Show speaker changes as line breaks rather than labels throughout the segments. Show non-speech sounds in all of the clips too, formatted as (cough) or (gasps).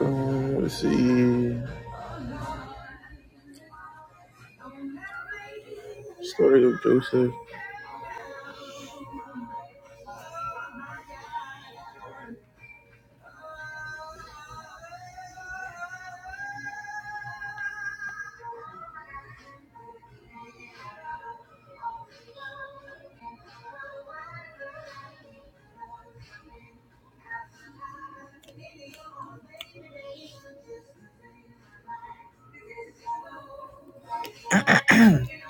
Um, let's see. Story of Joseph.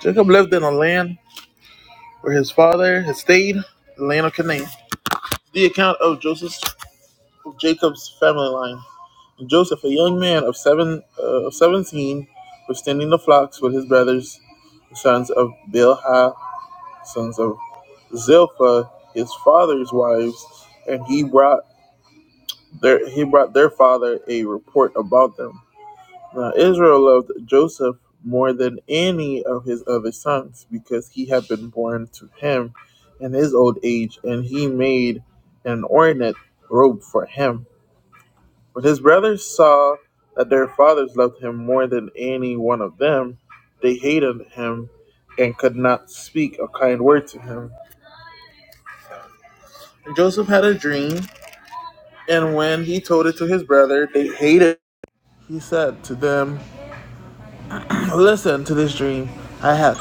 Jacob left in a land where his father had stayed, the land of Canaan. The account of Joseph's of Jacob's family line. And Joseph, a young man of seven uh, of seventeen, was tending the flocks with his brothers, the sons of Bilhah, sons of Zilpah, his father's wives, and he brought their he brought their father a report about them. Now Israel loved Joseph more than any of his other sons because he had been born to him in his old age, and he made an ornate robe for him. When his brothers saw that their fathers loved him more than any one of them, they hated him and could not speak a kind word to him. And Joseph had a dream, and when he told it to his brother, they hated. it. He said to them, Listen to this dream I had.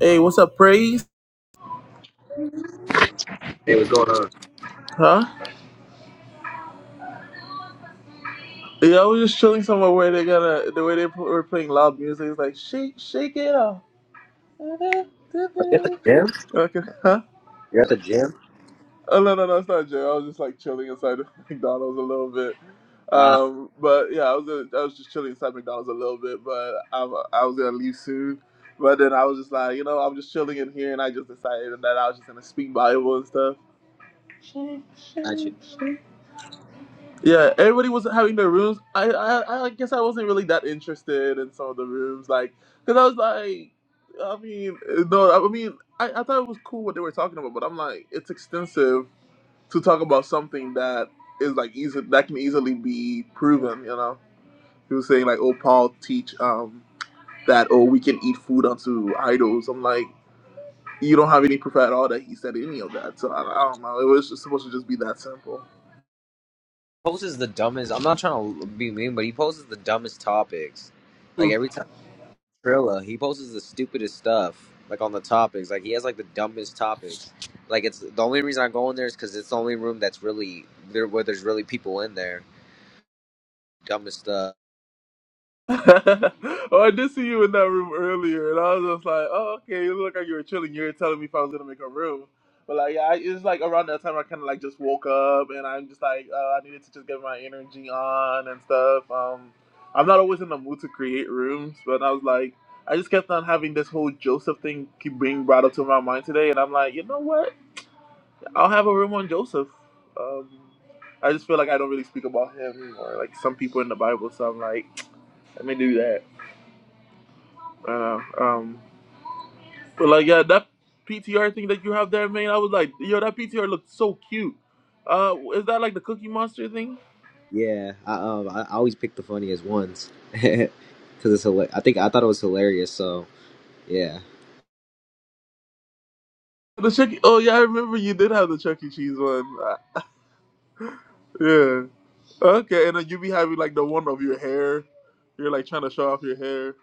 Hey, what's up, praise?
Hey, what's going on?
Huh? Yeah, I was just chilling somewhere where they got a the way they pl- were playing loud music. It's like shake, shake it off.
Are you at the
(laughs)
gym?
Okay, huh?
You're at the gym?
Oh no, no, no, it's not Jay. I was just like chilling inside of (laughs) McDonald's a little bit.
Ah,
Um, but yeah, I was uh, I was just chilling inside McDonald's a little bit, but I'm, I was gonna leave soon. But then I was just like, you know, I'm just chilling in here, and I just decided that I was just gonna speak Bible and stuff.
gotcha.
Yeah, everybody was having their rooms. I, I I guess I wasn't really that interested in some of the rooms, like, cause I was like, I mean, no, I mean, I, I thought it was cool what they were talking about, but I'm like, it's extensive to talk about something that is like easy that can easily be proven. You know, he was saying like, oh, Paul teach um that oh we can eat food unto idols. I'm like, you don't have any proof at all that he said any of that. So I, I don't know. It was just supposed to just be that simple.
Poses the dumbest. I'm not trying to be mean, but he poses the dumbest topics. Like every time Trilla, he poses the stupidest stuff. Like on the topics, like he has like the dumbest topics. Like it's the only reason I go in there is because it's the only room that's really there where there's really people in there. Dumbest stuff.
(laughs) oh, I did see you in that room earlier, and I was just like, oh, okay, you look like you were chilling. You were telling me if I was gonna make a room, but like, yeah, I, it's like around that time I kind of like just woke up, and I'm just like, uh, I needed to just get my energy on and stuff. Um, I'm not always in the mood to create rooms, but I was like, I just kept on having this whole Joseph thing keep being brought up to my mind today, and I'm like, you know what? I'll have a room on Joseph. Um, I just feel like I don't really speak about him or like some people in the Bible, so I'm like, (tsk) let me do that. I know. Um, but like, yeah, that PTR thing that you have there, man, I was like, yo, that PTR looks so cute. Uh, is that like the Cookie Monster thing?
Yeah, I, um, I I always pick the funniest ones (laughs) because it's hilarious. I think I thought it was hilarious. So yeah.
The Chuck. E- Oh yeah, I remember you did have the Chuck E. Cheese one. Uh, Yeah. Okay, and then you be having like the one of your hair. You're like trying to show off your hair.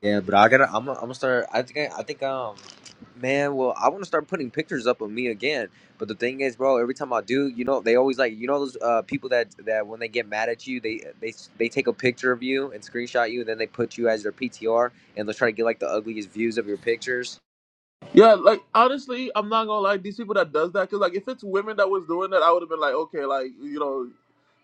Yeah, but I gotta. I'm. gonna- I'm gonna start. I think. I think. Um, man. Well, I want to start putting pictures up of me again. But the thing is, bro. Every time I do, you know, they always like. You know those uh, people that that when they get mad at you, they they they take a picture of you and screenshot you, and then they put you as their PTR, and they'll try to get like the ugliest views of your pictures.
Yeah, like honestly, I'm not gonna lie. These people that does that, cause like if it's women that was doing that, I would have been like, okay, like you know,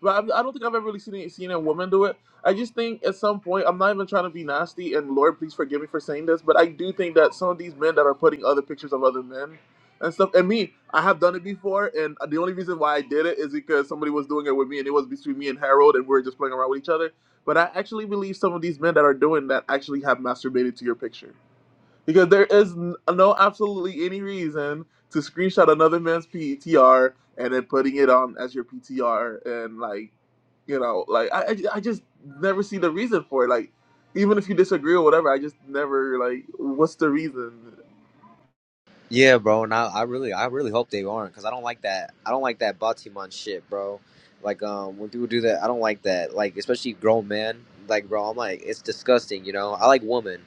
but I, I don't think I've ever really seen it- seen a woman do it. I just think at some point, I'm not even trying to be nasty, and Lord, please forgive me for saying this, but I do think that some of these men that are putting other pictures of other men and stuff, and me, I have done it before, and the only reason why I did it is because somebody was doing it with me, and it was between me and Harold, and we were just playing around with each other. But I actually believe some of these men that are doing that actually have masturbated to your picture because there is n- no absolutely any reason to screenshot another man's PTR and then putting it on as your PTR and like, you know, like I, I I just never see the reason for it. Like, even if you disagree or whatever, I just never like, what's the reason?
Yeah, bro, and I, I really I really hope they aren't because I don't like that I don't like that Batiman shit, bro. Like um when people do that, I don't like that. Like especially grown men, like bro, I'm like it's disgusting, you know. I like woman,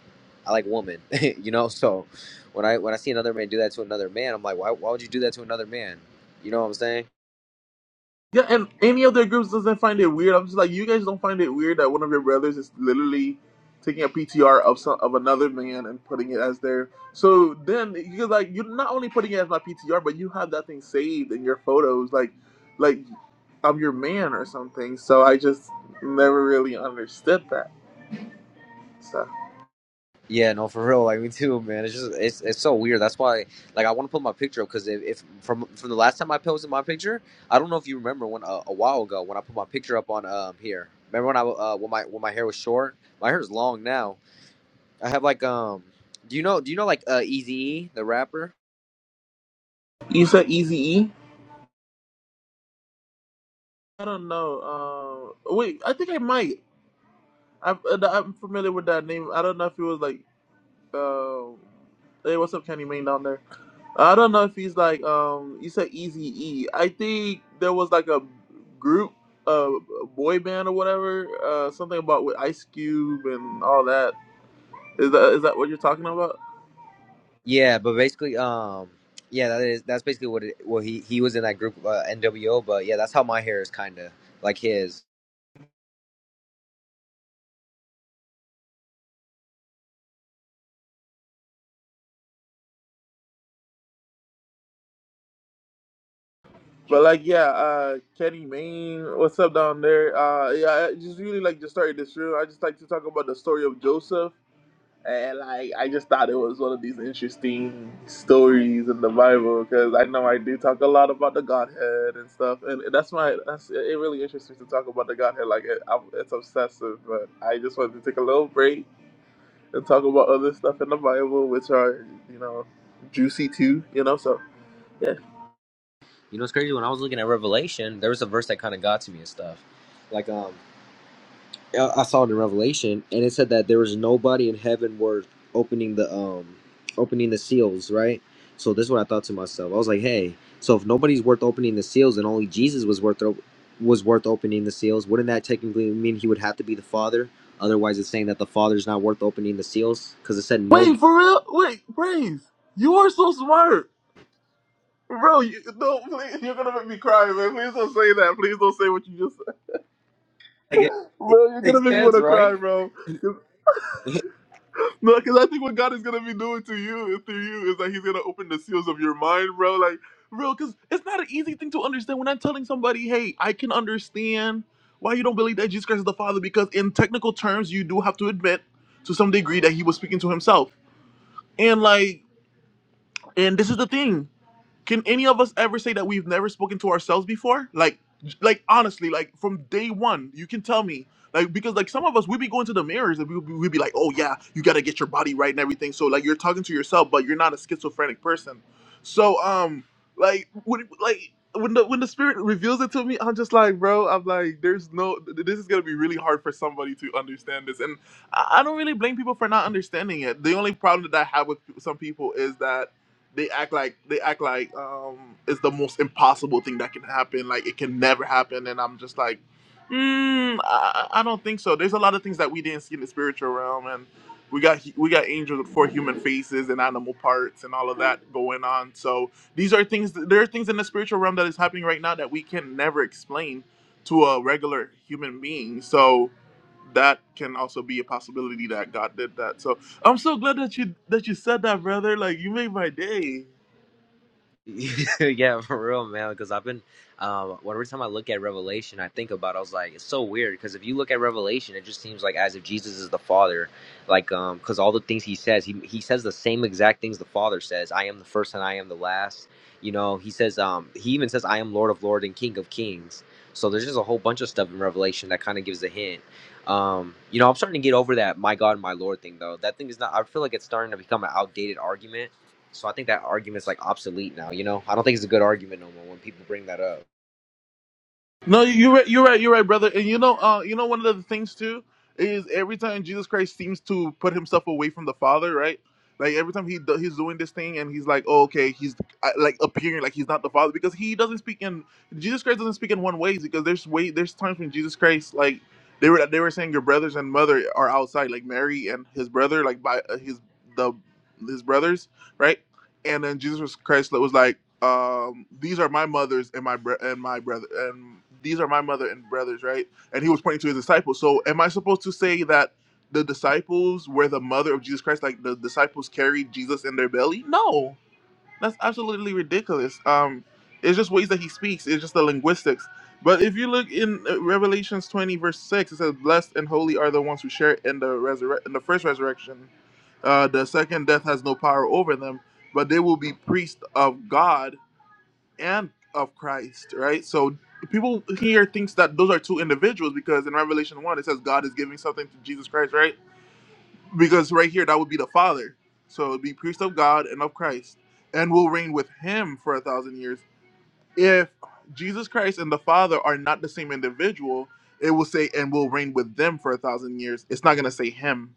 I like woman, (laughs) you know. So when I when I see another man do that to another man, I'm like, why why would you do that to another man? You know what I'm saying?
Yeah, and any of their groups doesn't find it weird. I'm just like, you guys don't find it weird that one of your brothers is literally taking a PTR of some of another man and putting it as their. So then you're like, you're not only putting it as my PTR, but you have that thing saved in your photos, like, like I'm your man or something. So I just never really understood that. So
Yeah, no, for real. Like me too, man. It's just it's it's so weird. That's why, like, I want to put my picture up because if, if from from the last time I posted my picture, I don't know if you remember when uh, a while ago when I put my picture up on um here. Remember when I uh when my when my hair was short? My hair is long now. I have like um. Do you know? Do you know like uh Eazy the rapper?
you said Easy E? I don't know. Uh, wait, I think I might. I, I'm familiar with that name. I don't know if it was like Uh, hey, what's up, Kenny Mayne down there? I don't know if he's like um. You said Eazy E. I think there was like a group, uh, boy band or whatever. Uh, something about with Ice Cube and all that. Is that is that what you're talking about?
Yeah, but basically um. Yeah, that is that's basically what it, well he he was in that group uh, NWO, but yeah, that's how my hair is kind of like his.
But like, yeah, uh, Kenny Mayne, what's up down there? Uh, yeah, I just really like just started this room. I just like to talk about the story of Joseph And like, I just thought it was one of these interesting stories in the Bible because I know I do talk a lot about the Godhead and stuff, and that's my that's it. Really interests me to talk about the Godhead. Like it, I'm, it's obsessive, but I just wanted to take a little break and talk about other stuff in the Bible, which are you know juicy too. You know, so yeah.
You know, it's crazy. When I was looking at Revelation, there was a verse that kind of got to me and stuff. Like, um, I I saw it in Revelation, and it said that there was nobody in heaven worth opening the um, opening the seals, right? So this is what I thought to myself. I was like, hey, so if nobody's worth opening the seals, and only Jesus was worth op- was worth opening the seals, wouldn't that technically mean he would have to be the Father? Otherwise, it's saying that the Father's not worth opening the seals because it said
Wait
nobody.
for real? Wait, praise. You are so smart, bro. You, no, please, you're gonna make me cry, man. Please don't say that. Please don't say what you just said,
Like it, it
bro. You're gonna
makes
make me
sense,
wanna cry,
right?
bro.
(laughs)
No, because I think what God is gonna be doing to you through you is that He's gonna open the seals of your mind, bro. Like, real, because it's not an easy thing to understand. When I'm telling somebody, "Hey, I can understand why you don't believe that Jesus Christ is the Father," because in technical terms, you do have to admit to some degree that He was speaking to Himself. And like, and this is the thing. Can any of us ever say that we've never spoken to ourselves before? Like, like honestly, like from day one, you can tell me. Like, because like some of us, we be going to the mirrors and we we we be like, oh yeah, you gotta get your body right and everything. So like, you're talking to yourself, but you're not a schizophrenic person. So um, like when like when the when the spirit reveals it to me, I'm just like, bro, I'm like, there's no, th- this is gonna be really hard for somebody to understand this, and I, I don't really blame people for not understanding it. The only problem that I have with some people is that they act like they act like um it's the most impossible thing that can happen like it can never happen and i'm just like mm, I, I don't think so there's a lot of things that we didn't see in the spiritual realm and we got hu- we got angels with four human faces and animal parts and all of that going on so these are things there are things in the spiritual realm that is happening right now that we can never explain to a regular human being so that can also be a possibility that god did that so I'm so glad that you that you said that, brother. Like you made my day.
(laughs) yeah, for real, man. Because I've been, um, every time I look at Revelation, I think about. It, I was like, it's so weird. Because if you look at Revelation, it just seems like as if Jesus is the Father, like, um, because all the things he says, he he says the same exact things the Father says. I am the first and I am the last. You know, he says, um, he even says, I am Lord of lords and King of Kings. So there's just a whole bunch of stuff in Revelation that kind of gives a hint. Um, you know, I'm starting to get over that my God, my Lord thing though. That thing is not. I feel like it's starting to become an outdated argument so I think that argument's like obsolete now. You know, I don't think it's a good argument no more when people bring that up.
No, you're right. You're right. You're right, brother. And you know, uh, you know, one of the things too is every time Jesus Christ seems to put himself away from the Father, right? Like every time he do, he's doing this thing, and he's like, oh, okay, he's uh, like appearing like he's not the Father because he doesn't speak in Jesus Christ doesn't speak in one ways because there's way there's times when Jesus Christ like they were they were saying your brothers and mother are outside like Mary and his brother like by uh, his the his brothers right and then Jesus Christ was like um, these are my mothers and my bre- and my brother and these are my mother and brothers, right? And he was pointing to his disciples. So, am I supposed to say that the disciples were the mother of Jesus Christ? Like the disciples carried Jesus in their belly? No, that's absolutely ridiculous. Um, it's just ways that he speaks. It's just the linguistics. But if you look in uh, Revelations twenty verse six, it says, "Blessed and holy are the ones who share in the resurre- in the first resurrection. Uh, the second death has no power over them." but they will be priests of God and of Christ, right? So people here thinks that those are two individuals because in Revelation one it says God is giving something to Jesus Christ, right? Because right here that would be the Father. So it'd be priest of God and of Christ, and will reign with Him for a thousand years. If Jesus Christ and the Father are not the same individual, it will say and will reign with them for a thousand years. It's not gonna say Him.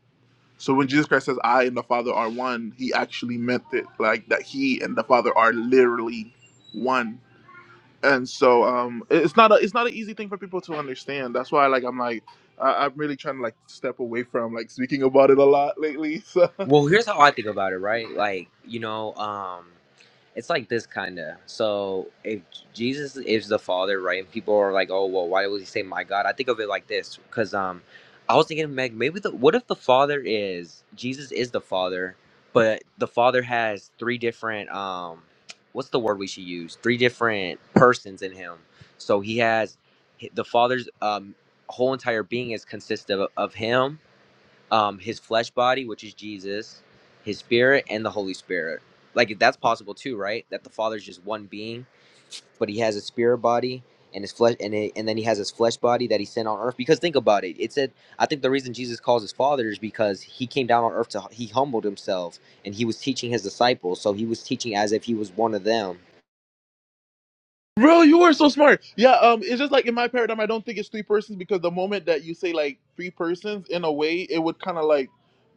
So when Jesus Christ says I and the Father are one, He actually meant it like that He and the Father are literally one and so um it- it's not a it's not an easy thing for people to understand that's why like i'm like I, i'm really trying to like step away from like speaking about it a lot lately (laughs) so
Well, here's how I think about it, right? Like, you know, um, it's like this kind of. So, if Jesus is the Father, right, and people are like, "Oh, well, why would he say my God?" I think of it like this, because um, I was thinking, Meg, maybe the what if the Father is Jesus is the Father, but the Father has three different um, what's the word we should use? Three different persons in Him. So he has the Father's um whole entire being is consistent of, of Him um, his flesh body, which is Jesus, his spirit, and the Holy Spirit. Like that's possible too, right? That the Father's just one being, but he has a spirit body and his flesh, and it, and then he has his flesh body that he sent on earth. Because think about it, it said, I think the reason Jesus calls his Father is because he came down on earth to he humbled himself and he was teaching his disciples, so he was teaching as if he was one of them
bro you are so smart yeah um it's just like in my paradigm i don't think it's three persons because the moment that you say like three persons in a way it would kind of like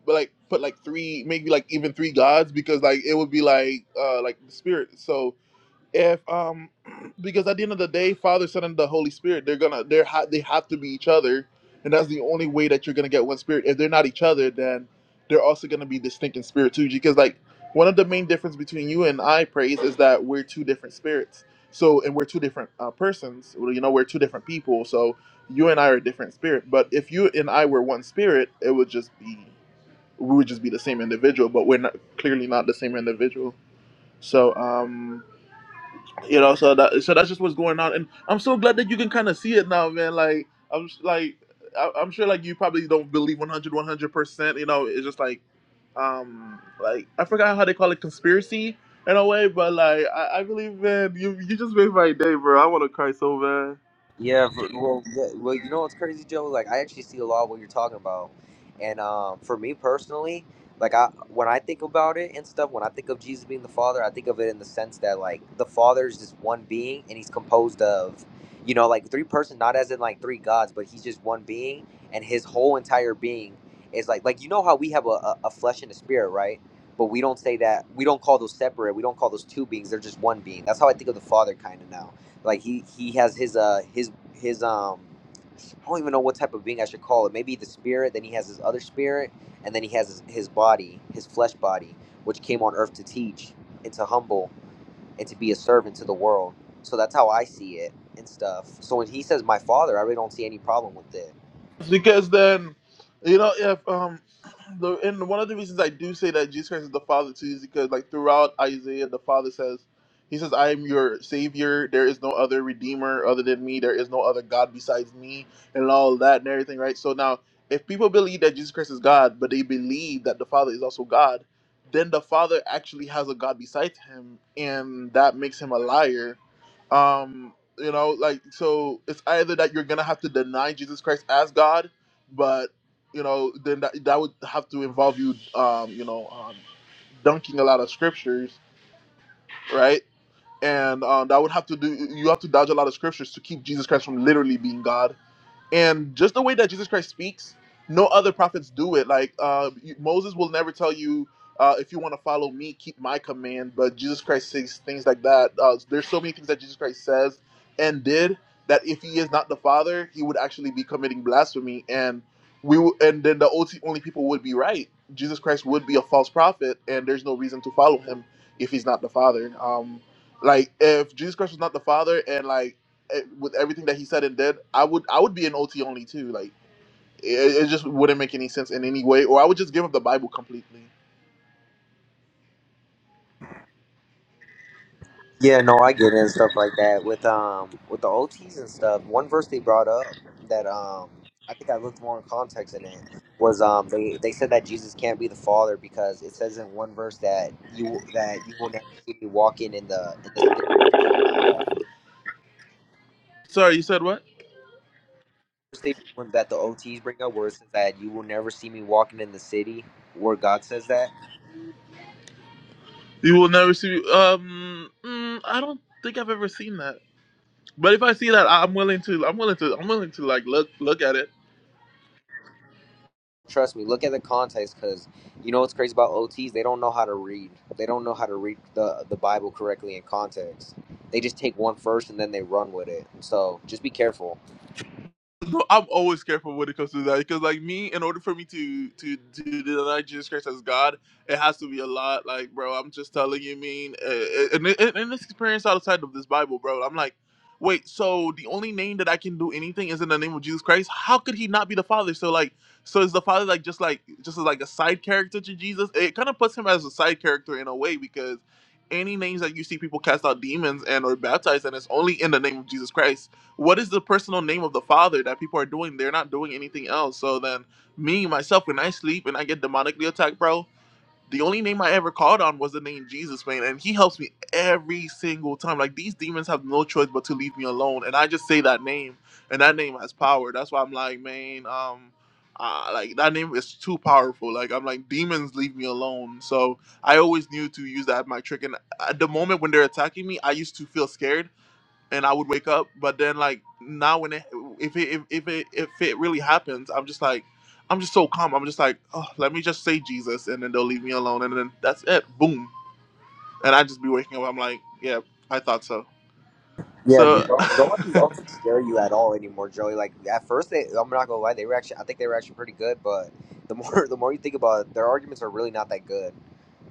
but like put like three maybe like even three gods because like it would be like uh like the spirit so if um (clears throat) because at the end of the day father son and the holy spirit they're gonna they're ha- they have to be each other and that's the only way that you're gonna get one spirit if they're not each other then they're also gonna be distinct in spirit too because like one of the main difference between you and i praise is that we're two different spirits so and we're two different uh, persons Well, you know we're two different people so you and i are a different spirit but if you and i were one spirit it would just be we would just be the same individual but we're not clearly not the same individual so um you know so that so that's just what's going on and i'm so glad that you can kind of see it now man like i'm s- like I- i'm sure like you probably don't believe one hundred, one hundred percent you know it's just like um like i forgot how they call it conspiracy in a way but like i, I believe man you you just made my day bro i want to cry so bad
Yeah, for, well, yeah, well, you know what's crazy, Joe? Like, I actually see a lot of what you're talking about, and um, for me personally, like, I when I think about it and stuff, when I think of Jesus being the Father, I think of it in the sense that like the Father is just one being, and he's composed of, you know, like three person, not as in like three gods, but he's just one being, and his whole entire being is like, like you know how we have a, a, a flesh and a spirit, right? But we don't say that we don't call those separate. We don't call those two beings. They're just one being. That's how I think of the Father, kind of now like he he has his uh his his um I don't even know what type of being I should call it. Maybe the spirit. Then he has his other spirit, and then he has his, his body, his flesh body, which came on earth to teach and to humble and to be a servant to the world. So that's how I see it and stuff. So when he says my father, I really don't see any problem with it.
because then you know if um the and one of the reasons I do say that Jesus Christ is the Father too is because like throughout Isaiah the Father says he says I am your savior there is no other redeemer other than me there is no other god besides me and all that and everything right so now if people believe that Jesus Christ is God but they believe that the Father is also God then the Father actually has a god besides him and that makes him a liar um. You know, like so it's either that you're gonna have to deny Jesus Christ as God, but you know, then that that would have to involve you, um, you know, um, dunking a lot of scriptures, right? And um, that would have to do you have to dodge a lot of scriptures to keep Jesus Christ from literally being God and just the way that Jesus Christ speaks, no other prophets do it. Like uh, you- Moses will never tell you uh, if you want to follow me, keep my command. But Jesus Christ says things like that. Uh, there's so many things that Jesus Christ says and did that if he is not the Father, he would actually be committing blasphemy, and we w- and then the only only people would be right. Jesus Christ would be a false prophet, and there's no reason to follow him if he's not the Father. Um, like if Jesus Christ was not the Father, and like eh, with everything that he said and did, I would I would be an OT only too. Like it, it just wouldn't make any sense in any way, or I would just give up the Bible completely.
Yeah, no, I get it and stuff like that. With um with the OTs and stuff, one verse they brought up that um I think I looked more in context in it was um they, they said that Jesus can't be the father because it says in one verse that you that you will never see me walking in the in the city or something like that.
Sorry, you said what?
Verse They, one that the OTs bring up where it says that you will never see me walking in the city where God says that.
You will never see. Um, mm, I don't think I've ever seen that. But if I see that, I- I'm willing to. I'm willing to. I'm willing to like look look at it.
Trust me, look at the context because you know what's crazy about OTs? They don't know how to read. They don't know how to read the, the Bible correctly in context. They just take one verse and then they run with it. So just be careful.
No, I'm always careful when it comes to that because, like me, in order for me to to to deny Jesus Christ as God, it has to be a lot. Like, bro, I'm just telling you, mean, uh, and and and this experience outside of this Bible, bro, I'm like, wait, so the only name that I can do anything is in the name of Jesus Christ. How could he not be the Father? So like, so is the Father like just like just like a side character to Jesus? It kind of puts him as a side character in a way because. Any names that you see people cast out demons and or baptized, and it's only in the name of Jesus Christ what is the personal name of the father that people are doing? They're not doing anything else. So then, me myself, when I sleep and I get demonically attacked, bro, the only name I ever called on was the name Jesus, man, and he helps me every single time. Like these demons have no choice but to leave me alone, and I just say that name, and that name has power. That's why I'm like, man, um. Uh, like that name is too powerful. Like I'm like demons, leave me alone. So I always knew to use that as my trick. And at the moment when they're attacking me, I used to feel scared and I would wake up. But then like now when it if it if, if it if it really happens, I'm just like I'm just so calm. I'm just like oh let me just say Jesus, and then they'll leave me alone, and then that's it. Boom, and I just be waking up. I'm like yeah, I thought so.
Yeah,
So
dude. Don't, don't
(laughs)
scare you at all anymore, Joey. Like at first, they, I'm not gonna lie, they were actually, I think they were actually pretty good. But the more, (laughs) the more you think about it, their arguments are really not that good.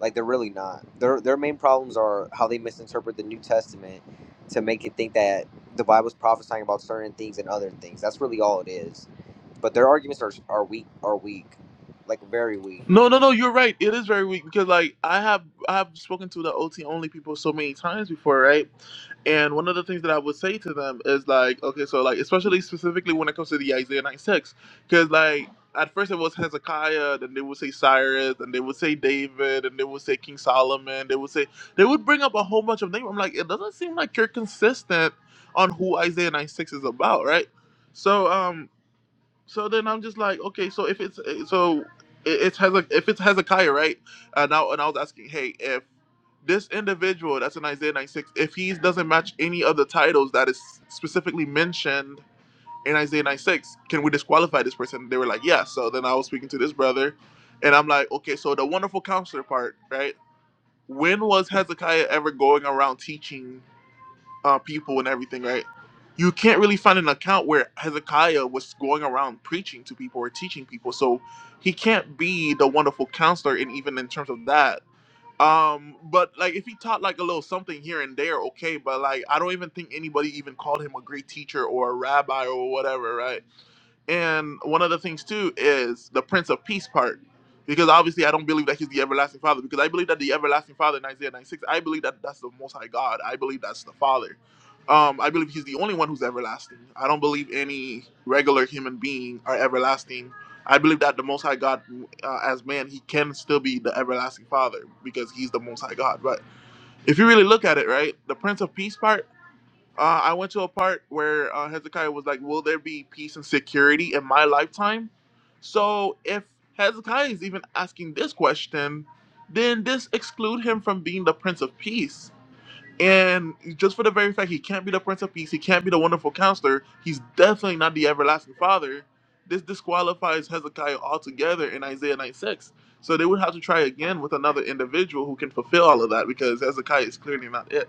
Like they're really not. Their their main problems are how they misinterpret the New Testament to make it think that the Bible's prophesying about certain things and other things. That's really all it is. But their arguments are are weak, are weak, like very weak.
No, no, no. You're right. It is very weak because, like, I have I have spoken to the OT only people so many times before, right? And one of the things that I would say to them is like, okay, so like, especially specifically when it comes to the Isaiah nine six, because like at first it was Hezekiah, then they would say Cyrus, and they would say David, and they would say King Solomon. They would say they would bring up a whole bunch of names. I'm like, it doesn't seem like you're consistent on who Isaiah nine six is about, right? So, um. So then I'm just like, okay, so if it's eh, so it- it has Hezek, if it's Hezekiah, right? And I and I was asking, hey, if this individual that's in Isaiah 96, if he doesn't match any of the titles that is specifically mentioned in Isaiah 96, can we disqualify this person? They were like, yes. So then I was speaking to this brother, and I'm like, okay, so the wonderful counselor part, right? When was Hezekiah ever going around teaching uh, people and everything, right? You can't really find an account where Hezekiah was going around preaching to people or teaching people, so he can't be the wonderful counselor. And even in terms of that, um, but like if he taught like a little something here and there, okay. But like I don't even think anybody even called him a great teacher or a rabbi or whatever, right? And one of the things too is the Prince of Peace part, because obviously I don't believe that he's the everlasting Father, because I believe that the everlasting Father in Isaiah 96, I believe that that's the Most High God. I believe that's the Father. Um, I believe he's the only one who's everlasting. I don't believe any regular human being are everlasting. I believe that the Most High God, uh, as man, he can still be the everlasting Father because he's the Most High God. But if you really look at it, right, the Prince of Peace part. Uh, I went to a part where uh, Hezekiah was like, "Will there be peace and security in my lifetime?" So if Hezekiah is even asking this question, then this exclude him from being the Prince of Peace. And just for the very fact he can't be the Prince of Peace, he can't be the Wonderful Counselor. He's definitely not the Everlasting Father. This disqualifies Hezekiah altogether in Isaiah 96. So they would have to try again with another individual who can fulfill all of that because Hezekiah is clearly not it.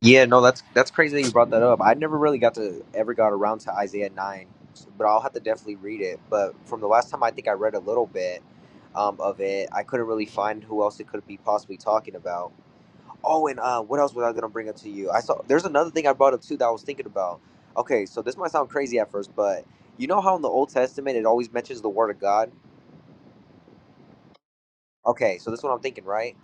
Yeah, no, that's that's crazy that you brought that up. I never really got to ever got around to Isaiah nine, but I'll have to definitely read it. But from the last time, I think I read a little bit um, of it. I couldn't really find who else it could be possibly talking about. Oh, and uh, what else was I gonna bring up to you? I saw there's another thing I brought up too that I was thinking about. Okay, so this might sound crazy at first, but you know how in the Old Testament it always mentions the Word of God. Okay, so this is what I'm thinking, right?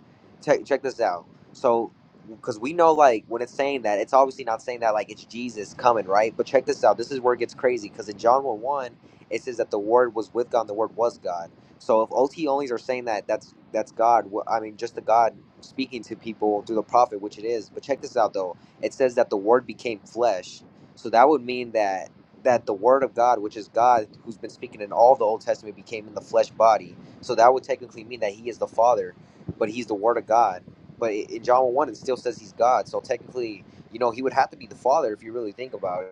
Check check this out. So, because we know, like, when it's saying that, it's obviously not saying that, like, it's Jesus coming, right? But check this out. This is where it gets crazy. Because in John 1 1, it says that the Word was with God and the Word was God. So if OT onlys are saying that, that's that's God. wh- I mean, just the God speaking to people through the prophet, which it is. But check this out, though. It says that the Word became flesh. So that would mean that that the Word of God, which is God, who's been speaking in all the Old Testament, became in the flesh body. So that would technically mean that he is the Father, but he's the Word of God. But in John 1, it still says he's God. So technically, you know, he would have to be the Father if you really think about it.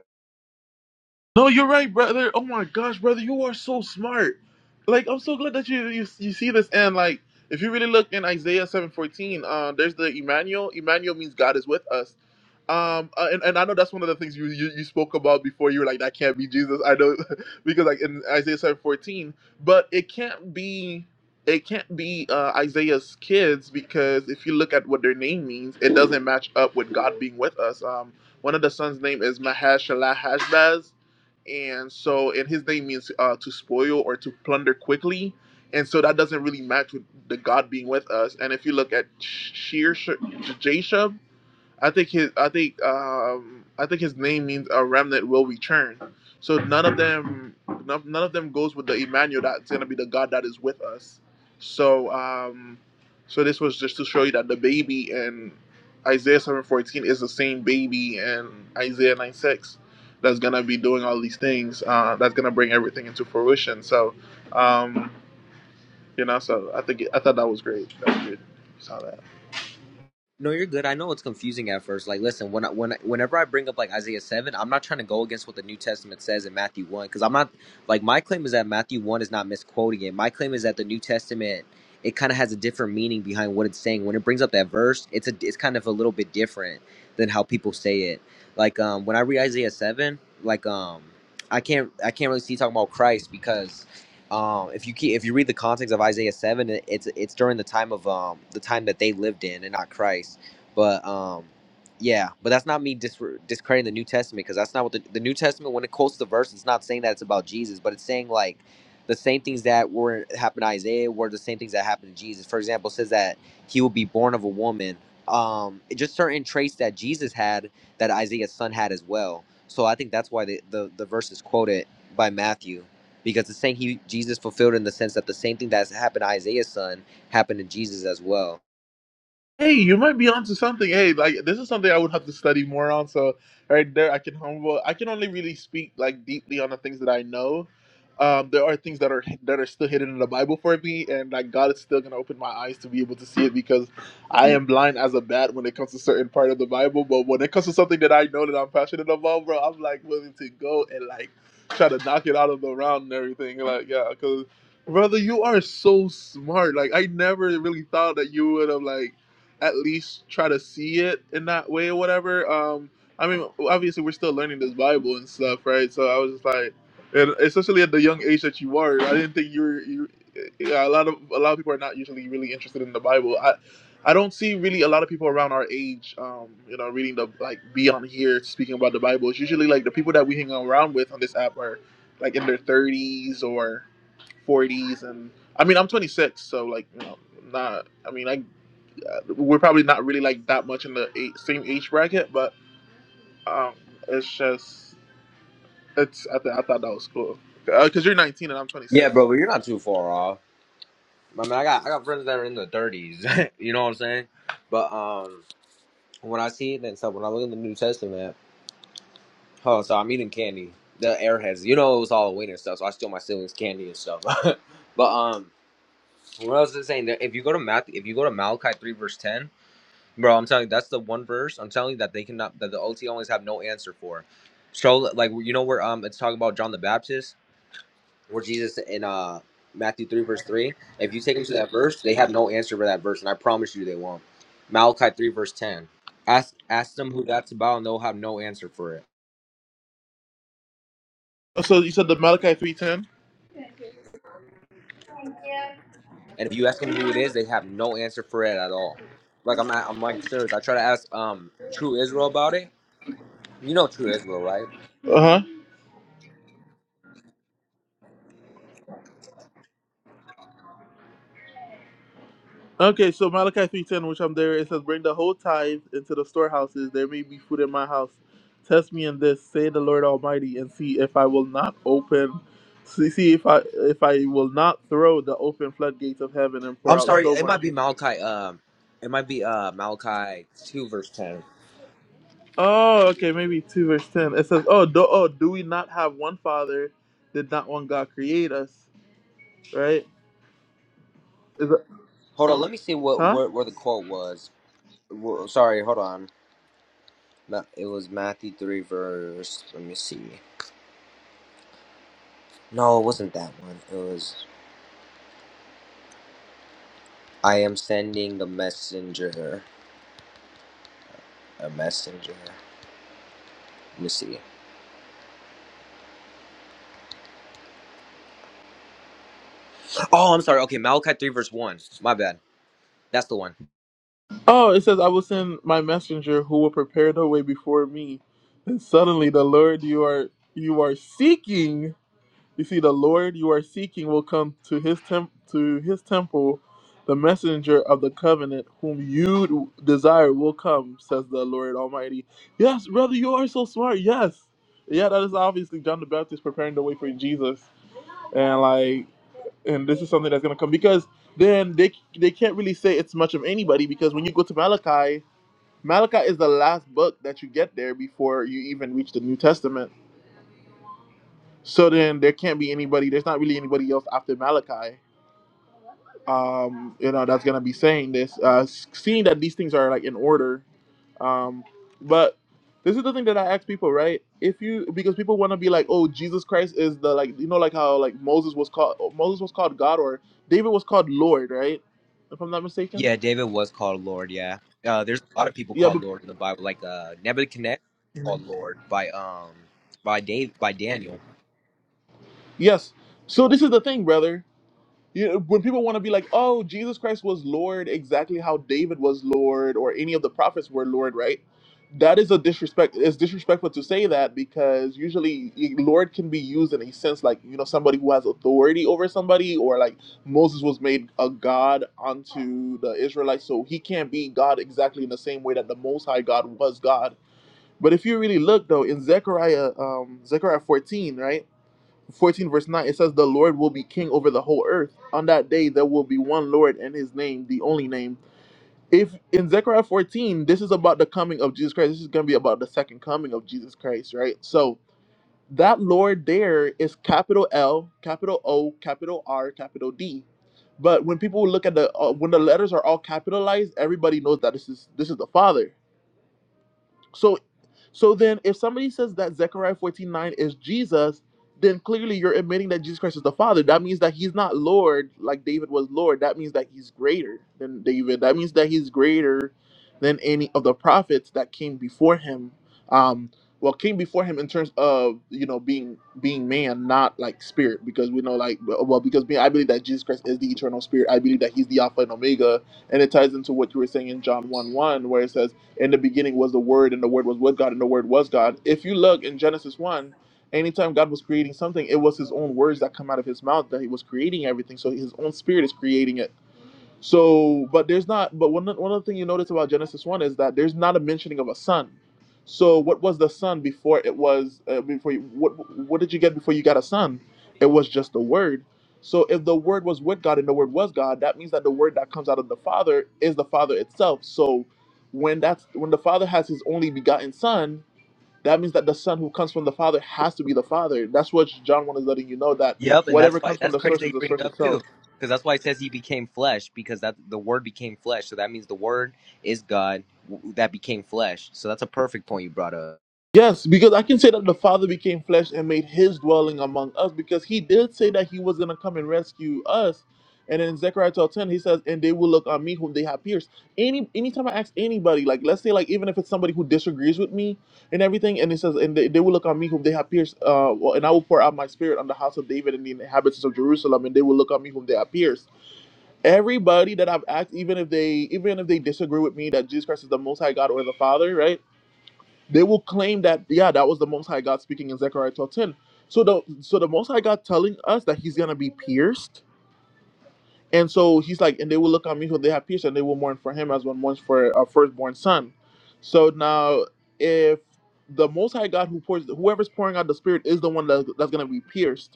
No, you're right, brother. Oh my gosh, brother, you are so smart. Like I'm so glad that you you, you see this. And like, if you really look in Isaiah seven fourteen, uh, there's the Emmanuel. Emmanuel means God is with us. Um, uh, and, and I know that's one of the things you, you you spoke about before. You were like, that can't be Jesus. I know (laughs) because like in Isaiah seven fourteen, but it can't be. It can't be uh, Isaiah's kids because if you look at what their name means, it doesn't match up with God being with us. Um, one of the sons' name is Mahashalahashbaz and so and his name means uh, to spoil or to plunder quickly and so that doesn't really match with the god being with us and if you look at sheer jashub I think his I think um I think his name means a remnant will return. So none of them none, none of them goes with the Emmanuel that's gonna be the God that is with us. So um so this was just to show you that the baby in Isaiah seven fourteen is the same baby in Isaiah nine six that's gonna be doing all these things, uh that's gonna bring everything into fruition. So um you know, so I think it, I thought that was great. That's good. You saw that.
No, you're good. I know it's confusing at first. Like, listen, when I, when I- whenever I bring up like Isaiah seven, I'm not trying to go against what the New Testament says in Matthew one, because I'm not like my claim is that Matthew one is not misquoting it. My claim is that the New Testament it kind of has a different meaning behind what it's saying. When it brings up that verse, it's a it's kind of a little bit different than how people say it. Like, um, when I read Isaiah seven, like, um, I can't I can't really see talking about Christ because um, if you keep, if you read the context of Isaiah seven, it- it's it's during the time of um, the time that they lived in, and not Christ. But um, yeah, but that's not me dis- discrediting the New Testament because that's not what the, the New Testament when it quotes the verse, it's not saying that it's about Jesus, but it's saying like the same things that were happened to Isaiah were the same things that happened to Jesus. For example, it says that he will be born of a woman. Um, just certain traits that Jesus had that Isaiah's son had as well. So I think that's why the the, the verse is quoted by Matthew because the same he Jesus fulfilled in the sense that the same thing that's happened to Isaiah's son happened to Jesus as well.
Hey, you might be onto something. Hey, like this is something I would have to study more on. So right there, I can humble. I can only really speak like deeply on the things that I know. Um, there are things that are that are still hidden in the Bible for me, and like God is still gonna open my eyes to be able to see it because I am blind as a bat when it comes to certain part of the Bible. But when it comes to something that I know that I'm passionate about, bro, I'm like willing to go and like try to knock it out of the round and everything. Like yeah, because brother, you are so smart. Like I never really thought that you would have like at least try to see it in that way or whatever. Um, I mean, obviously we're still learning this Bible and stuff, right? So I was just like, and especially at the young age that you are, I didn't think you were. You, yeah, a lot of a lot of people are not usually really interested in the Bible. I, I don't see really a lot of people around our age, um, you know, reading the like be on here speaking about the Bible. It's usually like the people that we hang around with on this app are like in their thirties or forties, and I mean I'm 26, so like you know, not. I mean I uh, we're probably not really like that much in the eight, same age bracket, but um, it's just it's. I, th- I thought that was cool because you're 19 and I'm
Yeah,
26.
bro, but you're not too far off. I mean, I got I got friends that are in the 30s. (laughs) you know what I'm saying? But um, when I see it and stuff, when I look in the New Testament, oh, so I'm eating candy. The airheads, you know, it was Halloween and stuff, so I steal my siblings' candy and stuff. (laughs) but um, what else is it saying? That If you go to Matthew, if you go to Malachi three verse ten. Bro, I'm telling you, that's the one verse I'm telling you that they cannot that the OT always have no answer for. So like you know where um it's talking about John the Baptist, where Jesus in uh Matthew three verse three. If you take them to that verse, they have no answer for that verse, and I promise you they won't. Malachi three verse ten. Ask ask them who that's about, and they'll have no answer for it.
Oh, So you said the Malachi 310.
And if you ask them who it is, they have no answer for it at all. Like I'm at, I'm like serious. I try to ask um True Israel about it. You know True Israel, right?
Uh huh. Okay, so Malachi 310, which I'm there, it says, "Bring the whole tithe into the storehouses. There may be food in my house. Test me in this, say the Lord Almighty, and see if I will not open." See see if I if I will not throw the open floodgates of heaven and pour
I'm
out
sorry,
so
it
much."
might be Malachi. Um, it might be uh Malachi two verse ten.
Oh, okay, maybe two verse ten. It says, "Oh, do, oh, do we not have one Father? Did not one God create us? Right? Is it,
Hold on, let me see what
huh?
where, where the quote was. Wo- sorry, hold on. Ma- It was Matthew three verse. Let me see. No, it wasn't that one. It was I am sending the messenger. A messenger. Let me see. Oh, I'm sorry. Okay, Malachi three verse one. My bad. That's the one.
Oh, it says, I will send my messenger who will prepare the way before me, and suddenly the Lord you are you are seeking." You see, the Lord you are seeking will come to his temp- to his temple. The messenger of the covenant whom you desire will come, says the Lord Almighty. Yes, brother, you are so smart. Yes. Yeah, that is obviously John the Baptist preparing the way for Jesus. And like and this is something that's gonna come because then they they can't really say it's much of anybody because when you go to Malachi, Malachi is the last book that you get there before you even reach the New Testament. So then there can't be anybody. There's not really anybody else after Malachi. Um, you know that's gonna be saying this, uh, s- seeing that these things are like in order. Um, but this is the thing that I ask people, right? If you because people want to be like, oh, Jesus Christ is the like you know like how like Moses was called oh, Moses was called God or David was called Lord, right? If I'm not mistaken.
Yeah, David was called Lord. Yeah, uh, there's a lot of people
Yeah,
called
but
Lord in the Bible, like uh, Nebuchadnezzar called Lord by um by Dave by Daniel.
yes. So this is the thing, brother. you know, when people want to be like, oh, Jesus Christ was Lord exactly how David was Lord or any of the prophets were Lord, right? That is a disrespect. It's disrespectful to say that because usually y- Lord can be used in a sense like, you know, somebody who has authority over somebody or like Moses was made a God unto the Israelites. So he can't be God exactly in the same way that the Most High God was God. But if you really look though in Zechariah, um, Zechariah 14, right? 14 verse 9 it says the lord will be king over the whole earth on that day there will be one lord and his name the only name if in zechariah 14 this is about the coming of jesus christ this is going to be about the second coming of jesus christ right so that lord there is capital l capital o capital r capital d but when people look at the uh, when the letters are all capitalized everybody knows that this is this is the father so so then, if somebody says that Zechariah 14 9 is Jesus, then clearly you're admitting that Jesus Christ is the Father. That means that he's not Lord like David was Lord. That means that he's greater than David. That means that he's greater than any of the prophets that came before him. Um, well, came before him in terms of you know being being man, not like spirit, because we know like well well, because being, I believe that Jesus Christ is the eternal spirit. I believe that he's the Alpha and Omega, and it ties into what you were saying in John one one, where it says in the beginning was the Word, and the Word was with God, and the Word was God. If you look in Genesis 1, anytime God was creating something, it was His own words that come out of His mouth that He was creating everything. So His own Spirit is creating it. So, but there's not. But one one other thing you notice about Genesis one is that there's not a mentioning of a son. So, what was the son before it was uh, before? You, what what did you get before you got a son? It was just the word. So, if the word was with God and the word was God, that means that the word that comes out of the Father is the Father itself. So, when that's when the Father has His only begotten Son, that means that the Son who comes from the Father has to be the Father. That's what John one is letting you know that
Yep, and that's
whatever
why
comes from
that's
the
crazy
source is
they
the
bring it
source
up
itself.
too, because that's why it says he became flesh because that the Word became flesh, so that means the Word is God w- that became flesh. So that's a perfect point you brought up.
Yes, because I can say that the Father became flesh and made his dwelling among us because he did say that he was going to come and rescue us. And in Zechariah 12 10, he says, And they will look on me whom they have pierced. Any anytime I ask anybody, like let's say, like even if it's somebody who disagrees with me and everything, and it says, And they, they will look on me whom they have pierced, uh, well, and I will pour out my spirit on the house of David and the inhabitants of Jerusalem, and they will look on me whom they have pierced. Everybody that I've asked, even if they even if they disagree with me that Jesus Christ is the most high God or the Father, right? they will claim that yeah that was the most high god speaking in zechariah twelve 10 so the so the most high god telling us that he's gonna be pierced and so he's like and they will look on me who they have pierced and they will mourn for him as one mourns for a firstborn son so now if the most high god who pours whoever's pouring out the spirit is the one that, that's gonna be pierced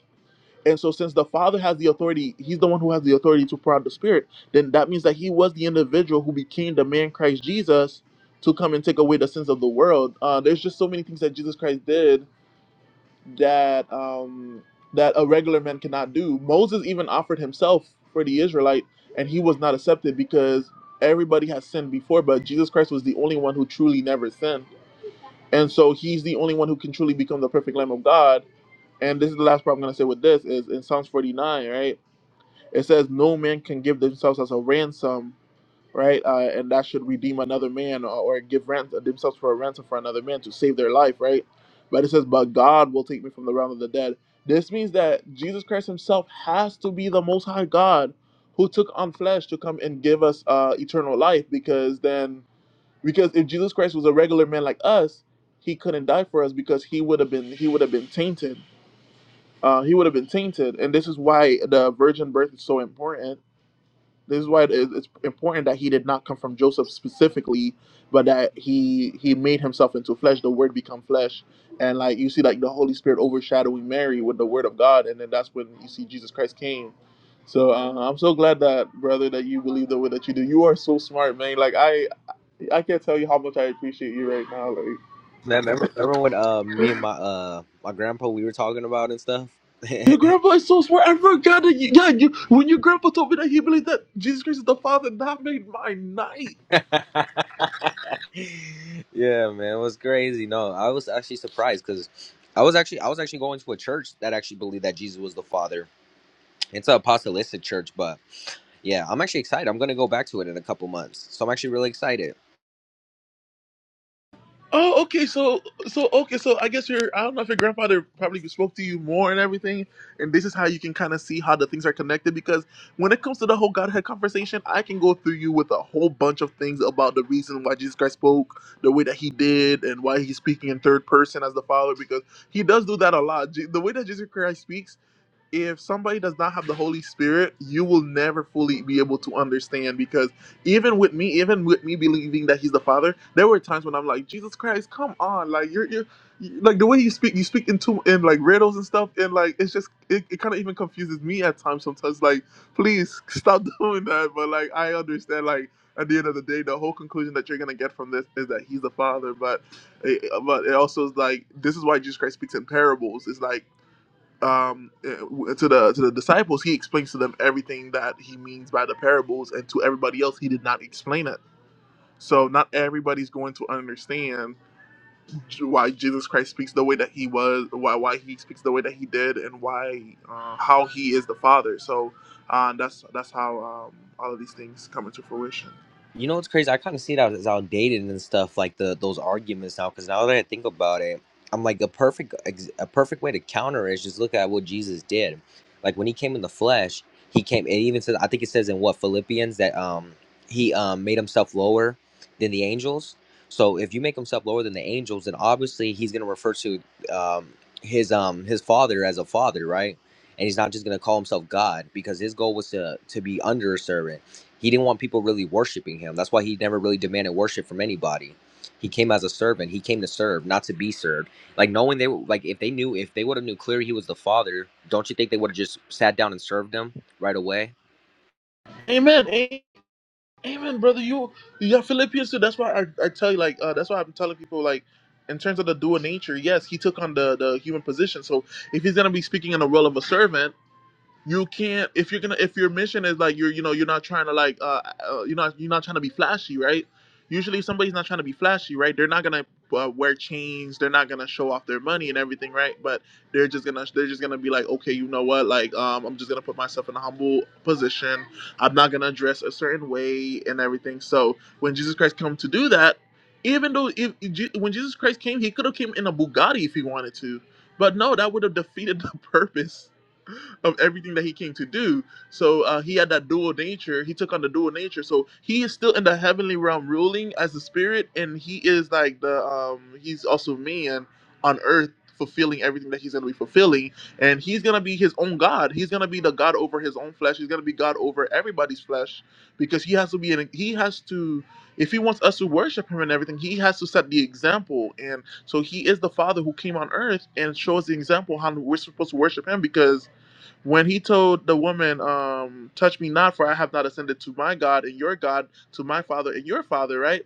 and so, since the Father has the authority, He's the one who has the authority to pour out the Spirit, then that means that He was the individual who became the man Christ Jesus to come and take away the sins of the world. Uh, there's just so many things that Jesus Christ did that um, that a regular man cannot do. Moses even offered himself for the Israelite, and he was not accepted because everybody has sinned before, but Jesus Christ was the only one who truly never sinned. And so, He's the only one who can truly become the perfect Lamb of God. And this is the last part I'm going to say with this is in Psalms 49, right? It says no man can give themselves as a ransom, right? Uh, and that should redeem another man or, or give rent themselves for a ransom for another man to save their life, right? But it says, but God will take me from the realm of the dead. This means that Jesus Christ Himself has to be the Most High God who took on flesh to come and give us uh, eternal life, because then, because if Jesus Christ was a regular man like us, He couldn't die for us because He would have been He would have been tainted. Uh, he would have been tainted, and this is why the virgin birth is so important this is why it is- it's important that he did not come from Joseph specifically, but that he he made himself into flesh. The Word become flesh, and like you see, like the Holy Spirit overshadowing Mary with the Word of God, and then that's when you see Jesus Christ came. So uh, I'm so glad that brother that you believe the way that you do. You are so smart, man. Like I I can't tell you how much I appreciate you right now. Like
Man, remember, remember when uh me and my uh my grandpa we were talking about and stuff.
your
(laughs)
grandpa is so smart. I forgot that. You, yeah, you when your grandpa told me that he believed that Jesus Christ is the Father, that made my night.
(laughs) yeah, man, it was crazy. No, I was actually surprised because I was actually I was actually going to a church that actually believed that Jesus was the Father. It's an apostolistic church, but yeah, I'm actually excited. I'm gonna go back to it in a couple months, so I'm actually really excited.
Oh, okay. So, so okay. So, I guess your I don't know if your grandfather probably spoke to you more and everything, and this is how you can kind of see how the things are connected. Because when it comes to the whole Godhead conversation, I can go through you with a whole bunch of things about the reason why Jesus Christ spoke the way that he did, and why he's speaking in third person as the Father. Because he does do that a lot. Je- The way that Jesus Christ speaks if somebody does not have the Holy Spirit, you will never fully be able to understand because even with me, even with me believing that he's the Father, there were times when I'm like, Jesus Christ, come on, like you're you're you- like the way you speak, you speak into in like riddles and stuff, and like it's just it, it kind of even confuses me at times sometimes. Like, please stop (laughs) doing that. But like I understand, like at the end of the day, the whole conclusion that you're gonna get from this is that he's the Father. But it, but it also is like this is why Jesus Christ speaks in parables. It's like um, eh, to the to the disciples, he explains to them everything that he means by the parables, and to everybody else, he did not explain it. So not everybody's going to understand why Jesus Christ speaks the way that he was, why why he speaks the way that he did, and why uh, how he is the Father. So uh, that's that's how um, all of these things come into fruition.
You know what's crazy? I kind of see that as outdated and stuff like the those arguments now. Because now that I think about it, I'm like a perfect ex- a perfect way to counter it is just look at what Jesus did. Like when he came in the flesh, he came. It even says I think it says in what Philippians that um he um made himself lower than the angels. So if you make himself lower than the angels, then obviously he's gonna refer to um his um his father as a father, right? And he's not just gonna call himself God because his goal was to to be under a servant he didn't want people really worshiping him. That's why he never really demanded worship from anybody. He came as a servant. He came to serve, not to be served. Like knowing they were like if they knew if they would have knew clearly he was the father, don't you think they would have just sat down and served him right away?
Amen. Amen, brother. You you got Philippians too. That's why I, I tell you like uh, that's why I've been telling people like in terms of the dual nature. Yes, he took on the the human position. So if he's gonna be speaking in the role of a servant you can't if you're gonna if your mission is like you're you know you're not trying to like uh, uh you're not you're not trying to be flashy right usually if somebody's not trying to be flashy right they're not gonna uh, wear chains they're not gonna show off their money and everything right but they're just gonna they're just gonna be like okay you know what like um i'm just gonna put myself in a humble position i'm not gonna dress a certain way and everything so when jesus christ come to do that even though if Je- when jesus christ came he could have came in a bugatti if he wanted to but no that would have defeated the (laughs) purpose of everything that he came to do. So uh, he had that dual nature. He took on the dual nature. So he is still in the heavenly realm ruling as the spirit, and he is like the um, he's also man on earth fulfilling everything that he's going to be fulfilling and he's going to be his own god he's going to be the god over his own flesh he's going to be god over everybody's flesh because he has to be in he has to if he wants us to worship him and everything he has to set the example and so he is the father who came on earth and shows the example how we're supposed to worship him because when he told the woman, um, "Touch me not, for I have not ascended to my God and your God, to my Father and your Father," right?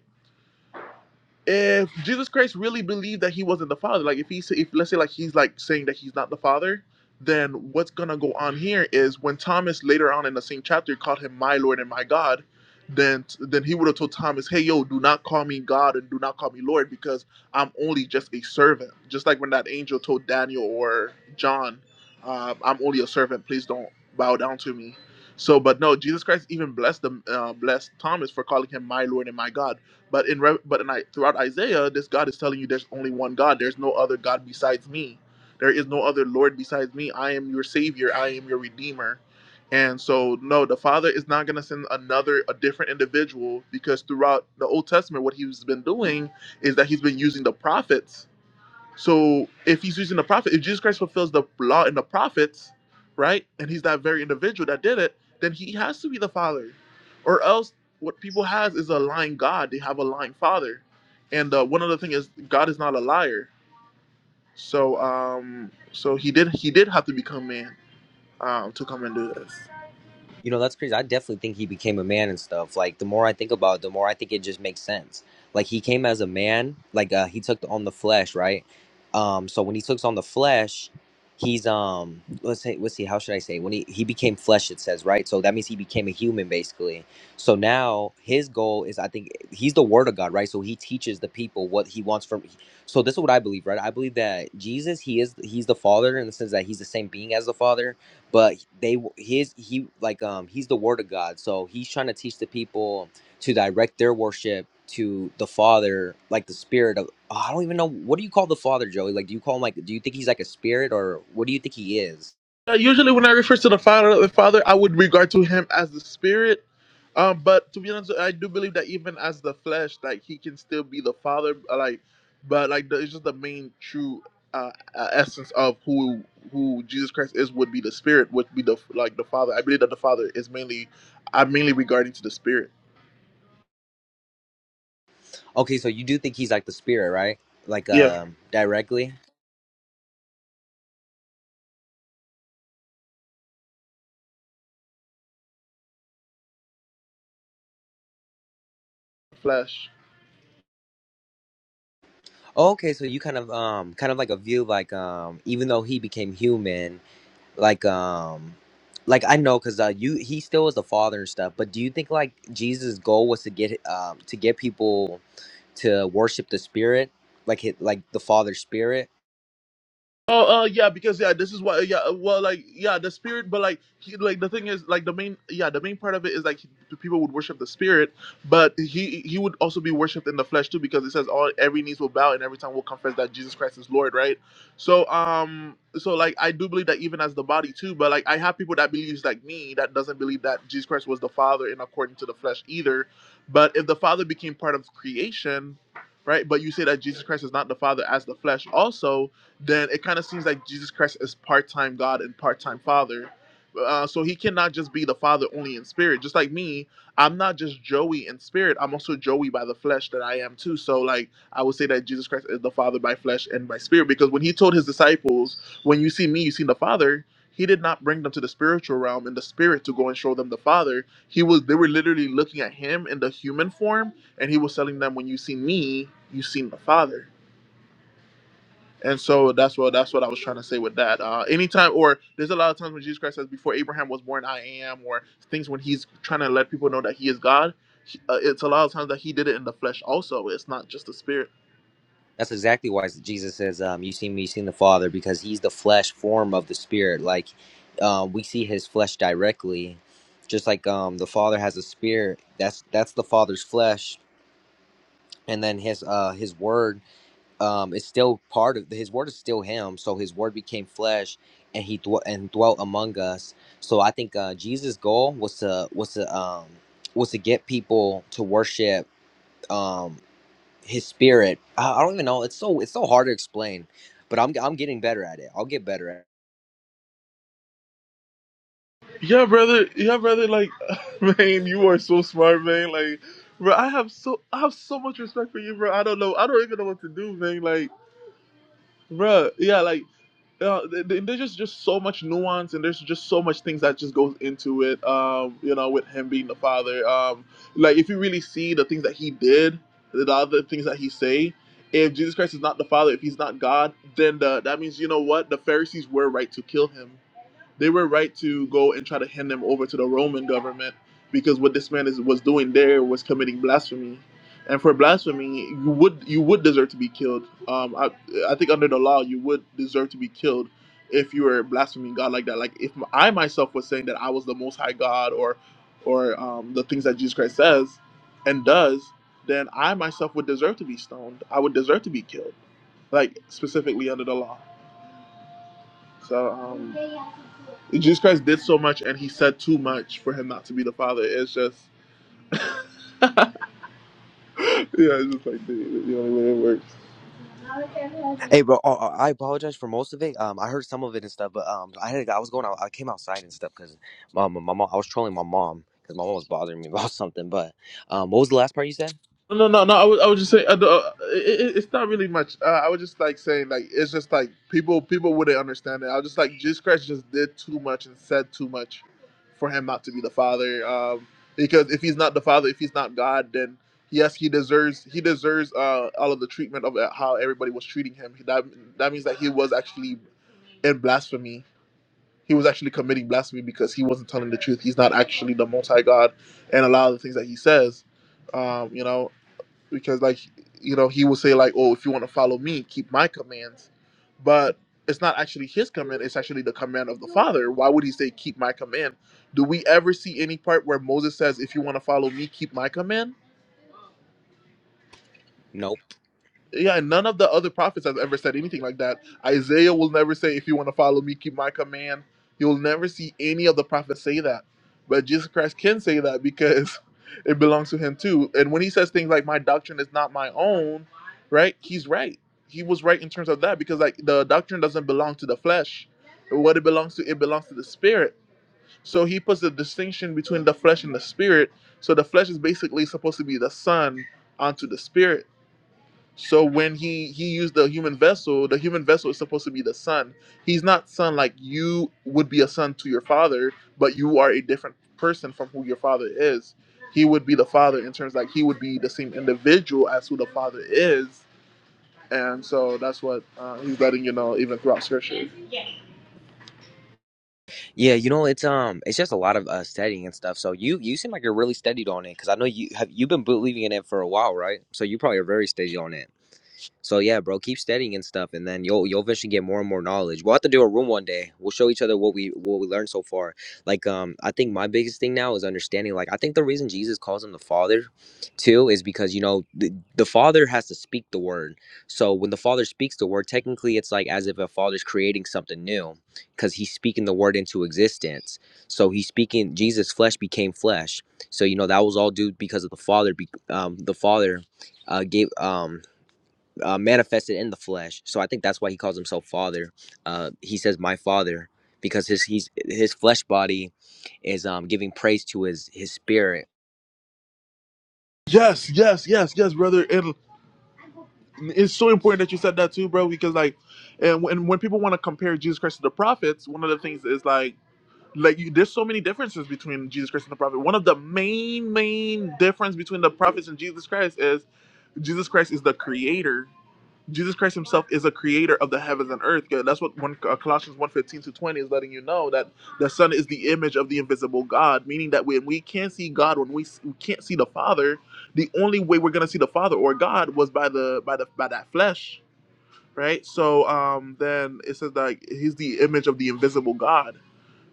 if Jesus Christ really believed that he wasn't the father, like if he's if let's say like he's like saying that he's not the father, then what's gonna go on here is when Thomas later on in the same chapter called him my Lord and my God, then then he would have told Thomas, hey yo, do not call me God and do not call me Lord because I'm only just a servant. Just like when that angel told Daniel or John, uh, I'm only a servant. Please don't bow down to me. So, but no, Jesus Christ even blessed them, uh, blessed Thomas for calling him my Lord and my God but in Re- but in, I- throughout Isaiah, this God is telling you there's only one God. There's no other God besides me. There is no other Lord besides me. I am your Savior. I am your Redeemer. And so, no, the Father is not going to send another, a different individual because throughout the Old Testament, what he's been doing is that he's been using the prophets so if he's using the prophet, if Jesus Christ fulfills the law and the prophets, right, and he's that very individual that did it, then he has to be the father, or else what people has is a lying God. They have a lying father, and uh, one other thing is God is not a liar. So um, so he did he did have to become man um to come and do this.
You know, that's crazy. I definitely think he became a man and stuff. Like the more I think about it, the more I think it just makes sense. Like he came as a man, like uh he took on the flesh, right? Um so when he took on the flesh, he's um let's say let's see, how should I say? When he, he became flesh, it says, right? So that means he became a human basically. So now his goal is I think he's the word of God, right? So he teaches the people what he wants from so this is what I believe, right? I believe that Jesus, he is he's the father in the sense that he's the same being as the father but they his he like um he's the word of god so he's trying to teach the people to direct their worship to the father like the spirit of oh, i don't even know what do you call the father joey like do you call him like do you think he's like a spirit or what do you think he is
Uh, usually, when I refer to the Father, the Father, I would regard to him as the Spirit. Um, but to be honest, I do believe that even as the flesh, like he can still be the Father. uh, Like, but like the, it's just the main true uh, uh, essence of who who Jesus Christ is would be the Spirit, would be the like the Father. I believe that the Father is mainly, I'm mainly regarding to the Spirit.
okay so you do think he's like the spirit right like
Yeah,
um directly
flesh.
okay so you kind of um kind of like a view like um even though he became human like um like i know because uh you he still was the father and stuff but do you think like jesus goal was to get um to get people to worship the spirit like hit like the father's spirit
Oh, uh, yeah, because yeah, this is why. Yeah, uh, well, like yeah, the spirit, but like, he, like the thing is, like the main, yeah, the main part of it is like he, the people would worship the spirit, but he he would also be worshipped in the flesh too, because it says all every knees will bow and every tongue will confess that Jesus Christ is Lord, right? So um, so like I do believe that even as the body too, but like I have people that believes like me that doesn't believe that Jesus Christ was the Father in according to the flesh either, but if the Father became part of creation, right? But you say that Jesus Christ is not the Father as the flesh also then it kind of seems like Jesus Christ is part time God and part time Father. Uh, so he cannot just be the Father only in spirit. Just like me, I'm not just Joey in spirit. I'm also Joey by the flesh that I am too. So like I would say that Jesus Christ is the Father by flesh and by spirit because when he told his disciples, "When you see me, you see the Father." He did not bring them to the spiritual realm in the spirit to go and show them the Father. He was they were literally looking at him in the human form, and he was telling them, "When you see me, you see the Father." And so that's what that's what I was trying to say with that. Uh, anytime, or there's a lot of times when Jesus Christ says, "Before Abraham was born, I am," or things when he's trying to let people know that he is God. he- Uh, it's a lot of times that he did it in the flesh. Also, it's not just the spirit.
that's exactly why jesus says um you see me you seen the father because he's the flesh form of the spirit like um we see his flesh directly just like um the father has a spirit that's that's the father's flesh and then his uh his word um, is still part of his word is still him. So his word became flesh, and he dwe- and dwelt among us. So I think uh, Jesus' goal was to was to um, was to get people to worship um, his spirit. I, I don't even know. It's so it's so hard to explain, but I'm I'm getting better at it. I'll get better at. it.
Yeah, brother. Yeah, brother. Like, (laughs) man, you are so smart, man. Like, bro, I have so I have so much respect for you, bro. I don't know. I don't even know what to do, man. Like. Bruh, yeah, like uh, th- th- there's just, just so much nuance and there's just so much things that just goes into it um you know with him being the father um like if you really see the things that he did the other things that he say if jesus christ is not the father if he's not god then the, that means you know what the pharisees were right to kill him they were right to go and try to hand them over to the Roman government because what this man is, was doing there was committing blasphemy. And for blasphemy, you would you would deserve to be killed. Um, I, I think under the law, you would deserve to be killed if you were blaspheming God like that. Like if I myself was saying that I was the Most High God or or um, the things that Jesus Christ says and does, then I myself would deserve to be stoned. I would deserve to be killed, like specifically under the law. So um, Jesus Christ did so much, and he said too much for him not to be the father. It's just (laughs) yeah, it's just like the, the only way it works.
Hey, bro, uh, uh, I apologize for most of it. Um, I heard some of it and stuff, but um, I had I was going out, I came outside and stuff because my, my mom, I was trolling my mom because my mom was bothering me (laughs) about something. But um, what was the last part you said?
No, no, no. I was, I was just saying, uh, uh, it, it- it's not really much. Uh, I was just like saying, like it's just like people, people wouldn't understand it. I was just like, Jesus Christ just did too much and said too much for him not to be the Father. Um, because if he's not the Father, if he's not God, then yes, he deserves, he deserves uh, all of the treatment of how everybody was treating him. That that means that he was actually and blasphemy. He was actually committing blasphemy because he wasn't telling the truth. He's not actually the Most High God, and a lot of the things that he says, um, you know, because like you know he will say like, oh, if you want to follow me, keep my commands, but it's not actually his command. It's actually the command of the Father. Why would he say keep my command? Do we ever see any part where Moses says, if you want to follow me, keep my command?
Nope.
Yeah, none of the other prophets have ever said anything like that. Isaiah will never say, if you want to follow me, keep my command. You'll never see any of the prophets say that. But Jesus Christ can say that because (laughs) it belongs to him too. And when he says things like, my doctrine is not my own, right? He's right. He was right in terms of that because, like, the doctrine doesn't belong to the flesh. What it belongs to, it belongs to the spirit. So he puts the distinction between the flesh and the spirit. So the flesh is basically supposed to be the son onto the spirit so when he he used the human vessel, the human vessel is supposed to be the son. He's not son like you would be a son to your father, but you are a different person from who your father is. He would be the father in terms like he would be the same individual as who the father is, and so that's what uh, he's letting you know even throughout scripture.
Yeah, you know, it's um, it's just a lot of uh, studying and stuff. So you you seem like you're really studied on it because I know you have you've been believing in it for a while, right? So you probably are very studied on it. So yeah, bro, keep studying and stuff, and then you'll you'll eventually get more and more knowledge. We'll have to do a room one day. We'll show each other what we what we learned so far. Like um, I think my biggest thing now is understanding. Like I think the reason Jesus calls him the Father, too, is because you know the, the Father has to speak the word. So when the Father speaks the word, technically it's like as if a Father's creating something new, because he's speaking the word into existence. So he's speaking. Jesus' flesh became flesh. So you know that was all due because of the Father. be- Um, the Father uh, gave um uh, manifested in the flesh. So I think that's why he calls himself Father. Uh, he says, "My Father," because his he's his flesh body is um, giving praise to his his spirit
Yes, yes, yes, yes, brother. And it's so important that you said that too, bro, because like, and when, when people want to compare Jesus Christ to the prophets, one of the things is like like you, there's so many differences between Jesus Christ and the prophet. One of the main main difference between the prophets and Jesus Christ is Jesus Christ is the creator. Jesus Christ himself is a creator of the heavens and earth. Yeah, That's what one uh, Colossians one fifteen to 20 is letting you know that the son is the image of the invisible God, meaning that when we can't see God, when we, s- we can't see the Father, the only way we're going to see the Father or God was by the by the by that flesh, right? So um then it says that he's the image of the invisible God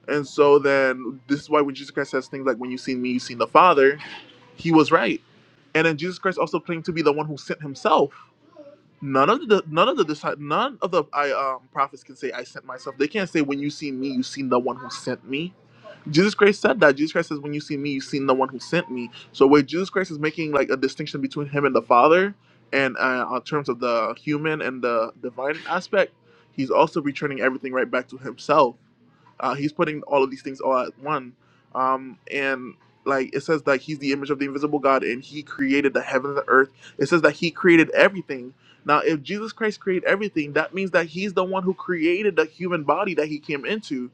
and so then this is why when Jesus Christ says things like, When you've seen me, you've seen the Father, he was right. And then Jesus Christ also claimed to be the one who sent himself. None of the none of the disci- none of the I, um, prophets can say I sent myself. They can't say when you see me, you've seen the one who sent me. Jesus Christ said that. Jesus Christ says when you see me, you've seen the one who sent me. So where Jesus Christ is making like a distinction between him and the Father, and uh, in terms of the human and the divine aspect, he's also returning everything right back to himself uh, he's putting all of these things all at one. Um, and like it says that he's the image of the invisible God and he created the heavens and the earth. It says that he created everything. Now, if Jesus Christ created everything, that means that he's the one who created the human body that he came into.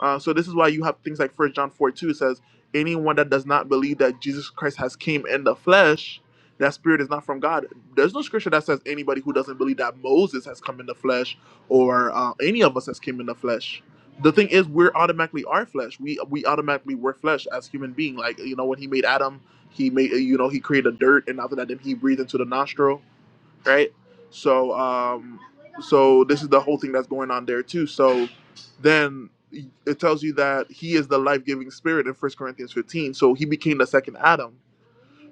Uh, so this is why you have things like First John four two says, anyone that does not believe that Jesus Christ has came in the flesh, that spirit is not from God. There's no scripture that says anybody who doesn't believe that Moses has come in the flesh or uh, any of us has came in the flesh. The thing is, we're automatically our flesh. We we automatically were flesh as human being. Like you know, when he made Adam, he made you know he created dirt, and after that, then he breathed into the nostril right? So um, so this is the whole thing that's going on there too. So then it tells you that he is the life-giving spirit in First Corinthians 15. So he became the second Adam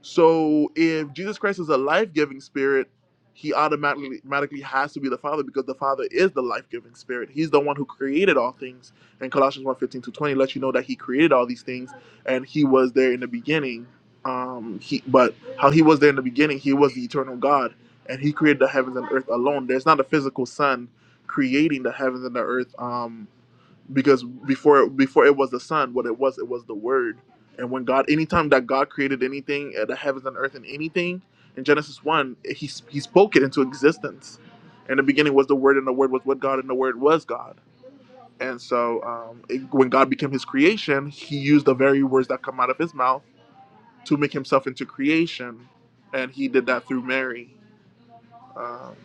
so if Jesus Christ is a life-giving spirit, he automatically automatically has to be the Father because the Father is the life-giving spirit. He's the one who created all things. And Colossians one 15 to 20 lets you know that he created all these things and he was there in the beginning. Um he but how he was there in the beginning, he was the eternal God and he created the heavens and earth alone. There's not a physical son creating the heavens and the earth. Um because before before it was the son what it was it was the word and when god anytime that god created anything uh, the heavens and earth and anything in genesis 1 he, he spoke it into existence in the beginning was the word and the word was with god and the word was god and so um, it- when god became his creation he used the very words that come out of his mouth to make himself into creation and he did that through mary um,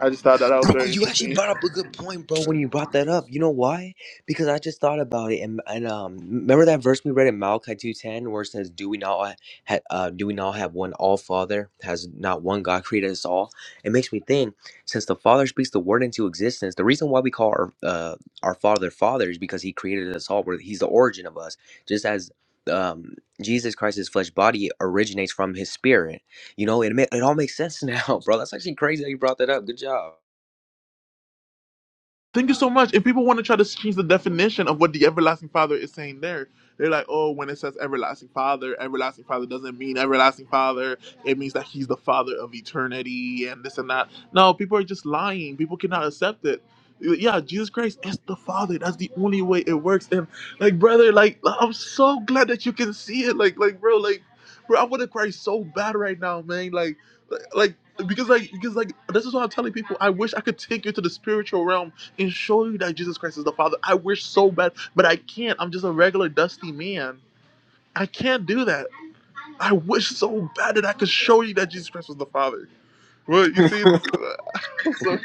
i just thought that that was
Bro,
very
you
interesting
actually
(laughs)
brought up a good point, bro. When you brought that up, you know why? Because I just thought about it, and, and um, remember that verse we read in Malachi two ten, where it says, "Do we not ha- ha- uh, do we not have one All Father? Has not one God created us all?" It makes me think, since the Father speaks the Word into existence, the reason why we call our uh, our Father Father is because He created us all. Where He's the origin of us, just as um, Jesus Christ's flesh body originates from His Spirit. You know, it ma- it all makes sense now, (laughs) bro. That's actually crazy how you brought that up. Good job.
Thank you so much. And people want to try to change the definition of what the everlasting father is saying there. They're like, oh, when it says everlasting father, everlasting father doesn't mean everlasting father. It means that he's the father of eternity and this and that. No, people are just lying. People cannot accept it. Yeah, Jesus Christ is the father. That's the only way it works. And like, brother, like, I'm so glad that you can see it. Like, like, bro, like, bro, I want to cry so bad right now, man. Like, like, because like, because like, this is what I'm telling people. I wish I could take you to the spiritual realm and show you that Jesus Christ is the Father. I wish so bad, but I can't. I'm just a regular dusty man. I can't do that. I wish so bad that I could show you that Jesus Christ was the Father. Well, you see, (laughs) I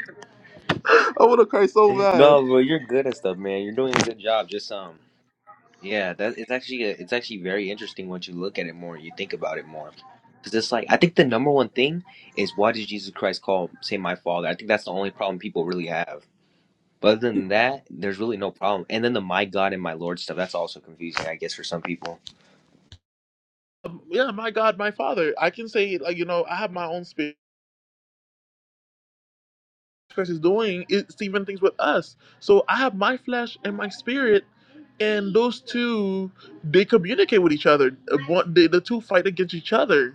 want to cry so bad.
No, bro, you're good at stuff, man. You're doing a good job. Just um, yeah, that it's actually a, it's actually very interesting once you look at it more, you think about it more, because it's like I think the number one thing is why did Jesus Christ call say my Father? I think that's the only problem people really have. But other than that, there's really no problem. And then the my God and my Lord stuff, that's also confusing, I guess, for some people.
Um, yeah, my God, my Father. I can say, like, you know, I have my own spirit. Jesus Christ is doing it's even things with us. So I have my flesh and my spirit, and those two, they communicate with each other. Uh, one- They, the two fight against each other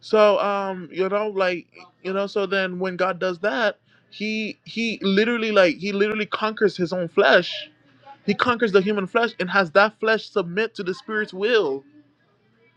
So um, you know, like you know, so then when God does that, he he literally like he literally conquers his own flesh. He conquers the human flesh and has that flesh submit to the spirit's will.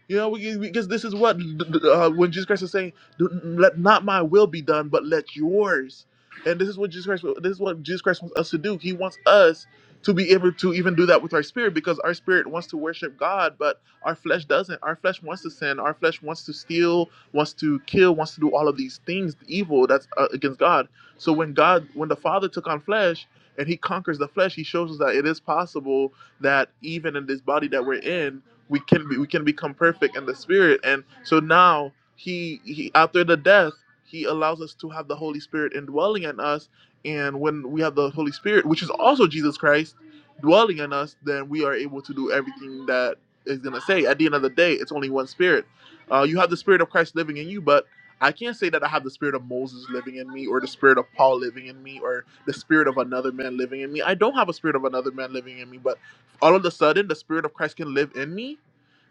You know, we- because this is what uh, when Jesus Christ is saying, "Do- "Let not my will be done, but let yours." And this is what Jesus Christ. This is what Jesus Christ wants us to do. He wants us to be able to even do that with our spirit, because our spirit wants to worship God, but our flesh doesn't. Our flesh wants to sin. Our flesh wants to steal, wants to kill, wants to do all of these things, evil that's uh, against God. So when God, when the Father took on flesh and He conquers the flesh, He shows us that it is possible that even in this body that we're in we can be, we can become perfect in the spirit and so now he, he after the death he allows us to have the holy spirit indwelling in us and when we have the holy spirit which is also jesus christ dwelling in us then we are able to do everything that is going to say at the end of the day it's only one spirit uh, you have the spirit of christ living in you but i can't say that i have the spirit of moses living in me or the spirit of paul living in me or the spirit of another man living in me i don't have a spirit of another man living in me but all of a sudden the spirit of Christ can live in me,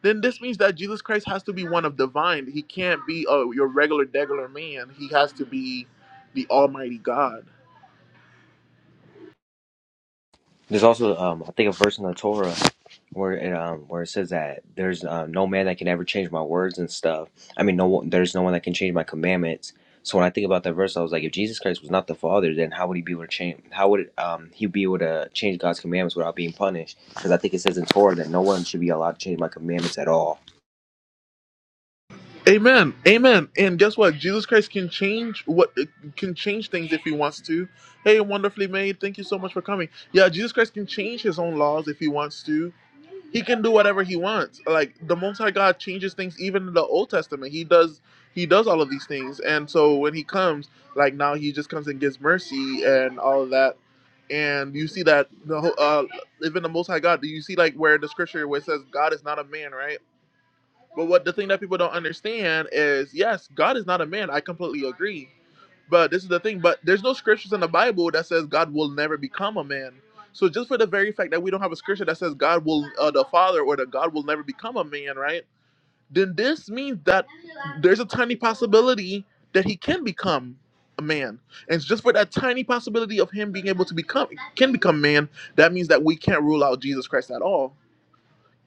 then this means that Jesus Christ has to be one of divine. He can't be oh your regular degular man. He has to be the Almighty God.
There's also, um, I think, a verse in the Torah where it, um, where it says that there's um, no man that can ever change my words and stuff. I mean, no one, there's no one that can change my commandments. So when I think about that verse, I was like, if Jesus Christ was not the Father, then how would he be able to change? How would um, he be able to change God's commandments without being punished? Because I think it says in Torah that no one should be allowed to change my commandments at all.
Amen. Amen. And guess what? Jesus Christ can change what can change things if he wants to. Hey, wonderfully made. Thank you so much for coming. Yeah, Jesus Christ can change his own laws if he wants to. he can do whatever he wants. Like the Most High God changes things even in the Old Testament. He does he does all of these things, and so when he comes, like now he just comes and gives mercy and all of that. And you see that the whole, uh, even the Most High God. Do you see like where the scripture where it says God is not a man, right? But what the thing that people don't understand is yes, God is not a man. I completely agree. But this is the thing. But there's no scriptures in the Bible that says God will never become a man. So just for the very fact that we don't have a scripture that says God will, uh, the Father, or that God will never become a man, right? Then this means that there's a tiny possibility that he can become a man. And it's just for that tiny possibility of him being able to become can become man, that means that we can't rule out Jesus Christ at all.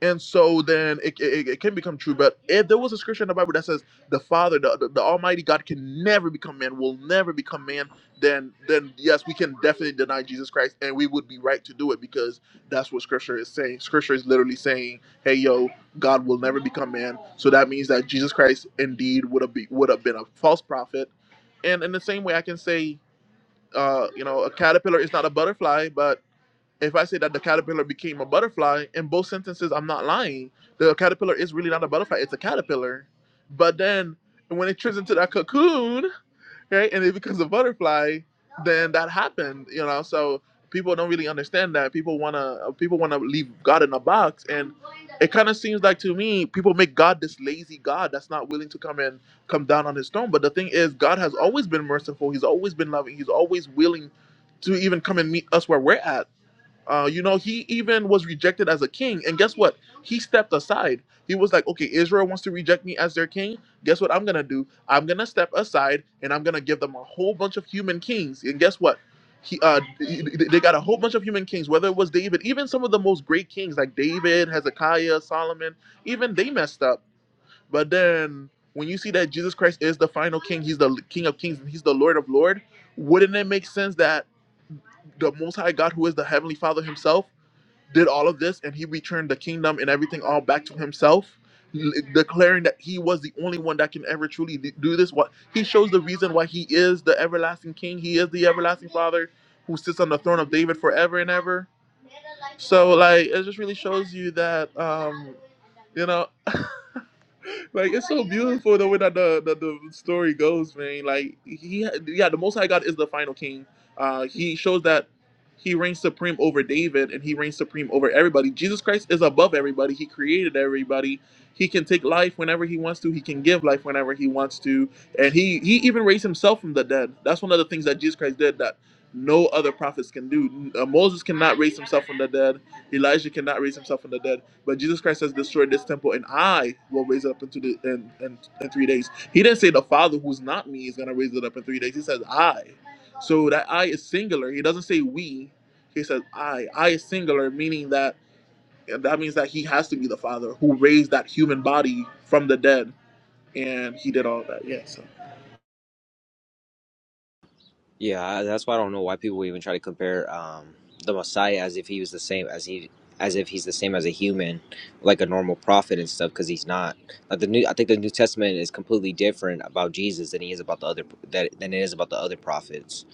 And so then it, it, it can become true. But if there was a scripture in the Bible that says the Father, the, the, the Almighty God can never become man, will never become man, then then yes, we can definitely deny Jesus Christ and we would be right to do it because that's what scripture is saying. Scripture is literally saying, hey yo, God will never become man. So that means that Jesus Christ indeed would have be, would have been a false prophet. And in the same way I can say uh, you know, a caterpillar is not a butterfly, but if I say that the caterpillar became a butterfly, in both sentences, I'm not lying. The caterpillar is really not a butterfly, it's a caterpillar. But then when it turns into that cocoon, right, and it becomes a butterfly, then that happened, you know? So people don't really understand that. People want to people want to leave God in a box and it kind of seems like to me people make God this lazy God that's not willing to come and come down on his throne. But the thing is God has always been merciful. He's always been loving. He's always willing to even come and meet us where we're at uh, you know, he even was rejected as a king. And guess what? He stepped aside. He was like, okay, Israel wants to reject me as their king. Guess what I'm going to do? I'm going to step aside and I'm going to give them a whole bunch of human kings. And guess what? He, uh, they got a whole bunch of human kings, whether it was David, even some of the most great kings like David, Hezekiah, Solomon, even they messed up. But then when you see that Jesus Christ is the final king, he's the king of kings, and he's the Lord of Lords. wouldn't it make sense that the Most High God, who is the Heavenly Father himself, did all of this and he returned the kingdom and everything all back to himself l- declaring that he was the only one that can ever truly d- do this what he shows the reason why he is the everlasting king he is the everlasting father who sits on the throne of david forever and ever so like it just really shows you that um you know like it's so beautiful the way that the, the the story goes, man. Like he, yeah, the Most High God is the final king. Uh, he shows that he reigns supreme over David and he reigns supreme over everybody. Jesus Christ is above everybody. He created everybody. He can take life whenever he wants to. He can give life whenever he wants to, and he he even raised himself from the dead. That's one of the things that Jesus Christ did that no other prophets can do. Uh, Moses cannot raise himself from the dead. Elijah cannot raise himself from the dead but Jesus Christ says, "Destroy this temple, and I will raise it up into the in, in, in three days. He didn't say the Father, who's not me, is gonna raise it up in three days. He says I. So that I is singular. He doesn't say we. He says I. I is singular, meaning that that means that he has to be the Father who raised that human body from the dead, and he did all that. Yes.
Yeah, I- that's why I don't know why people even try to compare um, the Messiah as if he was the same as he as if he's the same as a human, like a normal prophet and stuff, because he's not. Like the new, I think the New Testament is completely different about Jesus than he is about the other that than it is about the other prophets.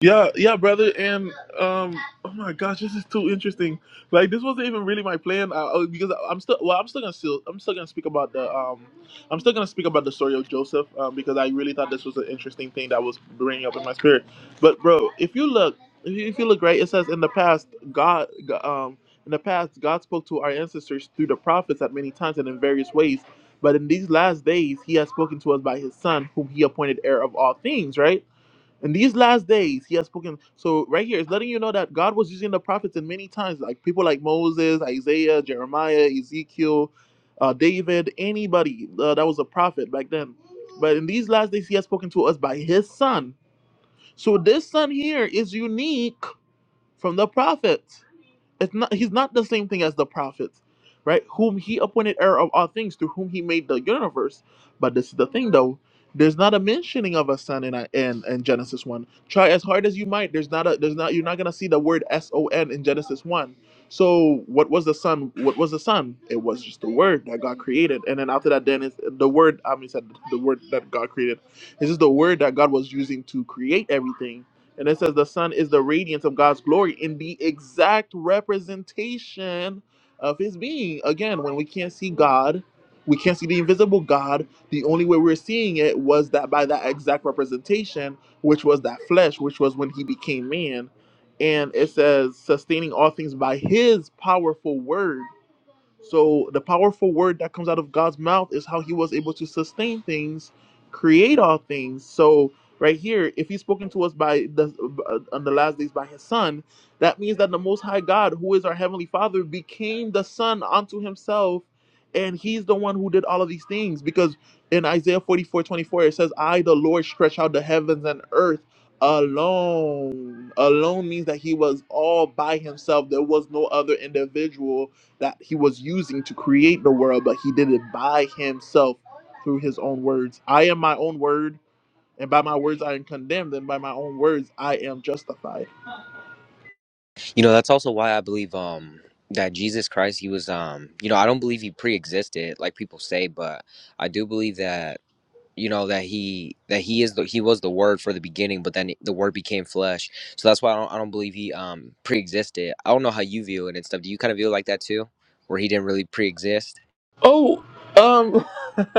Yeah, yeah, brother, and um, oh my gosh, this is too interesting. Like, this wasn't even really my plan uh, uh, because I- I'm still, well, I'm still gonna still, I'm still gonna speak about the, um, I'm still gonna speak about the story of Joseph, um, because I really thought this was an interesting thing that was bringing up in my spirit. But bro, if you look, if you if you look right, it says in the past, God, Go- um, in the past, God spoke to our ancestors through the prophets at many times and in various ways. But in these last days, He has spoken to us by His Son, whom He appointed heir of all things, right? In these last days, he has spoken. So right here, it's letting you know that God was using the prophets in many times, like people like Moses, Isaiah, Jeremiah, Ezekiel, uh, David, anybody uh, that was a prophet back then. But in these last days, he has spoken to us by his son. So this son here is unique from the prophets it's not he's not the same thing as the prophets, right? Whom he appointed heir of all things, through whom he made the universe. But this is the thing though, there's not a mentioning of a son in in, in Genesis one. Try as hard as you might, there's not a there's not you're not gonna see the word S O N in Genesis one. So what was the son? What was the son? It was just the word that God created, and then after that, then it's the word. I mean, said the word that God created. This is the word that God was using to create everything and it says the sun is the radiance of God's glory in the exact representation of his being. Again, when we can't see God, we can't see the invisible God. The only way we're seeing it was that by that exact representation, which was that flesh, which was when he became man. And it says, sustaining all things by his powerful word. So the powerful word that comes out of God's mouth is how he was able to sustain things, create all things. So right here, if he's spoken to us by the uh, on the last days by his son, that means that the most high God, who is our heavenly father, became the son unto himself and he's the one who did all of these things because in Isaiah 44 24 it says, I, the Lord, stretch out the heavens and earth alone. Alone means that he was all by himself. There was no other individual that he was using to create the world, but he did it by himself through his own words. I am my own word, and by my words I am condemned, and by my own words I am justified.
You know, that's also why I believe um that Jesus Christ, he was um, you know, I don't believe he pre-existed like people say, but I do believe that you know that he that he is the he was the word for the beginning but then the word became flesh so that's why i don't, I don't believe he um pre-existed i don't know how you view it and stuff do you kind of view it like that too where he didn't really pre-exist
Oh, um, (laughs)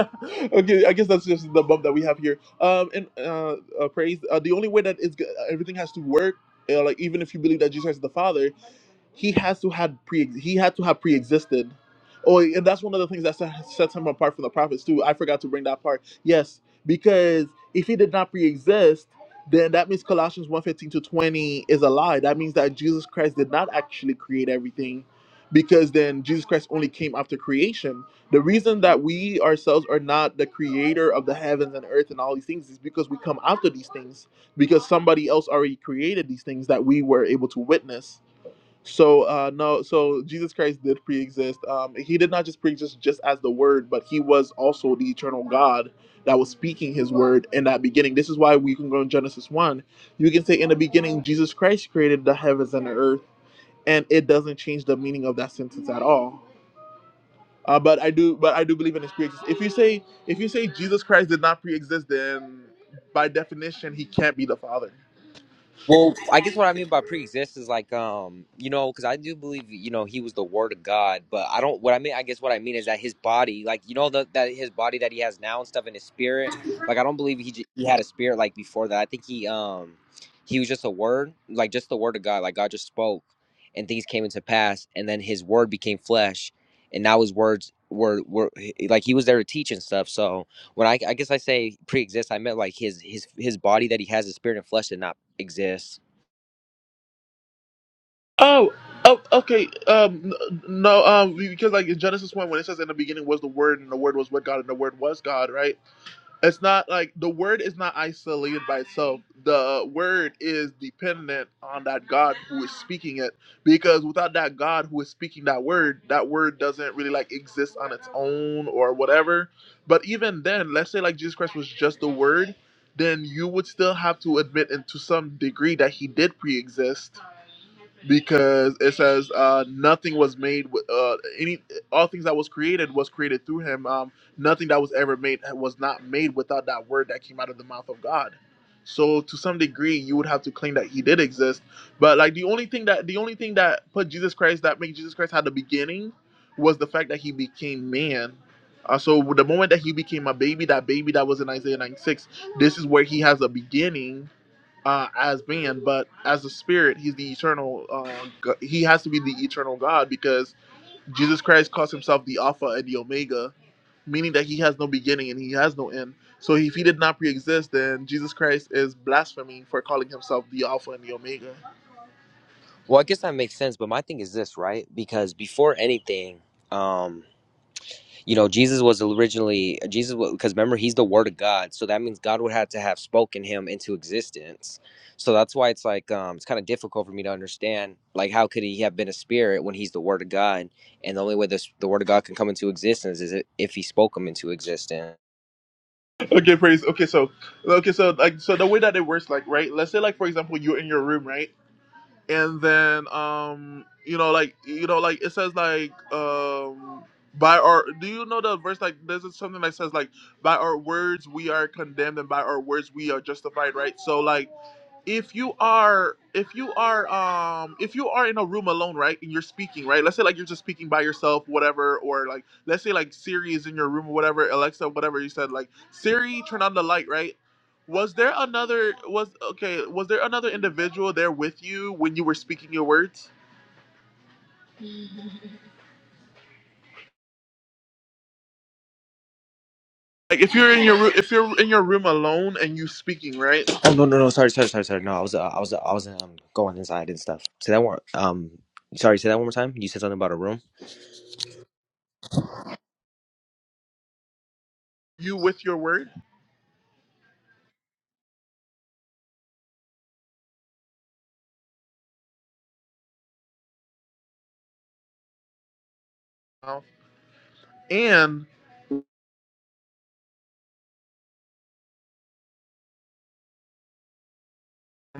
okay, I guess that's just the bump that we have here. Um, and uh, uh praise. Uh, the only way that it's go- everything has to work, uh, like even if you believe that Jesus is the Father, he has to had pre he had to have pre-existed oh and that's one of the things that set- sets him apart from the prophets too i forgot to bring that part yes because if he did not pre-exist then that means colossians one fifteen to 20 is a lie that means that jesus christ did not actually create everything because then jesus christ only came after creation the reason that we ourselves are not the creator of the heavens and earth and all these things is because we come after these things because somebody else already created these things that we were able to witness so uh, no, so Jesus Christ did pre-exist. Um, he did not just pre-exist just as the Word, but he was also the eternal God that was speaking His Word in that beginning. This is why we can go in Genesis one. You can say, "In the beginning, Jesus Christ created the heavens and the earth," and it doesn't change the meaning of that sentence at all. Uh, but I do, but I do believe in His pre-existence. If you say if you say Jesus Christ did not pre-exist, then by definition, He can't be the Father.
Well, I guess what I mean by pre-exist is like, um, you know, because I do believe, you know, he was the Word of God, but I don't. What I mean, I guess what I mean is that his body, like, you know, the, that his body that he has now and stuff, and his spirit, like, I don't believe he j- he had a spirit like before that. I think he, um, he was just a word, like just the Word of God, like God just spoke, and things came into pass, and then his Word became flesh, and now his words were were like he was there to teach and stuff. So, when I, I guess I say pre exists I meant like his his his body that he has, his spirit and flesh did not exist.
Oh, oh, okay. Um, n- no, um, because like in Genesis one, when it says in the beginning was the Word, and the Word was with God, and the Word was God, right? It's not like the word is not isolated by itself. The uh, word is dependent on that God who is speaking it. Because without that God who is speaking that word, that word doesn't really like exist on its own or whatever. But even then, let's say like Jesus Christ was just the word, then you would still have to admit into some degree that he did pre exist. Because it says uh, nothing was made with uh, any all things that was created was created through him. Um, nothing that was ever made was not made without that word that came out of the mouth of God. So to some degree, you would have to claim that he did exist. But like the only thing that the only thing that put Jesus Christ that made Jesus Christ had the beginning was the fact that he became man. Uh, so the moment that he became a baby, that baby that was in Isaiah 96, this is where he has a beginning uh, as man, but as a spirit, he's the eternal. Uh, he has to be the eternal God because Jesus Christ calls himself the Alpha and the Omega meaning that he has no beginning and he has no end. So if he did not pre-exist, then Jesus Christ is blasphemy for calling himself the Alpha and the Omega.
Well, I guess that makes sense. But my thing is this, right? Because before anything, um, you know, Jesus was originally Jesus was, because remember he's the Word of God, so that means God would have to have spoken him into existence. So that's why it's like um, it's kind of difficult for me to understand. Like, how could he have been a spirit when he's the Word of God? And the only way this the Word of God can come into existence is if he spoke him into existence.
Okay, praise. Okay, so okay, so like so the way that it works, like right, let's say like for example you're in your room, right, and then um you know like you know like it says like um by our do you know the verse like this is something that says like by our words we are condemned and by our words we are justified, right? So like if you are if you are um if you are in a room alone right and you're speaking right let's say like you're just speaking by yourself whatever or like let's say like siri is in your room or whatever alexa whatever you said like siri turn on the light right was there another was okay was there another individual there with you when you were speaking your words like if you're in your room if you're in your room alone and you speaking right
Oh no no no sorry sorry sorry sorry no I was uh, I was uh, I was um going inside and stuff. Say that one um sorry say that one more time. You said something about a room.
you with your word Wow. and.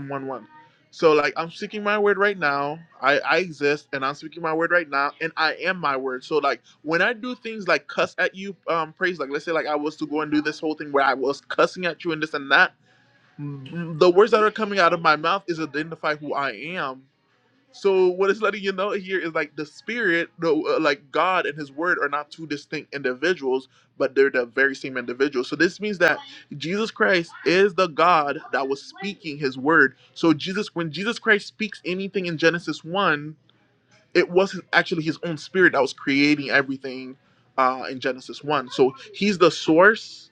one one. So like I'm speaking my word right now. I, I exist and I'm speaking my word right now and I am my word. So like when I do things like cuss at you, um praise like let's say like I was to go and do this whole thing where I was cussing at you and this and that, the words that are coming out of my mouth is identify who I am so what it's letting you know here is like the spirit, no, uh, like God and His Word are not two distinct individuals, but they're the very same individual. So this means that Jesus Christ is the God that was speaking His Word. So Jesus, when Jesus Christ speaks anything in Genesis one, it was actually his own spirit that was creating everything uh, in Genesis 1. So he's the source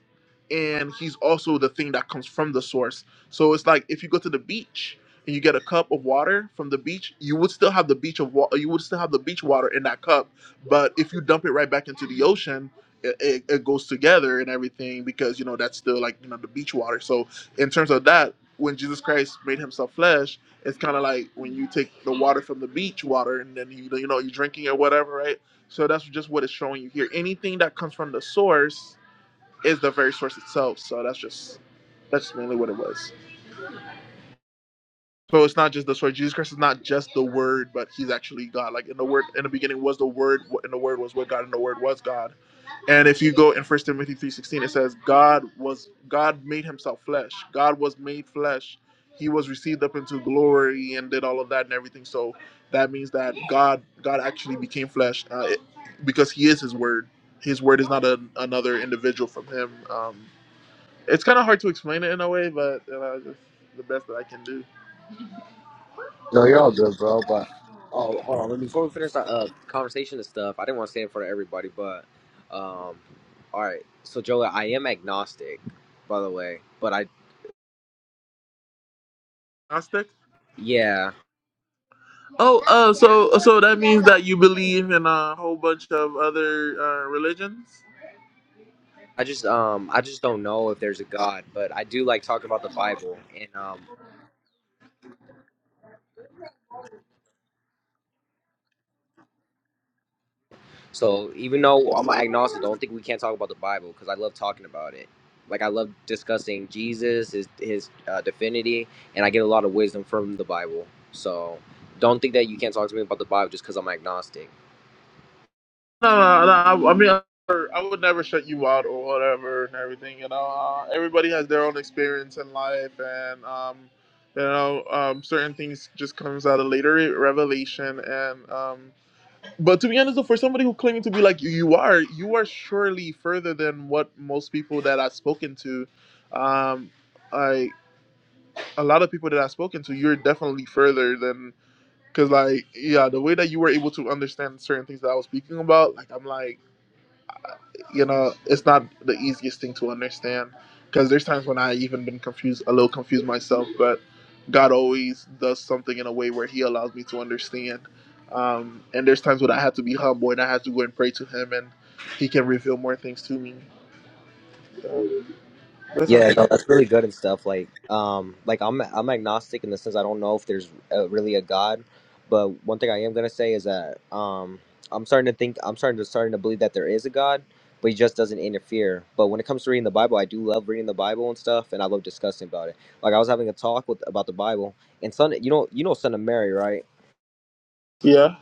and he's also the thing that comes from the source. So it's like if you go to the beach and you get a cup of water from the beach, you would still have the beach of wa- you would still have the beach water in that cup, but if you dump it right back into the ocean, it, it, it goes together and everything because you know that's still like you know the beach water. So in terms of that, when Jesus Christ made himself flesh, it's kind of like when you take the water from the beach water and then you you know you're drinking or whatever, right? So that's just what it's showing you here. Anything that comes from the source is the very source itself. So that's just that's mainly what it was. So it's not just the source. Jesus Christ is not just the Word, but He's actually God. Like in the Word, in the beginning was the Word, and the Word was with God, and the Word was God. And if you go in First Timothy three sixteen, it says God was God made himself flesh. God was made flesh. He was received up into glory and did all of that and everything. So that means that God God actually became flesh uh, it, because He is His Word. His Word is not a, another individual from Him. Um, it's kind of hard to explain it in a way, but you know, just the best that I can do.
No, you're all good, bro. But Oh hold on. Let me- Before we finish that uh, conversation and stuff, I didn't want to say in front of everybody, but um all right. So Jola, I am agnostic, by the way, but I
Gnostic.
yeah
Oh, uh, so so that means that you believe in a whole bunch of other uh, religions.
I just um I just don't know if there's a God, but I do like talking about the Bible and um So even though I'm agnostic, don't think we can't talk about the Bible because I love talking about it. Like I love discussing Jesus, his his uh, divinity, and I get a lot of wisdom from the Bible. So don't think that you can't talk to me about the Bible just because I'm agnostic.
No, no, no. no, I, I mean, I never- I would never shut you out or whatever and everything. You know, uh, everybody has their own experience in life, and um, you know, um, certain things just comes out of later revelation. And um, but to be honest, though, for somebody who claiming to be like you, you are, you are surely further than what most people that I've spoken to. Um, I a lot of people that I've spoken to, you're definitely further than because like yeah the way that you were able to understand certain things that i was speaking about like i'm like you know, it's not the easiest thing to understand because there's times when I even been confused, a little confused myself, but God always does something in a way where He allows me to understand. Um, and there's times when I have to be humble and I have to go and pray to Him, and He can reveal more things to me. That's all
Yeah, no,
good.
that's really good and stuff. Like, um, like I'm I'm agnostic in the sense I don't know if there's uh really a God, but one thing I am gonna say is that um, I'm starting to think I'm starting to starting to believe that there is a God, but he just doesn't interfere. But when it comes to reading the Bible, I do love reading the Bible and stuff, and I love discussing about it. Like I was having a talk with about the Bible, and son, you know, you know, son of Mary, right?
Yeah,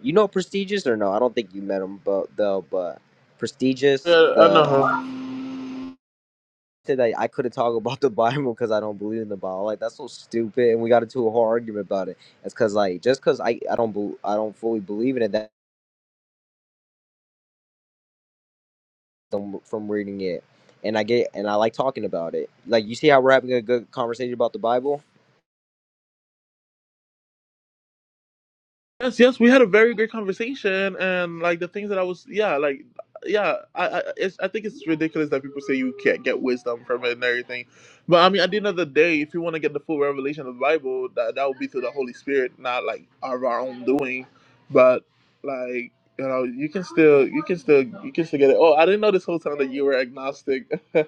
You know, prestigious or no? I don't think you met him, but the but prestigious
yeah, I know.
the
her.
said that I couldn't talk about the Bible because I don't believe in the Bible. Like that's so stupid, and we got into a whole argument about it. It's because like just because I I don't bel I don't fully believe in it that from from reading it, and I get and I like talking about it. Like you see how we're having a good conversation about the Bible.
Yes, yes, we had a very great conversation, and like the things that I was, yeah, like, yeah, I, I, it's, I think it's ridiculous that people say you can't get wisdom from it and everything, but I mean, at the end of the day, if you want to get the full revelation of the Bible, that that would be through the Holy Spirit, not like of our own doing, but like, you know, you can still, you can still, you can still get it. Oh, I didn't know this whole time that you were agnostic, (laughs) bro.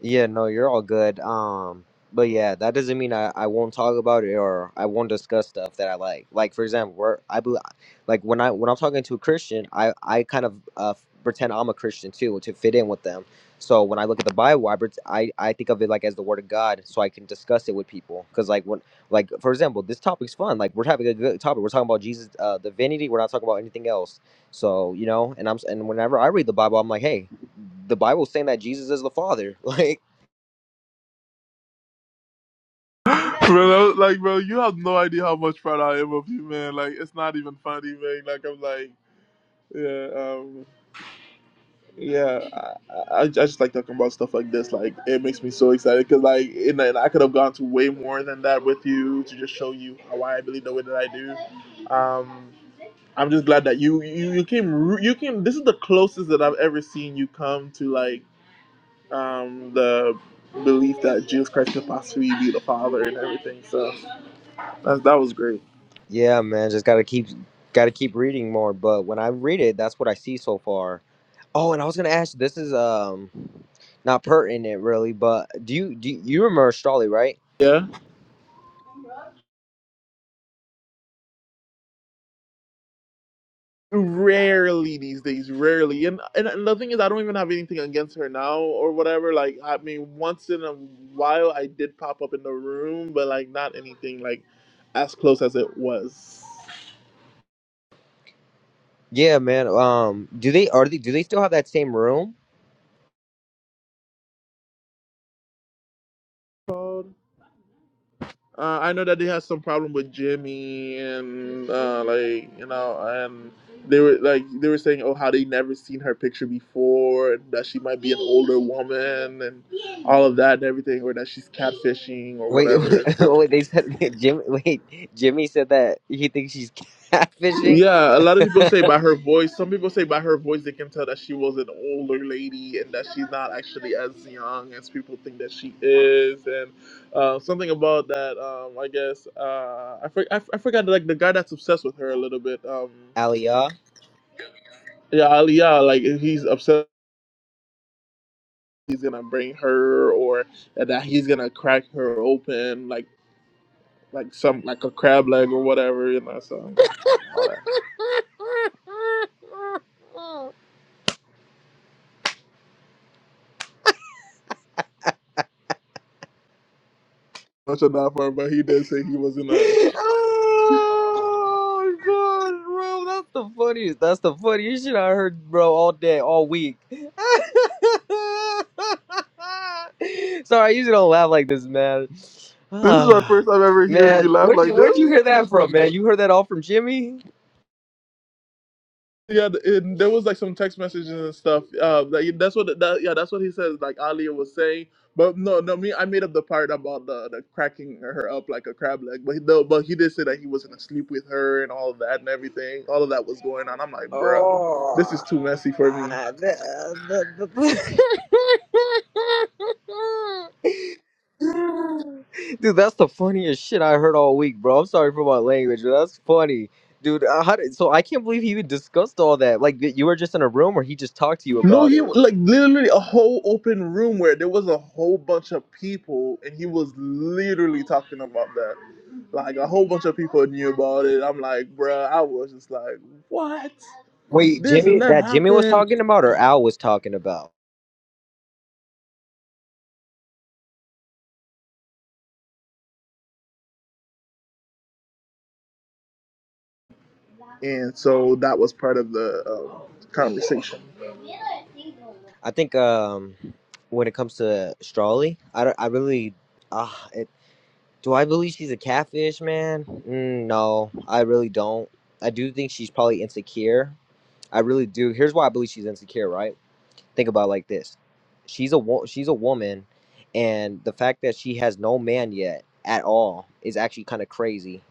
Yeah, no, you're all good. Um, but yeah, that doesn't mean I, I won't talk about it or I won't discuss stuff that I like. Like for example, we're I bel- like when I when I'm talking to a Christian, I I kind of uh, pretend I'm a Christian too to fit in with them. So when I look at the Bible, I, pret- I I think of it like as the Word of God, so I can discuss it with people. Cause like when like for example, this topic's fun. Like we're having a good topic. We're talking about Jesus' uh, divinity. We're not talking about anything else. So you know, and I'm s- and whenever I read the Bible, I'm like, hey the Bible's saying that Jesus is the Father. (laughs) Like,
I Like, bro, you have no idea how much proud I am of you, man. Like, it's not even funny, man. Like, I'm like. Yeah, um, Yeah, I, I, I just like talking about stuff like this. Like, it makes me so excited because, like, and, and I could have gone to way more than that with you to just show you how I believe the way that I do. Um, I'm just glad that you you you came ru- you came. This is the closest that I've ever seen you come to like um the belief that Jesus Christ could possibly be the Father and everything. So that that was great.
yeah, man, just gotta keep gotta keep reading more. But when I read it, that's what I see so far. Oh, and I was gonna ask. This is um not pertinent really, but do you do you, you remember Strawley, right?
Yeah. Rarely these days, rarely. And, and and the thing is, I don't even have anything against her now or whatever. Like, I mean, once in a while, I did pop up in the room, but like not anything like as close as it was.
Yeah, man. Um, do they are they do they still have that same room?
Called. Uh, I know that they had some problem with Jimmy and uh, like you know, and they were like they were saying, oh, how they never seen her picture before, and that she might be an older woman and all of that and everything, or that she's catfishing or
Wait, (laughs) wait.
whatever. so.
wait They said (laughs) Jimmy. Wait, Jimmy said that he thinks she's catfishing.
Yeah, a lot of people say
(laughs)
by her voice. Some people say by her voice they can tell that she was an older lady and that she's not actually as young as people think that she is. And uh, something about that, um, I guess uh, I, for, I f- I forgot like the guy that's obsessed with her a little bit. Um,
Aliyah.
yeah, Aliyah, like he's obsessed. He's gonna bring her, or that he's gonna crack her open, like like some like a crab leg or whatever, you know. So all that. Much enough for him, but he did say he was gonna.
oh god, bro, that's the funniest. That's the funniest shit I heard, bro, all day, all week. (laughs) Sorry, I usually don't laugh like this, man. (sighs)
This is my
Ah,
first time ever hearing
man,
you laugh
where'd
like
you
this.
where'd you hear that from, man? You heard that all from Jimmy?
Yeah, and there was like some text messages and stuff. Uh, like, that's what that, yeah, that's what he says. Like Alia was saying, but no, no, me, I made up the part about the, the cracking her up like a crab leg. But he, no, but he did say that he wasn't asleep with her and all of that and everything. All of that was going on. I'm like, bruh, this is
Oh.
too messy for me.
ah, the- the- the- (laughs) (laughs) Dude, that's the funniest shit I heard all week, bro. I'm sorry for my language, but that's funny. Dude, uh, how did, so I can't believe he even discussed all that. Like, you were just in a room or he just talked to you
No,
about
he
it?
like literally a whole open room where there was a whole bunch of people, and he was literally talking about that. Like a whole bunch of people knew about it. I'm like, bruh, I was just like, what?
Wait,
This and
Jimmy,
that
that Jimmy was
happened,
talking about or Al was talking about?
and so that was part of the um, conversation.
I think um, when it comes to Strawley, I, don't- I really, uh, it, do I believe she's a catfish, man? Mm, no, I really don't. I do think she's probably insecure. I really do. Here's why I believe she's insecure, right? think about it like this she's a wo- she's a woman and the fact that she has no man yet at all is actually kind of crazy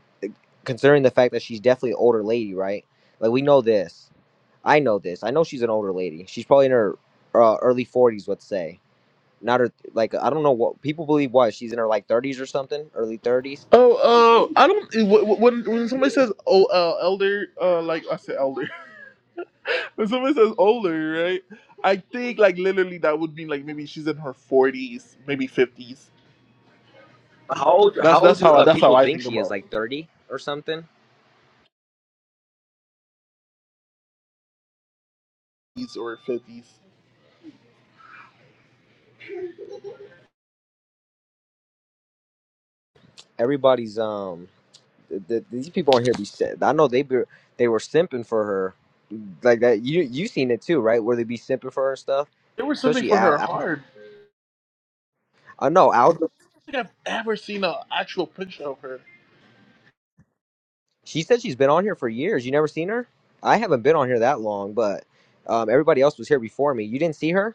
considering the fact that she's definitely an older lady right like we know this i know this i know she's an older lady she's probably in her uh, early 40s let's say not her like i don't know what people believe what she's in her like 30s or something early 30s
Oh, uh, I don't. wh- wh- When when somebody says oh uh, elder, uh, like I said elder. (laughs) When somebody says older, right? I think like literally that would mean like maybe she's in her forties, maybe fifties
how old
That's
how old
that's
do
how I,
uh,
that's how
people
I
think
think
she is
about
like 30 or something
these or fifties.
everybody's um th th- these people on here be. si- I know they be, they were simping for her, like that. You you seen it too, right? Where they be simping for her and stuff,
There was something
especially
for her
Al. Al
hard.
I know Al.
I don't think I've ever seen an actual picture of her. The
She said she's been on here for years. You never seen her? I haven't been on here that long, but um, everybody else was here before me. You didn't see her?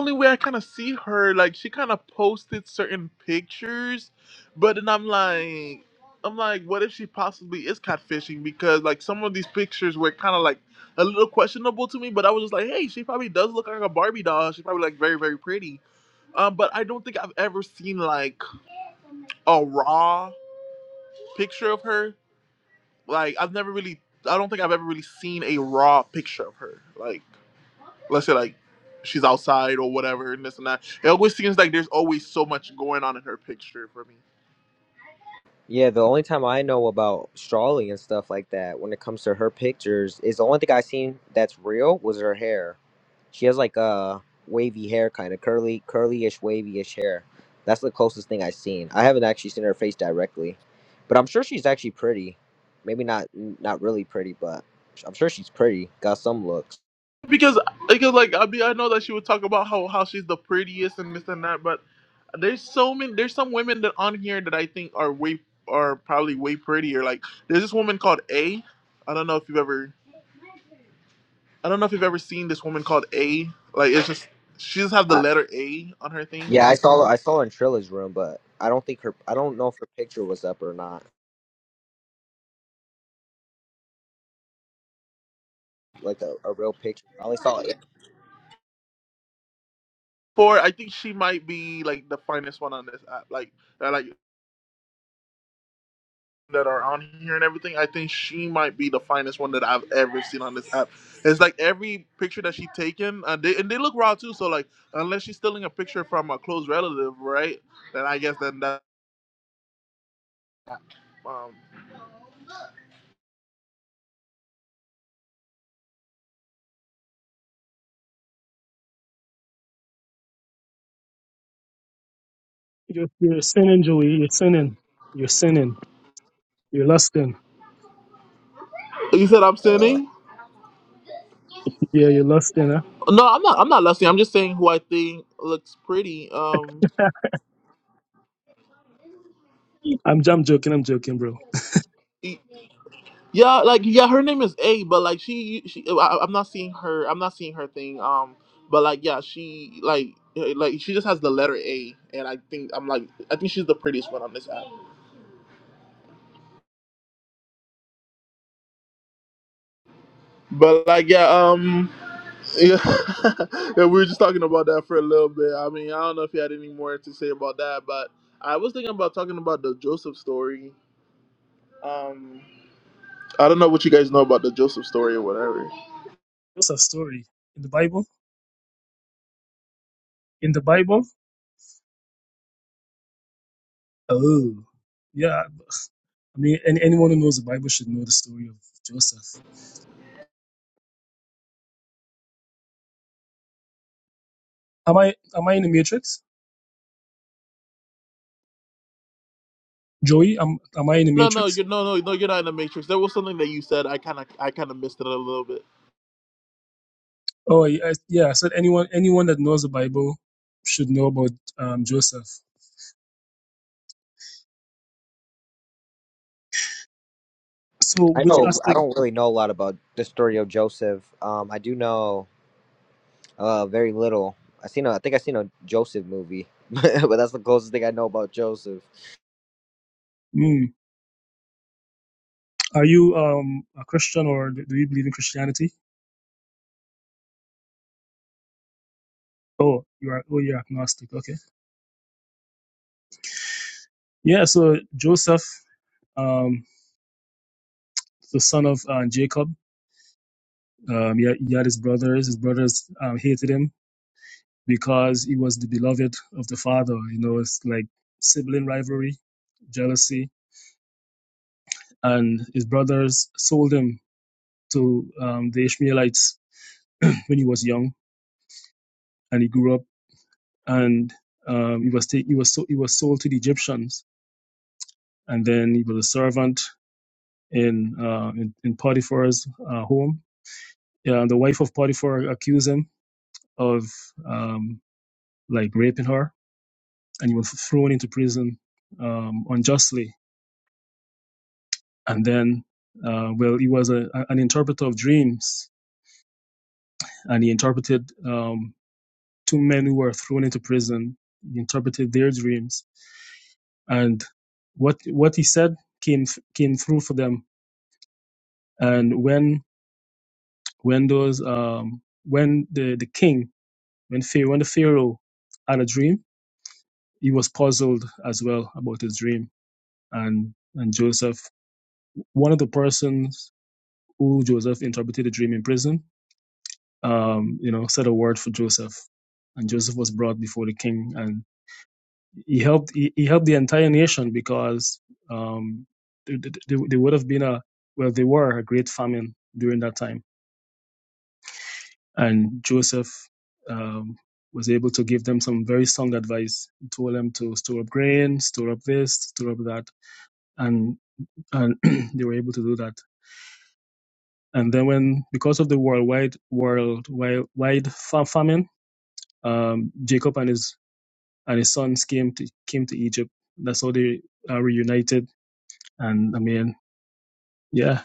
only way I kind of see her, like she kind of posted certain pictures, but then I'm like, I'm like, what if she possibly is catfishing? Because like some of these pictures were kind of like a little questionable to me, but I was just like, hey, she probably does look like a Barbie doll. She's probably like very very pretty. Um, but I don't think I've ever seen like a raw picture of her. Like I've never really, I don't think I've ever really seen a raw picture of her. Like let's say like she's outside or whatever and this and that. It always seems like there's always so much going on in her picture for me.
Yeah, the only time I know about Strawley and stuff like that when it comes to her pictures is the only thing I seen that's real was her hair. She has like uh wavy hair kind of curly curly-ish wavy-ish hair. That's the closest thing I've seen. I haven't actually seen her face directly. But I'm sure she's actually pretty. Maybe not not really pretty, but I'm sure she's pretty. Got some looks.
Because because like I mean I know that she would talk about how how she's the prettiest and this and that, but there's so many there's some women that on here that I think are way are probably way prettier. Like there's this woman called A. I don't know if you've ever I don't know if you've ever seen this woman called A. Like it's just she just have the
I,
letter A on her thing.
yeah, I saw I saw her in Trilla's room, but I don't think her I don't know if her picture was up or not. Like a, a real picture. I only saw
Four, I think she might be like the finest one on this app, like that, like that are on here and everything. I think she might be the finest one that I've ever seen on this app. It's like every picture that she taken, uh, they, and they look raw too. So like, unless she's stealing a picture from a close relative, right? Then I guess then that. Um,
You're, you're sinning, Joey. You're sinning. You're sinning. You're lusting.
you said I'm
it.
sinning?
Yeah, you're lusting. Huh?
No, I'm not. I'm not lusting. I'm just saying who I think looks pretty. Um,
I'm, I'm joking. I'm joking, bro.
e, Yeah, like yeah, her name is A, but like she, she, I, I'm not seeing her. I'm not seeing her thing. Um, but like yeah, she like eh, like she just has the letter A, and I think I'm like I think she's the prettiest one on this app. But like yeah, um, yeah, (laughs) yeah, we were just talking about that for a little bit. I mean, I don't know if you had any more to say about that, but I was thinking about talking about the Joseph story. Um, I don't know what you guys know about the Joseph story or whatever.
What's a story in the Bible? In the Bible? Oh, yeah. I mean, any, anyone who knows the Bible should know the story of Joseph. Am I am I in the Matrix, Joey? Am am I in the
No, no,
Matrix?
you no, no, no. You're not in the Matrix. There was something that you said. I kind of, I kind of missed it a little bit.
Oh yeah, I- yeah. I said anyone anyone that knows the Bible should know about um, Joseph. So,
I
which
know I
aspect
don't really know a lot about the story of Joseph. Um, I do know uh very little. I seen a, I think I seen a Joseph movie, (laughs) but that's the closest thing I know about Joseph.
mm, are you um, a Christian or do do you believe in Christianity? Oh, you are oh you're agnostic. Okay. Yeah. So Joseph, um, the son of uh, Jacob, um, he, had- he had his brothers. His brothers um, hated him because he was the beloved of the father. You know, it's like sibling rivalry, jealousy, and his brothers sold him to um, the Ishmaelites (clears throat) when he was young, and he grew up, and um, he was ta- he was so- he was sold to the Egyptians, and then he was a servant in uh, in, in Potiphar's uh, home Yeah, the wife of Potiphar accused him of um, like raping her, and he was thrown into prison um, unjustly. And then, uh, well, he was a, an interpreter of dreams, and he interpreted um, two men who were thrown into prison. He interpreted their dreams, and what what he said came came through for them. And when when those um, when the, the king when Pharaoh when the Pharaoh had a dream, he was puzzled as well about his dream and and Joseph. One of the persons who Joseph interpreted a dream in prison, um, you know, said a word for Joseph, and Joseph was brought before the king, and he helped he, he helped the entire nation because um, they, they, they would have been a well they were a great famine during that time, and Joseph. Um, was able to give them some very sound advice. He told them to store up grain, store up this, store up that, and and (clears throat) they were able to do that And then when because of the worldwide worldwide wide fa- famine, um, Jacob and his and his sons came to came to Egypt. That's how they are reunited. And I mean, yeah,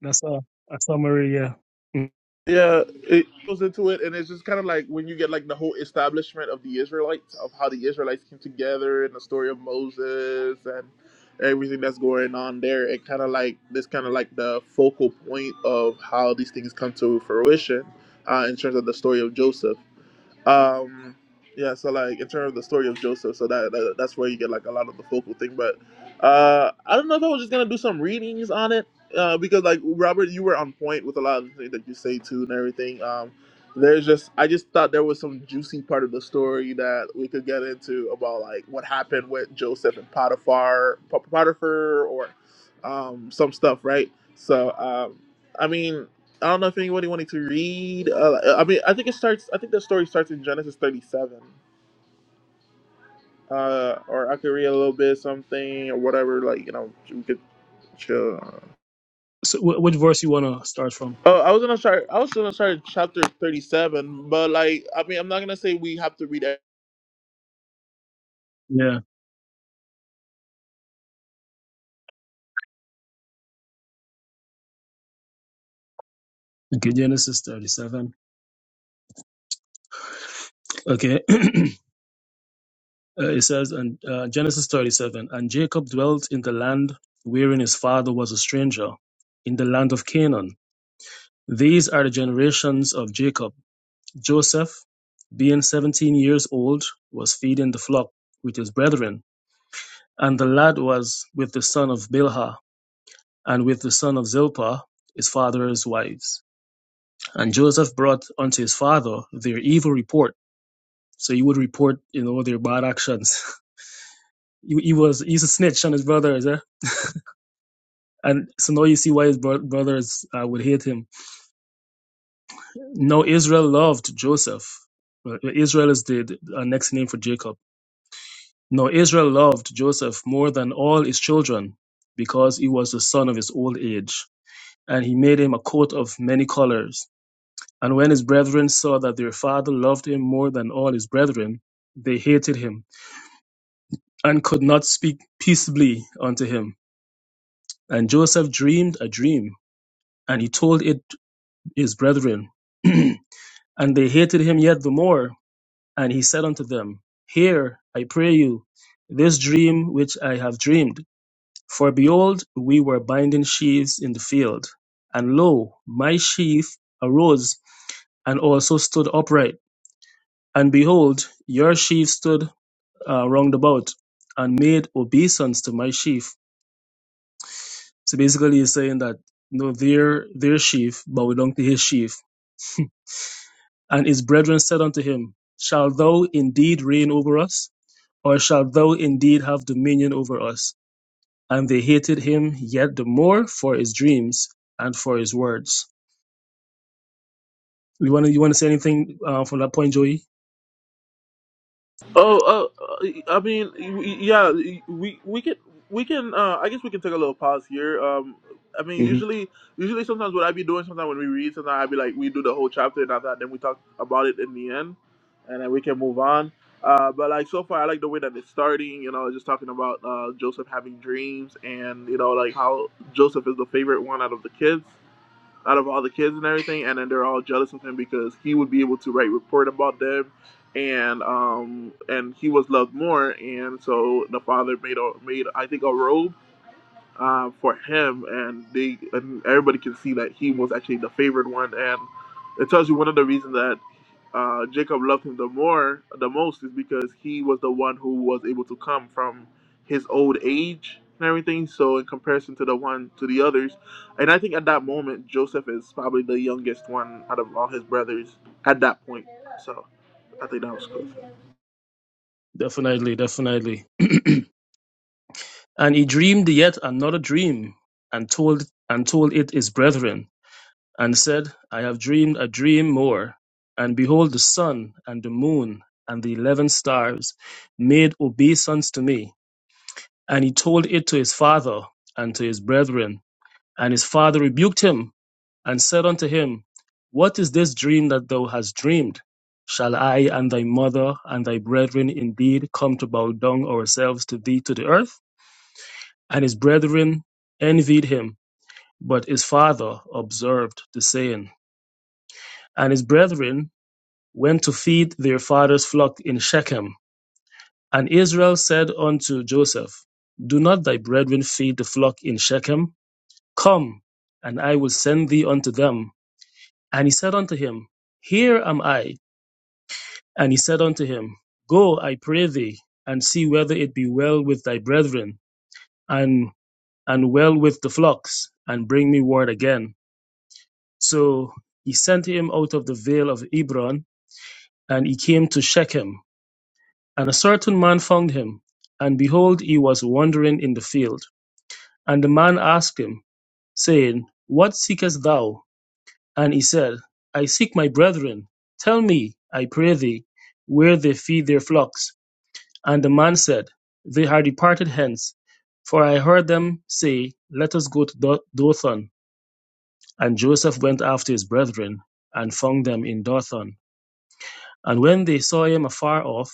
that's a, a summary. Yeah. Mm.
Yeah, it goes into it, and it's just kind of like when you get like the whole establishment of the Israelites, of how the Israelites came together, and the story of Moses and everything that's going on there. It kind of like this, kind of like the focal point of how these things come to fruition uh, in terms of the story of Joseph. um yeah so like in terms of the story of joseph so that, that that's where you get like a lot of the focal thing but uh i don't know if i was just gonna do some readings on it uh because like robert you were on point with a lot of the things that you say too and everything um there's just i just thought there was some juicy part of the story that we could get into about like what happened with joseph and potiphar Pot- potiphar or um some stuff right so um i mean I don't know if anybody wanted to read. Uh, I mean, I think it starts. I think the story starts in Genesis thirty-seven. Uh, or I could read a little bit of something or whatever. Like you know, we could chill.
So, wh- which verse you wanna start from?
Oh, I was gonna start. I was gonna start chapter thirty-seven, but like, I mean, I'm not gonna say we have to read
Yeah. Okay, Genesis thirty-seven. Okay, (clears throat) Uh, it says, and uh, Genesis thirty-seven, and Jacob dwelt in the land wherein his father was a stranger, in the land of Canaan. These are the generations of Jacob. Joseph, being seventeen years old, was feeding the flock with his brethren. And the lad was with the son of Bilhah, and with the son of Zilpah, his father's wives. And Joseph brought unto his father their evil report. So he would report, you know, their bad actions. (laughs) he, he was he's a snitch on his brothers, eh? And so now you see why his bro- brothers uh, would hate him. Now Israel loved Joseph. Well, Israel is the, the uh, next name for Jacob Now Israel loved Joseph more than all his children, because he was the son of his old age, and he made him a coat of many colors. And when his brethren saw that their father loved him more than all his brethren, they hated him, and could not speak peaceably unto him. And Joseph dreamed a dream, and he told it his brethren. (clears throat) and they hated him yet the more, and he said unto them, Hear, I pray you, this dream which I have dreamed. For behold, we were binding sheaves in the field. And lo, my sheaf arose and also stood upright. And behold, your sheaf stood uh, round about and made obeisance to my sheaf. So basically, he's saying that no, their their sheaf bow down to his sheaf. And his brethren said unto him, Shall thou indeed reign over us? Or shalt thou indeed have dominion over us? And they hated him yet the more for his dreams and for his words. You want to you want to say anything uh, from that point, Joey?
Oh, oh, uh, I mean, y- yeah, we we can we can uh, I guess we can take a little pause here. Um, I mean,
hmm
usually usually sometimes what I be doing sometimes when we read sometimes I be like we do the whole chapter and after that then we talk about it in the end, and then we can move on. Uh, but like so far I like the way that it's starting. You know, just talking about uh, Joseph having dreams and you know like how Joseph is the favorite one out of the kids out of all the kids and everything, and then they're all jealous of him because he would be able to write report about them, and um and he was loved more, and so the father made a made I think a robe uh, for him, and they and everybody can see that he was actually the favored one, and it tells you one of the reasons that uh, Jacob loved him the more, the most, is because he was the one who was able to come from his old age and everything. So in comparison to the one to the others, and I think at that moment Joseph is probably the youngest one out of all his brothers at that point. So I think that was cool.
Definitely, definitely. (clears throat) and he dreamed yet another dream, and told and told it his brethren, and said, I have dreamed a dream more, and behold, the sun and the moon and the eleven stars made obeisance to me. And he told it to his father and to his brethren, and his father rebuked him and said unto him, What is this dream that thou hast dreamed? Shall I and thy mother and thy brethren indeed come to bow down ourselves to thee to the earth? And his brethren envied him, but his father observed the saying. And his brethren went to feed their father's flock in Shechem. And Israel said unto Joseph, Do not thy brethren feed the flock in Shechem? Come, and I will send thee unto them. And he said unto him, Here am I And he said unto him, Go, I pray thee, and see whether it be well with thy brethren, and and well with the flocks, and bring me word again. So he sent him out of the vale of Hebron, and he came to Shechem. And a certain man found him, and behold, he was wandering in the field. And the man asked him, saying, What seekest thou? And he said, I seek my brethren. Tell me, I pray thee, where they feed their flocks. And the man said, They are departed hence. For I heard them say, Let us go to Do- Dothan. And Joseph went after his brethren, and found them in Dothan. And when they saw him afar off,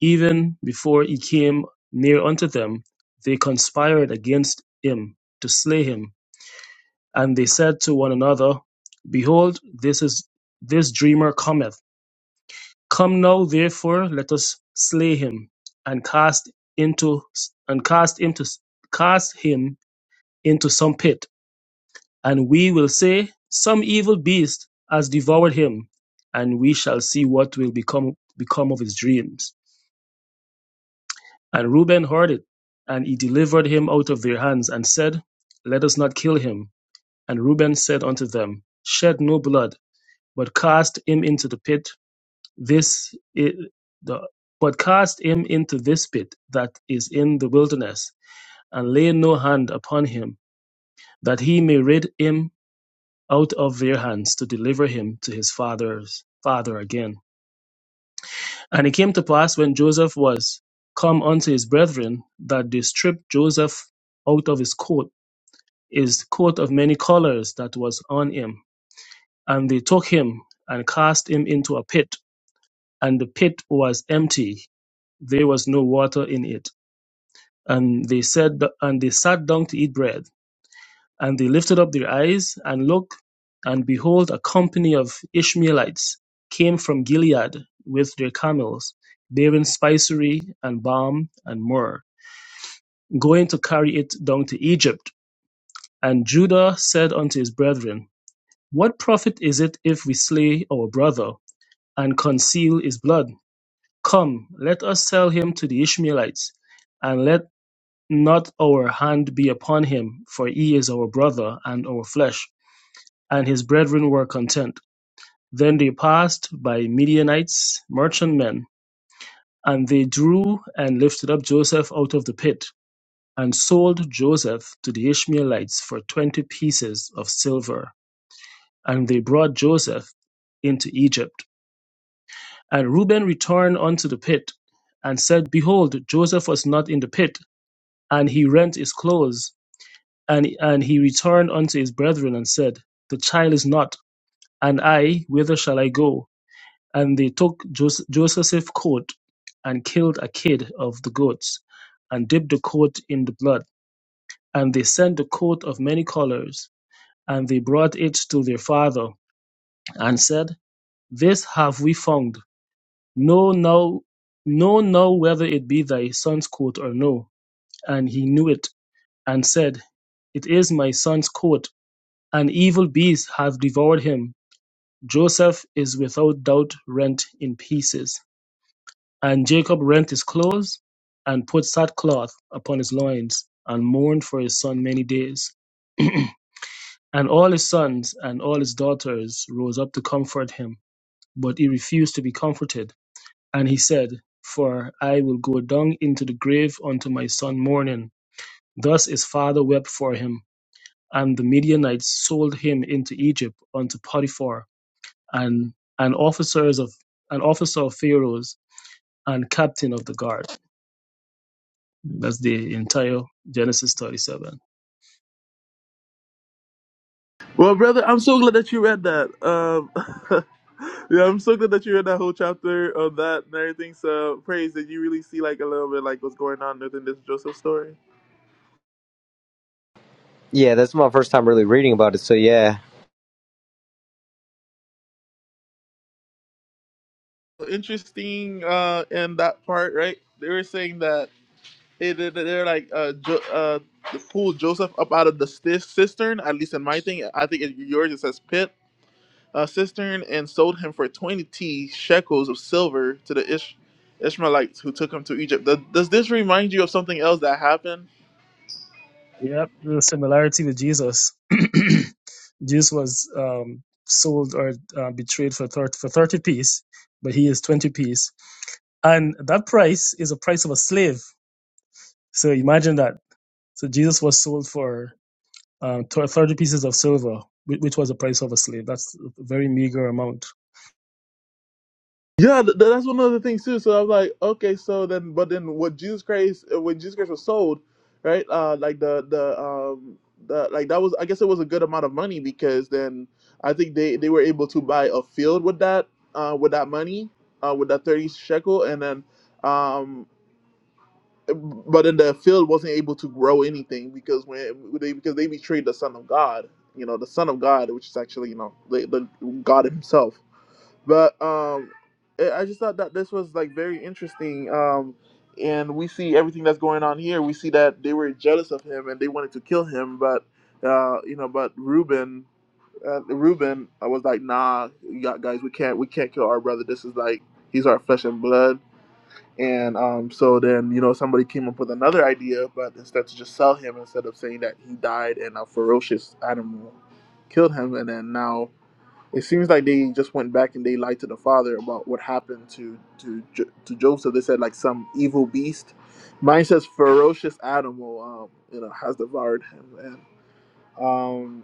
even before he came near unto them, they conspired against him to slay him. And they said to one another, Behold, this is this dreamer cometh Come now therefore, let us slay him, and cast into and cast into cast him into some pit, and we will say, Some evil beast has devoured him, and we shall see what will become become of his dreams. And Reuben heard it, and he delivered him out of their hands, and said, Let us not kill him. And Reuben said unto them, Shed no blood, but cast him into the pit this i- the but cast him into this pit that is in the wilderness, and lay no hand upon him, that he may rid him out of their hands to deliver him to his father's father again. And it came to pass when Joseph was come unto his brethren, that they stripped Joseph out of his coat, his coat of many colours that was on him, and they took him and cast him into a pit, and the pit was empty, there was no water in it. And they said, and they sat down to eat bread. And they lifted up their eyes and looked, and behold, a company of Ishmaelites came from Gilead with their camels, bearing spicery and balm and myrrh, going to carry it down to Egypt. And Judah said unto his brethren, What profit is it if we slay our brother and conceal his blood? Come, let us sell him to the Ishmaelites, and let Not our hand be upon him: for he is our brother, and our flesh. And his brethren were content. Then they passed by Midianites, merchantmen, and they drew and lifted up Joseph out of the pit, and sold Joseph to the Ishmaelites for twenty pieces of silver. And they brought Joseph into Egypt. And Reuben returned unto the pit, and said, Behold, Joseph was not in the pit, and he rent his clothes. And, and he returned unto his brethren and said, The child is not, and I, whither shall I go? And they took Jos- Joseph's coat and killed a kid of the goats, and dipped the coat in the blood. And they sent the coat of many colors, and they brought it to their father, and said, This have we found. Know now, know now whether it be thy son's coat or no. And he knew it, and said, It is my son's coat. An evil beast hath devoured him; Joseph is without doubt rent in pieces; and Jacob rent his clothes, and put sackcloth upon his loins, and mourned for his son many days. And all his sons and all his daughters rose up to comfort him, but he refused to be comforted. And he said, For I will go down into the grave unto my son mourning. Thus his father wept for him. And the Midianites sold him into Egypt unto Potiphar and and officers of an officer of Pharaoh's and captain of the guard. That's the entire Genesis 37.
Well, brother, I'm so glad that you read that. Um, (laughs) yeah, I'm so glad that you read that whole chapter of that and everything. So, praise that you really see like a little bit like what's going on within this Joseph story.
Yeah, that's my first time really reading about it. So yeah,
So, Interesting uh, in that part, right? They were saying that it, they, they- they're like uh, jo- uh, pull Joseph up out of the sti- cistern. At least in my thing, I think in yours it says pit a cistern and sold him for 20 shekels of silver to the Ish- Ishmaelites who took him to Egypt. Does, does this remind you of something else that happened?
Yep, the similarity with Jesus. (clears throat) Jesus was um, sold or uh, betrayed for 30, for 30 piece, but he is 20 piece. And that price is a price of a slave. So imagine that. So Jesus was sold for um, 30 pieces of silver, whi- which was the price of a slave. That's a very meager amount.
Yeah, th- th- that's one of the things too. So I was like, okay, so then, but then what Jesus Christ, uh, when Jesus Christ was sold, right? Uh, like the the um the like that was, I guess it was a good amount of money because then I think they they were able to buy a field with that uh with that money uh with that 30 shekel and then um but then the field wasn't able to grow anything because when they because they betrayed the Son of God, you know, the Son of God, which is actually you know the, the God Himself. But um, I I just thought that this was like very interesting. Um, and we see everything that's going on here. We see that they were jealous of him and they wanted to kill him, but uh, you know, but Reuben. Uh, Reuben, I was like, nah, you got guys, we can't, we can't kill our brother. This is like, he's our flesh and blood and um, so then, you know, somebody came up with another idea, but instead to just sell him, instead of saying that he died and a ferocious animal killed him, and then now it seems like they just went back and they lied to the father about what happened to to Jo- to Joseph. They said like some evil beast. Mine says ferocious animal, um, you know, has devoured him, um,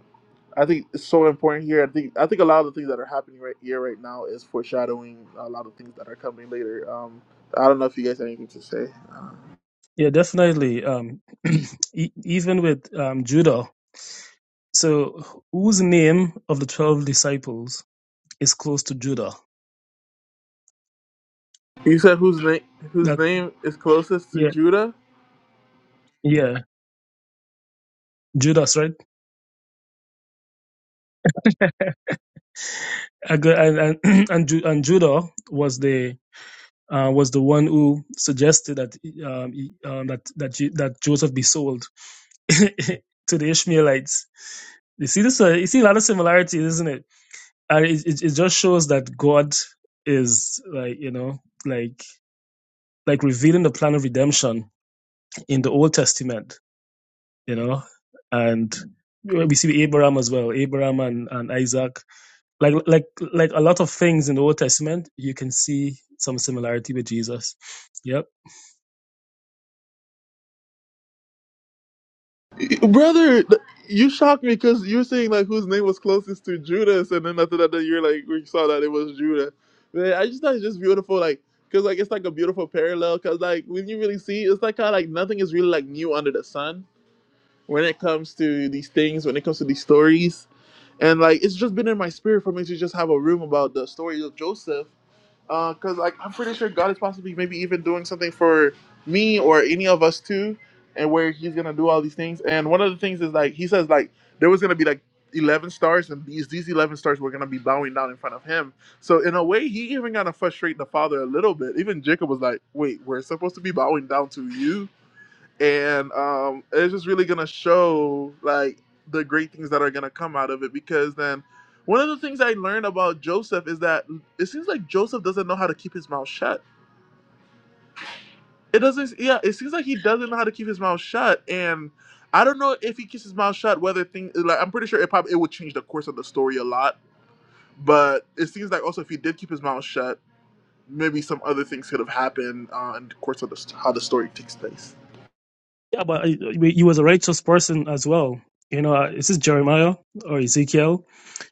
I think it's so important here. I think I think a lot of the things that are happening right here right now is foreshadowing a lot of things that are coming later. Um, I don't know if you guys have anything to say. Uh,
Yeah, definitely. Um, (clears throat) e- even with um, Judah, so whose name of the twelve disciples is close to Judah?
you said whose name whose
That
name is closest to
yeah,
Judah,
yeah, Judas, right? And and (clears throat) and, Ju- and Judah was the uh, was the one who suggested that um, he- um, that that Ju- that Joseph be sold (laughs) to the Ishmaelites. You see this? Uh, you see a lot of similarities, isn't it? And it, it it just shows that God is like you know like like revealing the plan of redemption in the Old Testament, you know, and we see Abraham as well, Abraham and, and Isaac. Like like like a lot of things in the Old Testament, you can see some similarity with Jesus. Yep.
brother. th- You shocked me because you were saying like whose name was closest to Judas, and then after that, then you're like we saw that it was Judah. Man, I just thought it's just beautiful, like because like it's like a beautiful parallel. Because like when you really see, it's like how like nothing is really like new under the sun when it comes to these things, when it comes to these stories. And like it's just been in my spirit for me to just have a room about the story of Joseph. because Uh, cause like I'm pretty sure God is possibly maybe even doing something for me or any of us too, and where he's gonna do all these things. And one of the things is like he says like there was gonna be like eleven stars and these these eleven stars were gonna be bowing down in front of him. So in a way he even gonna frustrate the father a little bit. Even Jacob was like, Wait, we're supposed to be bowing down to you? and um, it's just really gonna show like the great things that are gonna come out of it because then one of the things i learned about joseph is that mm, it seems like joseph doesn't know how to keep his mouth shut it doesn't yeah it seems like he doesn't know how to keep his mouth shut and i don't know if he keeps his mouth shut whether thing like i'm pretty sure it probably it would change the course of the story a lot but it seems like also if he did keep his mouth shut maybe some other things could have happened uh, in the course of the, how the story takes place
Yeah, but he was a righteous person as well. You know, uh, is this Jeremiah or Ezekiel?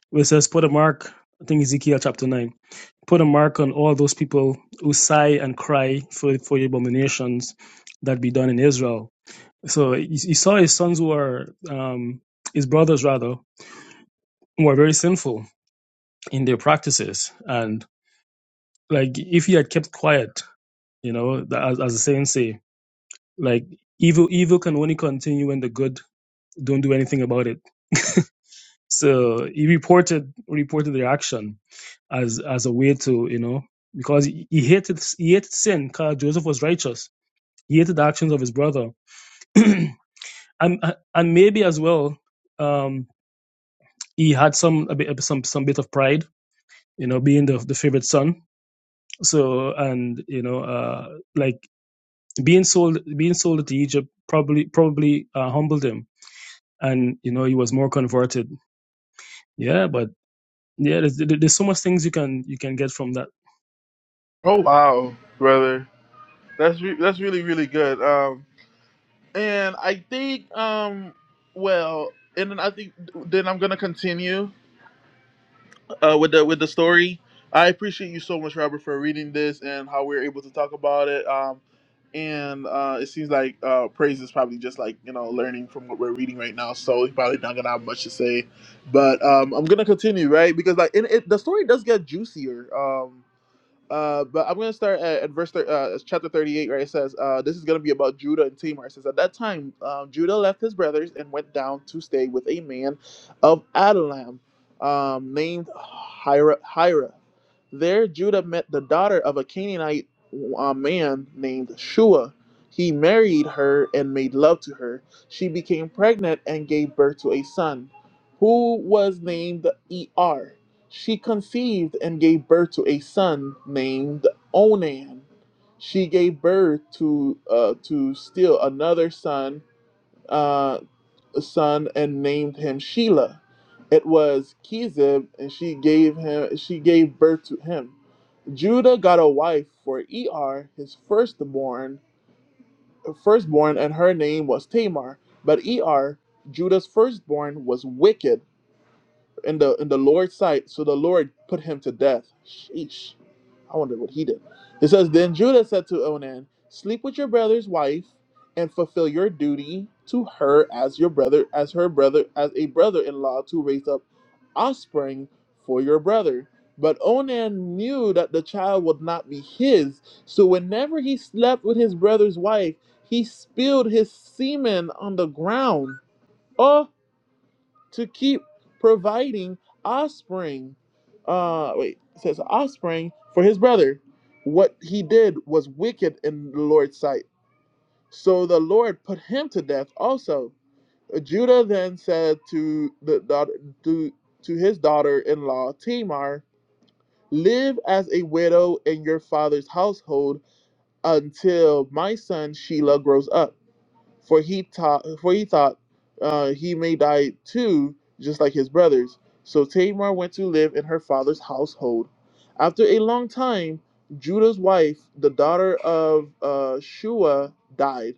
Where it says, "Put a mark." I think Ezekiel chapter nine. Put a mark on all those people who sigh and cry for for the abominations that be done in Israel So he, he saw his sons were, um, his brothers rather, were very sinful in their practices. And like, if he had kept quiet, you know, the- as, as the saying say, like, evil, evil can only continue when the good don't do anything about it. (laughs) So he reported, reported their action as, as a way to, you know, because he, he hated, he hated sin because Joseph was righteous. He hated the actions of his brother. (clears throat) and, and maybe as well, um, he had some a bit some some bit of pride, you know, being the the favorite son. So and you know, uh, like being sold being sold to Egypt probably probably uh, humbled him, and you know he was more converted. Yeah, but yeah, there's, there's so much things you can you can get from that.
oh wow brother That's re- that's really really good. Um, and I think um, well, and then I think then I'm gonna continue uh, with the with the story. I appreciate you so much, Robert, for reading this and how we are able to talk about it. Um, and uh, it seems like uh, praise is probably just like you know learning from what we're reading right now, so he's probably not gonna have much to say. But um, I'm gonna continue, right? Because like and it, the story does get juicier. Um, uh, but I'm going to start at, at verse thir- uh, chapter 38, where it says, uh, This is going to be about Judah and Tamar. It says, At that time, um, Judah left his brothers and went down to stay with a man of Adullam um, named Hira. Hira. There, Judah met the daughter of a Canaanite uh, man named Shua. He married her and made love to her. She became pregnant and gave birth to a son who was named Er. She conceived and gave birth to a son named Onan. She gave birth to uh, to still another son, uh, son, and named him Shelah. It was Kizib, and she gave him she gave birth to him. Judah got a wife for Er, his firstborn, firstborn, and her name was Tamar. But Er, Judah's firstborn, was wicked in the in the Lord's sight, so the Lord put him to death. Sheesh. I wonder what he did. It says, Then Judah said to Onan, Sleep with your brother's wife, and fulfill your duty to her as your brother, as her brother, as a brother-in-law to raise up offspring for your brother. But Onan knew that the child would not be his, so whenever he slept with his brother's wife, he spilled his semen on the ground. Oh, to keep providing offspring. Uh, wait, it says offspring for his brother. What he did was wicked in the Lord's sight. So the Lord put him to death also. Judah then said to the daughter, to, to his daughter-in-law Tamar, "Live as a widow in your father's household until my son Shelah grows up." for he taught for he thought uh, he may die too, just like his brothers. So Tamar went to live in her father's household. After a long time, Judah's wife, the daughter of uh, Shua, died.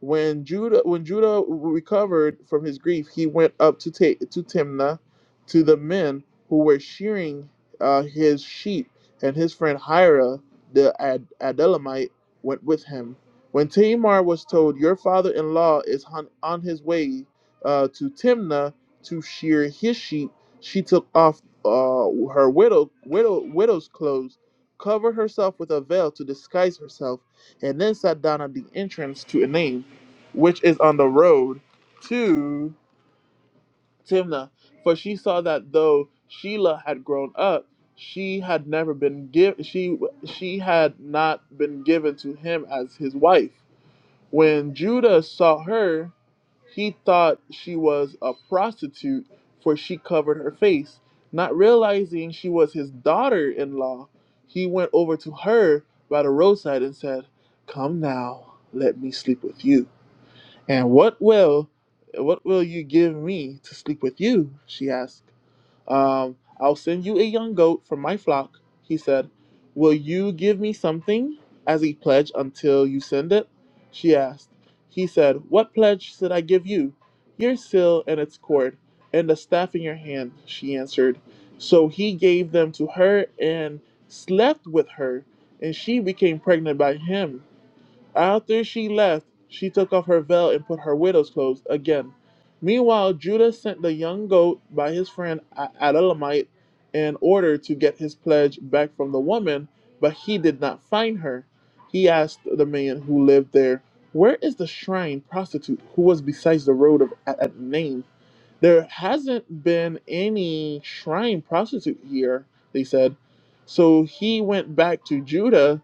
When Judah when Judah recovered from his grief, he went up to ta- to Timnah, to the men who were shearing uh, his sheep, and his friend Hira the Ad- Adullamite went with him. When Tamar was told, "Your father-in-law is on, on his way uh, to Timnah to shear his sheep," she took off uh, her widow widow widow's clothes, covered herself with a veil to disguise herself, and then sat down at the entrance to Enaim which is on the road to Timnah. For she saw that though Sheila had grown up, she had never been give she she had not been given to him as his wife. When Judah saw her, he thought she was a prostitute, for she covered her face. Not realizing she was his daughter in law, he went over to her by the roadside and said, Come now, let me sleep with you. And what will what will you give me to sleep with you? she asked. Um, I'll send you a young goat from my flock, he said. Will you give me something as a pledge until you send it? she asked. He said, What pledge should I give you? Your seal and its cord, and the staff in your hand, she answered. So he gave them to her and slept with her, and she became pregnant by him. After she left, she took off her veil and put her widow's clothes again. Meanwhile, Judah sent the young goat by his friend A- Adulamite in order to get his pledge back from the woman, but he did not find her. He asked the man who lived there, Where is the shrine prostitute who was beside the road of at, at Nain? There hasn't been any shrine prostitute here, they said. So he went back to Judah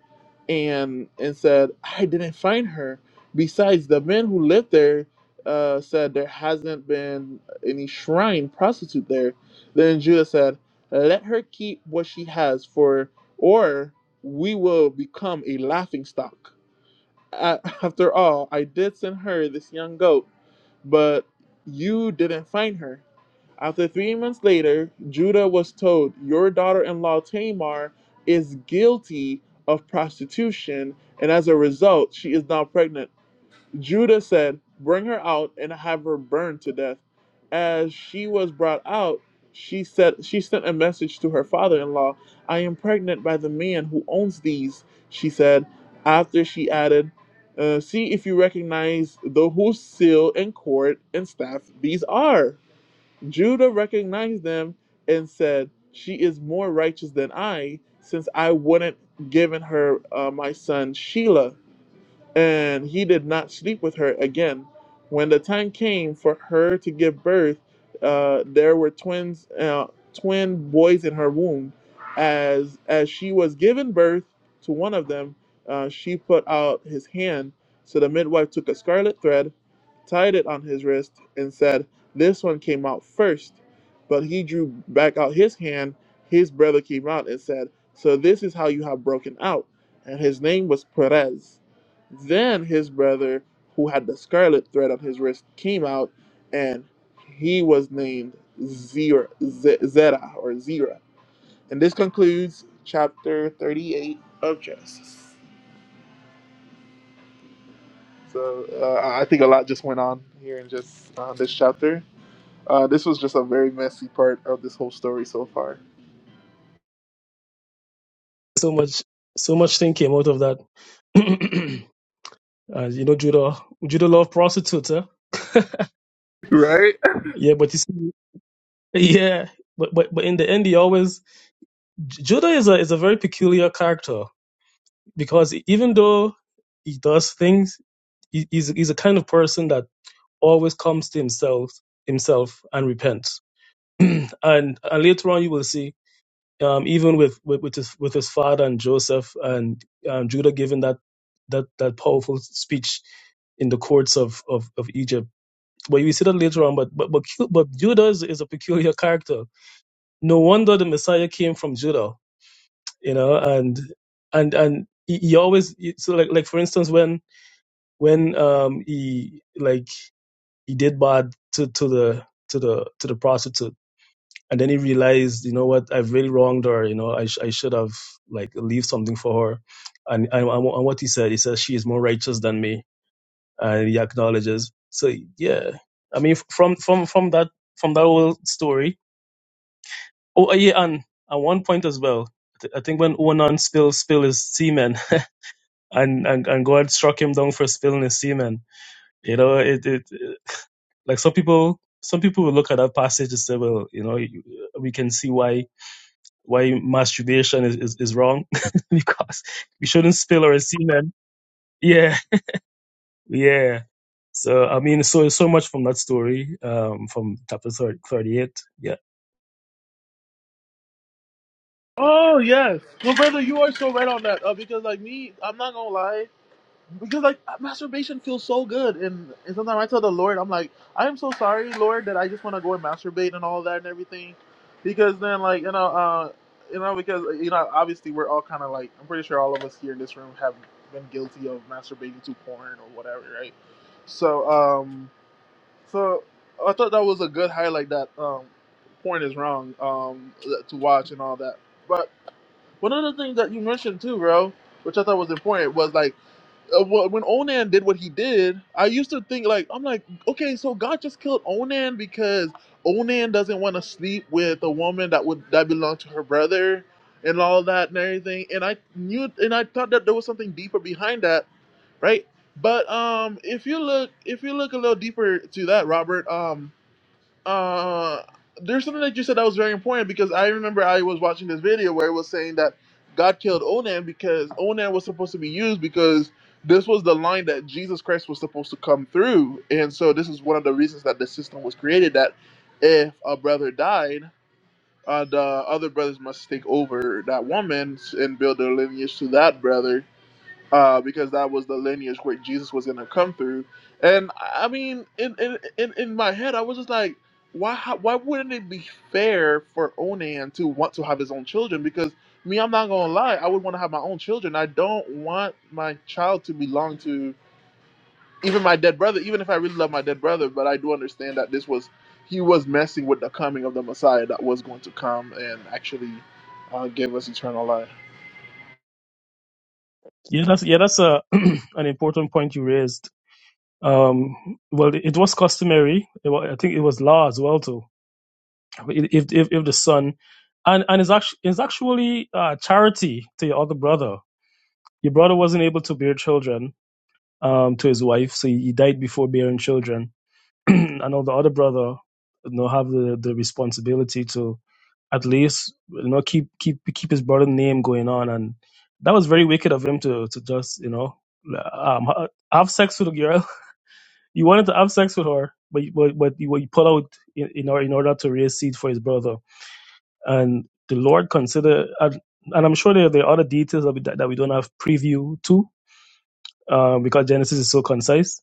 and and said, I didn't find her. Besides, the men who lived there uh, said there hasn't been any shrine prostitute there. Then Judah said, Let her keep what she has, for or we will become a laughing stock. A- After all, I did send her this young goat, but you didn't find her. After three months later, Judah was told, Your daughter in law Tamar is guilty of prostitution, and as a result, she is now pregnant. Judah said, Bring her out and have her burned to death. As she was brought out, she said she sent a message to her father in law. I am pregnant by the man who owns these, she said. After she added, uh, see if you recognize the whose seal and cord and staff these are. Judah recognized them and said, She is more righteous than I, since I wouldn't given her uh, my son Sheila and he did not sleep with her again. When the time came for her to give birth, uh, there were twins, uh, twin boys in her womb. As as she was giving birth to one of them, uh, she put out his hand. So the midwife took a scarlet thread, tied it on his wrist, and said, "This one came out first." But he drew back out his hand. His brother came out and said, "So this is how you have broken out." And his name was Perez. Then his brother, who had the scarlet thread on his wrist, came out, and he was named Zera, Z- Zera or Zera. And this concludes chapter 38 of Genesis. So uh, I think a lot just went on here in just uh, this chapter. Uh, this was just a very messy part of this whole story so far. (laughs)
So much so much thing came out of that. (clears throat) uh, you know, Judah Judah loved prostitutes. Huh?
Right?
Yeah, but you see, (laughs) yeah, but but but in the end, he always Judah is a is a very peculiar character because even though he does things, he, he's he's a kind of person that always comes to himself himself and repents. (clears throat) and and later on, you will see um, even with with, with his with his father and Joseph and um, Judah giving that that that powerful speech in the courts of of, of Egypt. But you will see that later on. But but but, Cu- but Judah is, is a peculiar character. No wonder the Messiah came from Judah, you know, and and and he, he always so like like for instance when when um he like he did bad to to the to the to the prostitute and then he realized you know what i've really wronged her you know i, sh- I should have like leave something for her and, and and what he said he says she is more righteous than me and he acknowledges so yeah i mean from from from that from that whole story oh uh, yeah and at one point as well I I think when Onan spilled spill his semen and, and, and God struck him down for spilling his semen, you know, it, it. Like some people, some people will look at that passage and say, well, you know, we can see why why masturbation is, is, is wrong (laughs) because we shouldn't spill our semen. Yeah, yeah. So I mean, so so much from that story, um, from chapter 38. Yeah,
Oh yes. Well, brother, you are so right on that. Uh, because like me, I'm not gonna lie. Because like masturbation feels so good, and, and sometimes I tell the Lord, I'm like, I am so sorry, Lord, that I just want to go and masturbate and all that and everything, because then like you know, uh, you know, because uh, you know, obviously we're all kind of like, I'm pretty sure all of us here in this room have been guilty of masturbating to porn or whatever, right? So um, so I thought that was a good highlight that um, porn is wrong um to watch and all that. But one other thing that you mentioned too, bro, which I thought was important was like uh, when Onan did what he did, I used to think like I'm like, okay, so God just killed Onan because Onan doesn't want to sleep with a woman that would that belonged to her brother and all that and everything. And I knew and I thought that there was something deeper behind that, right? But um, if you look if you look a little deeper to that, Robert, um, uh, there's something that you said that was very important because I remember I was watching this video where it was saying that God killed Onan because Onan was supposed to be used because this was the line that Jesus Christ was supposed to come through, and so this is one of the reasons that the system was created that if a brother died, uh, the other brothers must take over that woman and build their lineage to that brother uh, because that was the lineage where Jesus was going to come through. And I mean, in, in in in my head, I was just like, why how, why wouldn't it be fair for Onan to want to have his own children? Because me, I'm not gonna lie, I would want to have my own children. I don't want my child to belong to even my dead brother, even if I really love my dead brother. But I do understand that this was he was messing with the coming of the Messiah that was going to come and actually uh, give us eternal life.
yeah, that's yeah, that's a (clears throat) an important point you raised. Um, well, it was customary. It wa I think it was law as well too. If if if the son, and and it's actually it's actually uh, charity to your other brother Your brother wasn't able to bear children um, to his wife, so he died before bearing children. (clears throat) I know the other brother, you know, have the, the responsibility to at least you know keep keep keep his brother name going on, and that was very wicked of him to to just you know um, ha- have sex with a girl. (laughs) You wanted to have sex with her, but you- but but you, you pull out in in order, in order to raise seed for his brother, and the Lord consider. And and I'm sure there, there are other details that we, that that we don't have preview to, um, because Genesis is so concise.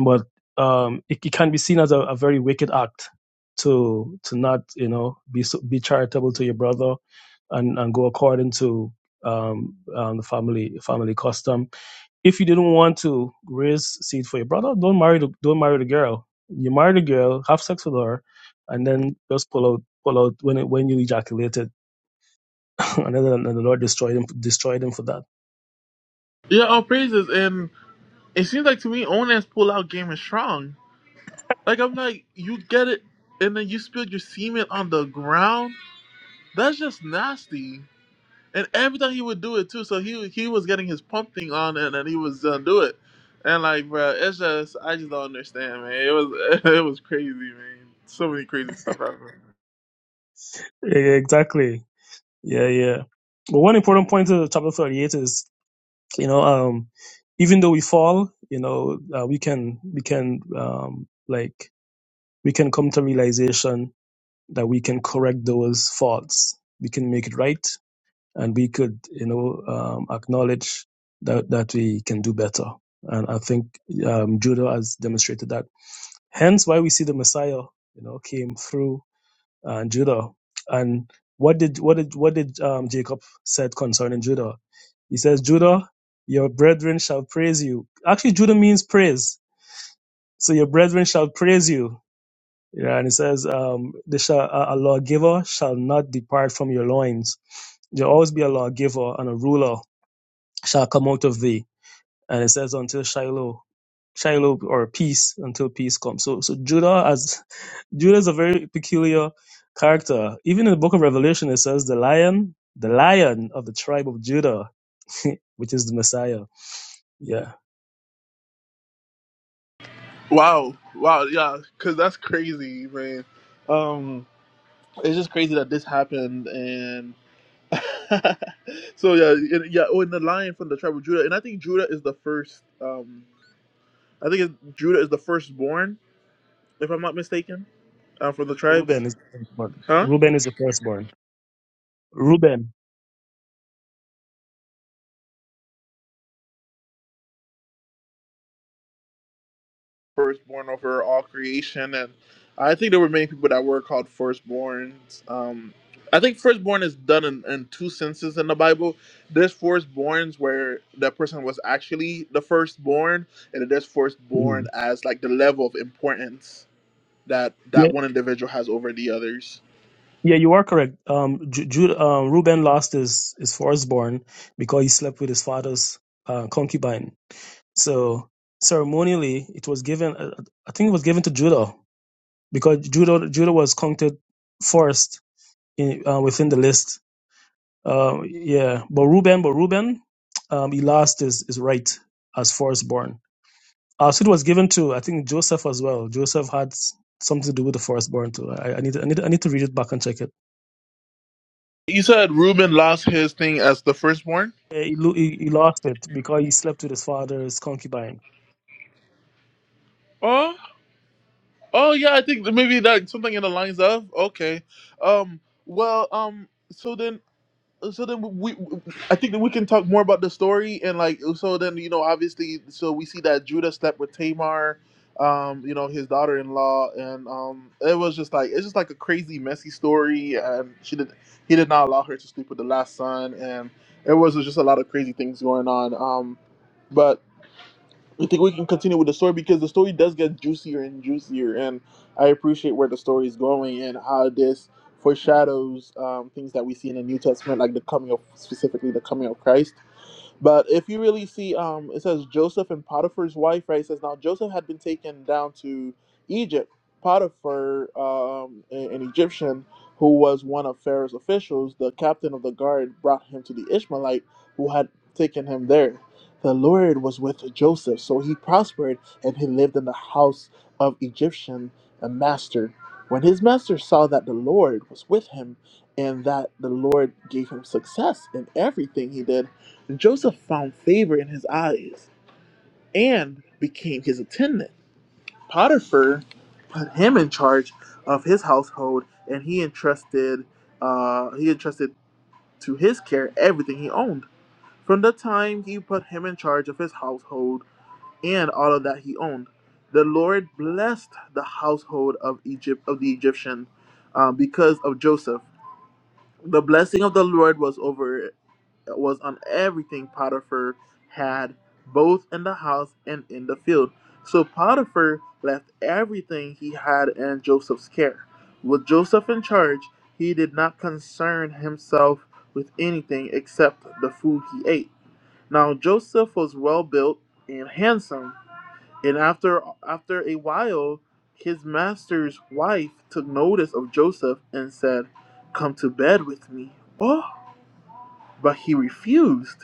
But um, it, it can be seen as a, a very wicked act to to not you know be so, be charitable to your brother and and go according to um, um, the family family custom. If you didn't want to raise seed for your brother, don't marry the, don't marry the girl. You marry the girl, have sex with her, and then just pull out pull out when it, when you ejaculated, (laughs) and then the Lord destroyed him destroyed him for that.
Yeah, all praises and. It seems like to me Onan's pull out game is strong. Like I'm like, you get it and then you spilled your semen on the ground? That's just nasty. And every time he would do it too, so he he was getting his pump thing on and then he was gonna do it. And like bro, it's just I just don't understand, man. It was (laughs) it was crazy, man. So many crazy stuff happened.
E-, Exactly. Yeah, yeah. But one important point to chapter 38 is, you know, um, even though we fall, you know, uh, we can, we can, um, like, we can come to realization that we can correct those faults. We can make it right and we could, you know, um, acknowledge that, that we can do better. And I think, um, Judah has demonstrated that. Hence why we see the Messiah, you know, came through and Judah. And what did what did what did um, Jacob said concerning Judah? He says, Judah, your brethren shall praise you. Actually, Judah means praise. So your brethren shall praise you. Yeah, and it says, um, they shall, a a lawgiver shall not depart from your loins. There'll always be a lawgiver and a ruler shall come out of thee. And it says, until Shiloh, Shiloh or peace, until peace comes. So, so Judah, as Judah is a very peculiar character. Even in the book of Revelation, it says the lion, the lion of the tribe of Judah, (laughs) which is the Messiah. Yeah.
Wow, wow, yeah, cause that's crazy, man. Um, it's just crazy that this happened, and. (laughs) so yeah, and- yeah. Oh, and the lion from the tribe of Judah, and I think Judah is the first. Um, I think it, Judah is the firstborn, if I'm not mistaken, uh, from the tribes,
Reuben is born.
huh?
Reuben is the firstborn. Reuben.
Firstborn over all creation, and I think there were many people that were called firstborns. Um, I think firstborn is done in, in two senses in the Bible. There's firstborns where that person was actually the firstborn, and then there's firstborn
Mm.
as like the level of importance. that
Yeah.
that one individual has over the others.
Yeah, you are correct. Um, Ju- Ju- um, Reuben lost his, his firstborn because he slept with his father's uh, concubine. So ceremonially, it was given. Uh, I think it was given to Judah because Judah Judah was counted first in, uh, within the list Um, yeah, but Reuben, but Reuben, um, he lost his, his right as firstborn. Uh, so it was given to I think Joseph as well. Joseph had s- something to do with the firstborn too. I, I need to, I need to, I need to read it back and check it.
You said Reuben lost his thing as the firstborn.
Yeah, He, lo- he, he lost it because he slept with his father's concubine.
Oh, oh yeah, I think that maybe that something in the lines of okay. Um, well, um, so then so then we, I think that we can talk more about the story and like so then you know obviously so we see that Judah slept with Tamar, um, you know his daughter-in-law, and um, it was just like it's just like a crazy messy story, and she did he did not allow her to sleep with the last son, and it was just a lot of crazy things going on, um, but. I think we can continue with the story because the story does get juicier and juicier, and I appreciate where the story is going and how this foreshadows um, things that we see in the New Testament, like the coming of specifically the coming of Christ. But if you really see, um, it says Joseph and Potiphar's wife, right? It says now Joseph had been taken down to Egypt. Potiphar, um, a- an Egyptian who was one of Pharaoh's officials, the captain of the guard, brought him to the Ishmaelite who had taken him there. The Lord was with Joseph, so he prospered and he lived in the house of Egyptian a master. When his master saw that the Lord was with him and that the Lord gave him success in everything he did, Joseph found favor in his eyes and became his attendant. Potiphar put him in charge of his household, and he entrusted uh, he entrusted to his care everything he owned. From the time he put him in charge of his household and all of that he owned, the Lord blessed the household of Egypt of the Egyptian uh, because of Joseph. The blessing of the Lord was over was on everything Potiphar had, both in the house and in the field. So Potiphar left everything he had in Joseph's care. With Joseph in charge, he did not concern himself with anything except the food he ate. Now Joseph was well built and handsome, and after after a while, his master's wife took notice of Joseph and said, "Come to bed with me." Oh, but he refused.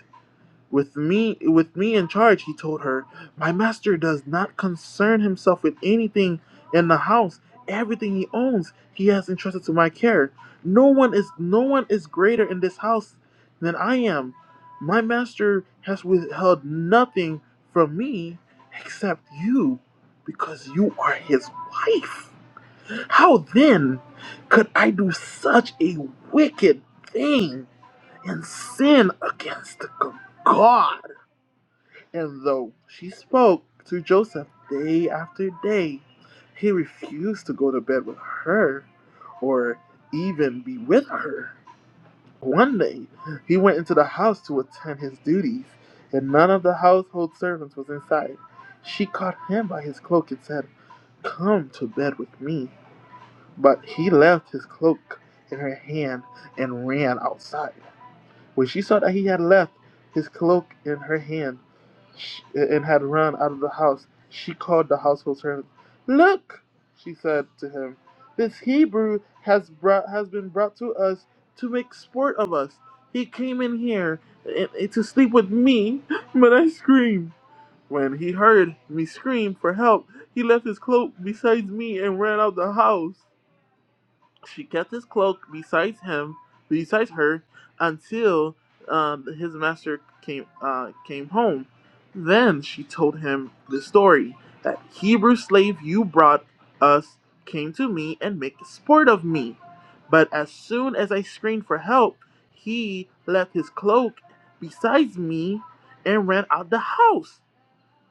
With me, with me in charge, he told her, my master does not concern himself with anything in the house. Everything he owns, he has entrusted to my care. No one is, no one is greater in this house than I am. My master has withheld nothing from me except you, because you are his wife. How then could I do such a wicked thing and sin against God? And though she spoke to Joseph day after day, he refused to go to bed with her or even be with her. One day, he went into the house to attend his duties, and none of the household servants was inside. She caught him by his cloak and said, Come to bed with me. But he left his cloak in her hand and ran outside. When she saw that he had left his cloak in her hand and had run out of the house, she called the household servant. Look, she said to him, this Hebrew has brought has been brought to us to make sport of us. He came in here and, and to sleep with me, (gasps) but I screamed. When he heard me scream for help, he left his cloak beside me and ran out the house. She kept his cloak besides him, besides her, until um, his master came uh, came home. Then she told him the story that Hebrew slave you brought us came to me and made sport of me. But as soon as I screamed for help, he left his cloak besides me and ran out the house.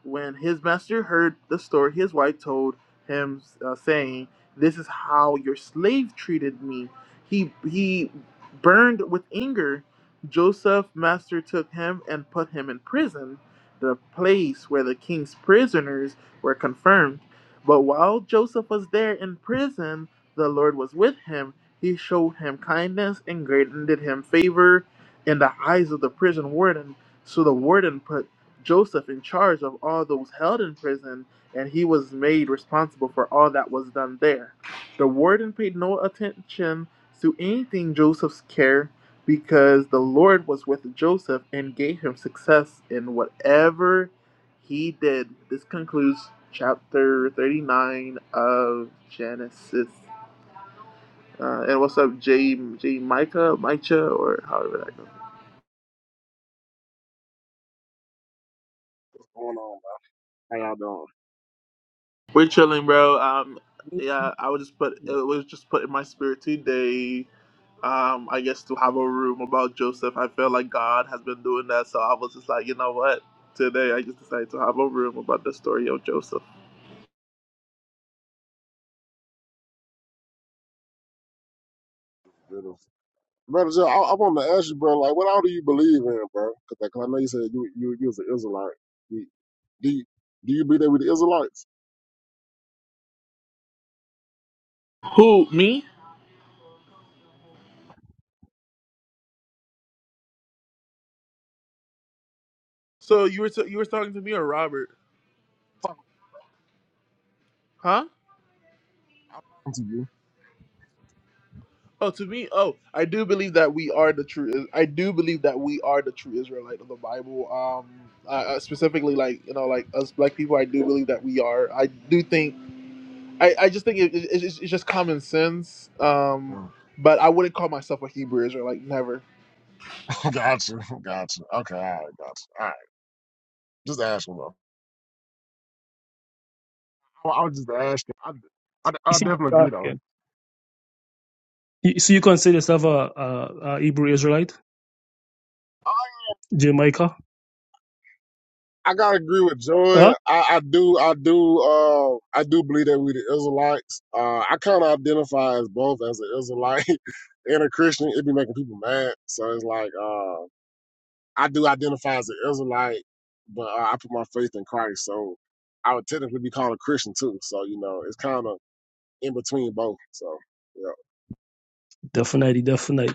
When his master heard the story his wife told him, uh, saying, "This is how your slave treated me," he he burned with anger. Joseph's master took him and put him in prison, the place where the king's prisoners were confirmed. But while Joseph was there in prison, the Lord was with him. He showed him kindness and granted him favor in the eyes of the prison warden. So the warden put Joseph in charge of all those held in prison, and he was made responsible for all that was done there. The warden paid no attention to anything Joseph's care because the Lord was with Joseph and gave him success in whatever he did. This concludes chapter 39 of Genesis. Uh, and what's up, J. J. Micah, Micah, or however that goes.
What's going on, man? How y'all doing?
We're chilling, bro. Um, yeah, I was just put it was just put in my spirit today. Um, I guess to have a room about Joseph. I feel like God has been doing that, so I was just like, you know what? Today, I just decided to have a room about the story of Joseph.
Beautiful. Brother Joe, I, I wanted to ask you, bro, like, what all do you believe in, bro? Because I know you said you, you, you was an Israelite. Do, do, you, do you be there with the Israelites?
Who me? So you were t- you were talking to me or Robert? Huh?
I'm (laughs) talking to you.
Oh, to me. Oh, I do believe that we are the true. I do believe that we are the true Israelite of the Bible. Um, uh, uh, specifically, like you know, like us black people, I do believe that we are. I do think. I, I just think it, it, it's, it's just common sense. Um,
Mm.
but I wouldn't call myself a Hebrew Israelite, never.
(laughs) gotcha. Gotcha. Okay, all right, gotcha. All right, just asking, bro. I, I was just asking. I, I,
You
I
see,
definitely
he's
agree, though.
asking. You- So you consider yourself a, a, a Hebrew Israelite, Jamaica?
I gotta agree with Joy.
Huh?
I, I do, I do, uh, I do believe that we the Israelites. Uh, I kind of identify as both as an Israelite (laughs) and a Christian. It be making people mad, so it's like uh, I do identify as an Israelite, but uh, I put my faith in Christ, so I would technically be called a Christian too. So you know, it's kind of in between both. So yeah.
Definitely, definitely.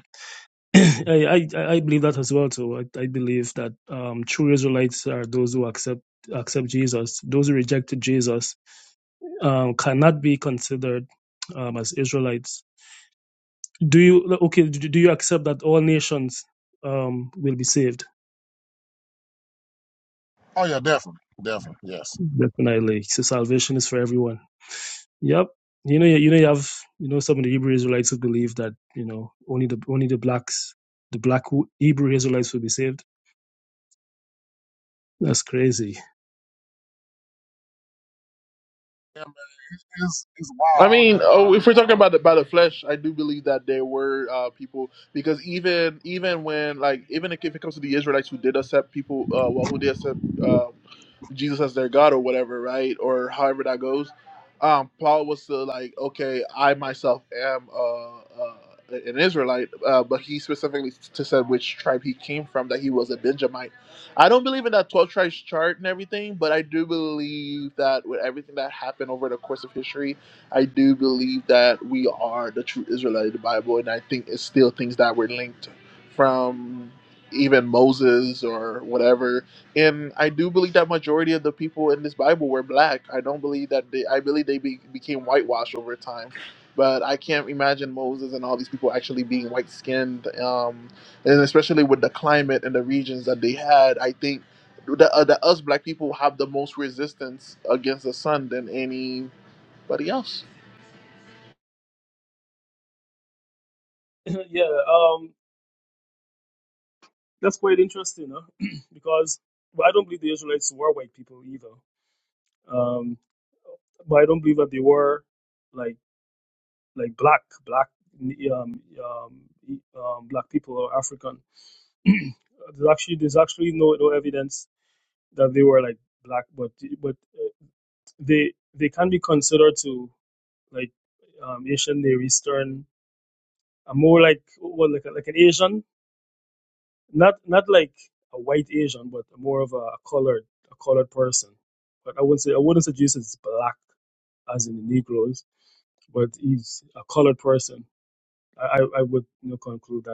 (clears throat) I, I I believe that as well too. I, I believe that um, true Israelites are those who accept accept Jesus. Those who rejected Jesus um, cannot be considered um, as Israelites. Do you okay? Do do you accept that all nations um, will be saved?
Oh yeah, definitely, definitely, yes.
Definitely. So salvation is for everyone. Yep. You know, you you know, you have you know some of the Hebrew Israelites who believe that you know only the only the blacks, the black Hebrew Israelites will be saved. That's crazy.
Yeah, man, it's it's
I mean,
wild.
oh,
Uh,
if we're talking about the, by the flesh, I do believe that there were uh, people because even even when like even if it comes to the Israelites who did accept people, uh, well, who did accept um, Jesus as their God or whatever, right, or however that goes, um, Paul was still like, okay, I myself am uh, uh, an Israelite, uh, but he specifically t- said which tribe he came from, that he was a Benjamite. I don't believe in that 12 tribes chart and everything, but I do believe that with everything that happened over the course of history I do believe that we are the true Israelite of the Bible, and I think it's still things that were linked from even Moses or whatever. And I do believe that majority of the people in this Bible were black. I don't believe that they. I believe they be, became whitewashed over time. But I can't imagine Moses and all these people actually being white skinned, um, and especially with the climate and the regions that they had. I think that uh, the us black people have the most resistance against the sun than anybody else.
(clears throat) (laughs) yeah. Um. that's quite interesting, huh? (clears throat) because well, I don't believe the Israelites were white people either. Um, but I don't believe that they were like like black black um, um, e, um, black people or African. (clears throat) there's actually there's actually no no evidence that they were like black, but but uh, they they can be considered to like um, Asian Near Eastern, uh, more like what like like an Asian not not like a white Asian, but more of a, a colored a colored person. But I wouldn't say I wouldn't suggest it's black as in the Negroes, but he's a colored person. I, I I would you know, conclude that.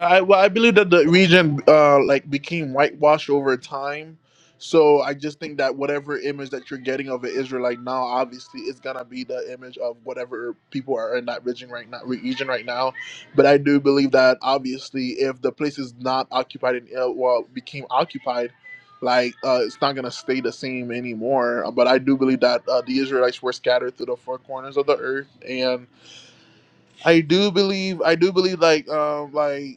I well, I believe that the region uh like became whitewashed over time. So I just think that whatever image that you're getting of an Israelite now, obviously, is gonna be the image of whatever people are in that region right now. Region right now, but I do believe that obviously, if the place is not occupied and uh, well became occupied, like uh, it's not gonna stay the same anymore. But I do believe that uh, the Israelites were scattered through the four corners of the earth, and I do believe I do believe like um like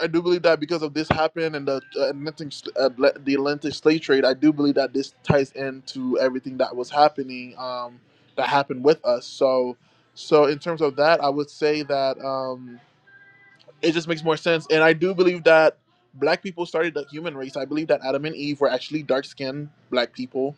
I do believe that because of this happened and the uh, Atlantic, uh, the Atlantic slave trade, I do believe that this ties into everything that was happening, um, that happened with us. So, so in terms of that, I would say that. Um, it just makes more sense. And I do believe that black people started the human race. I believe that Adam and Eve were actually dark skinned black people.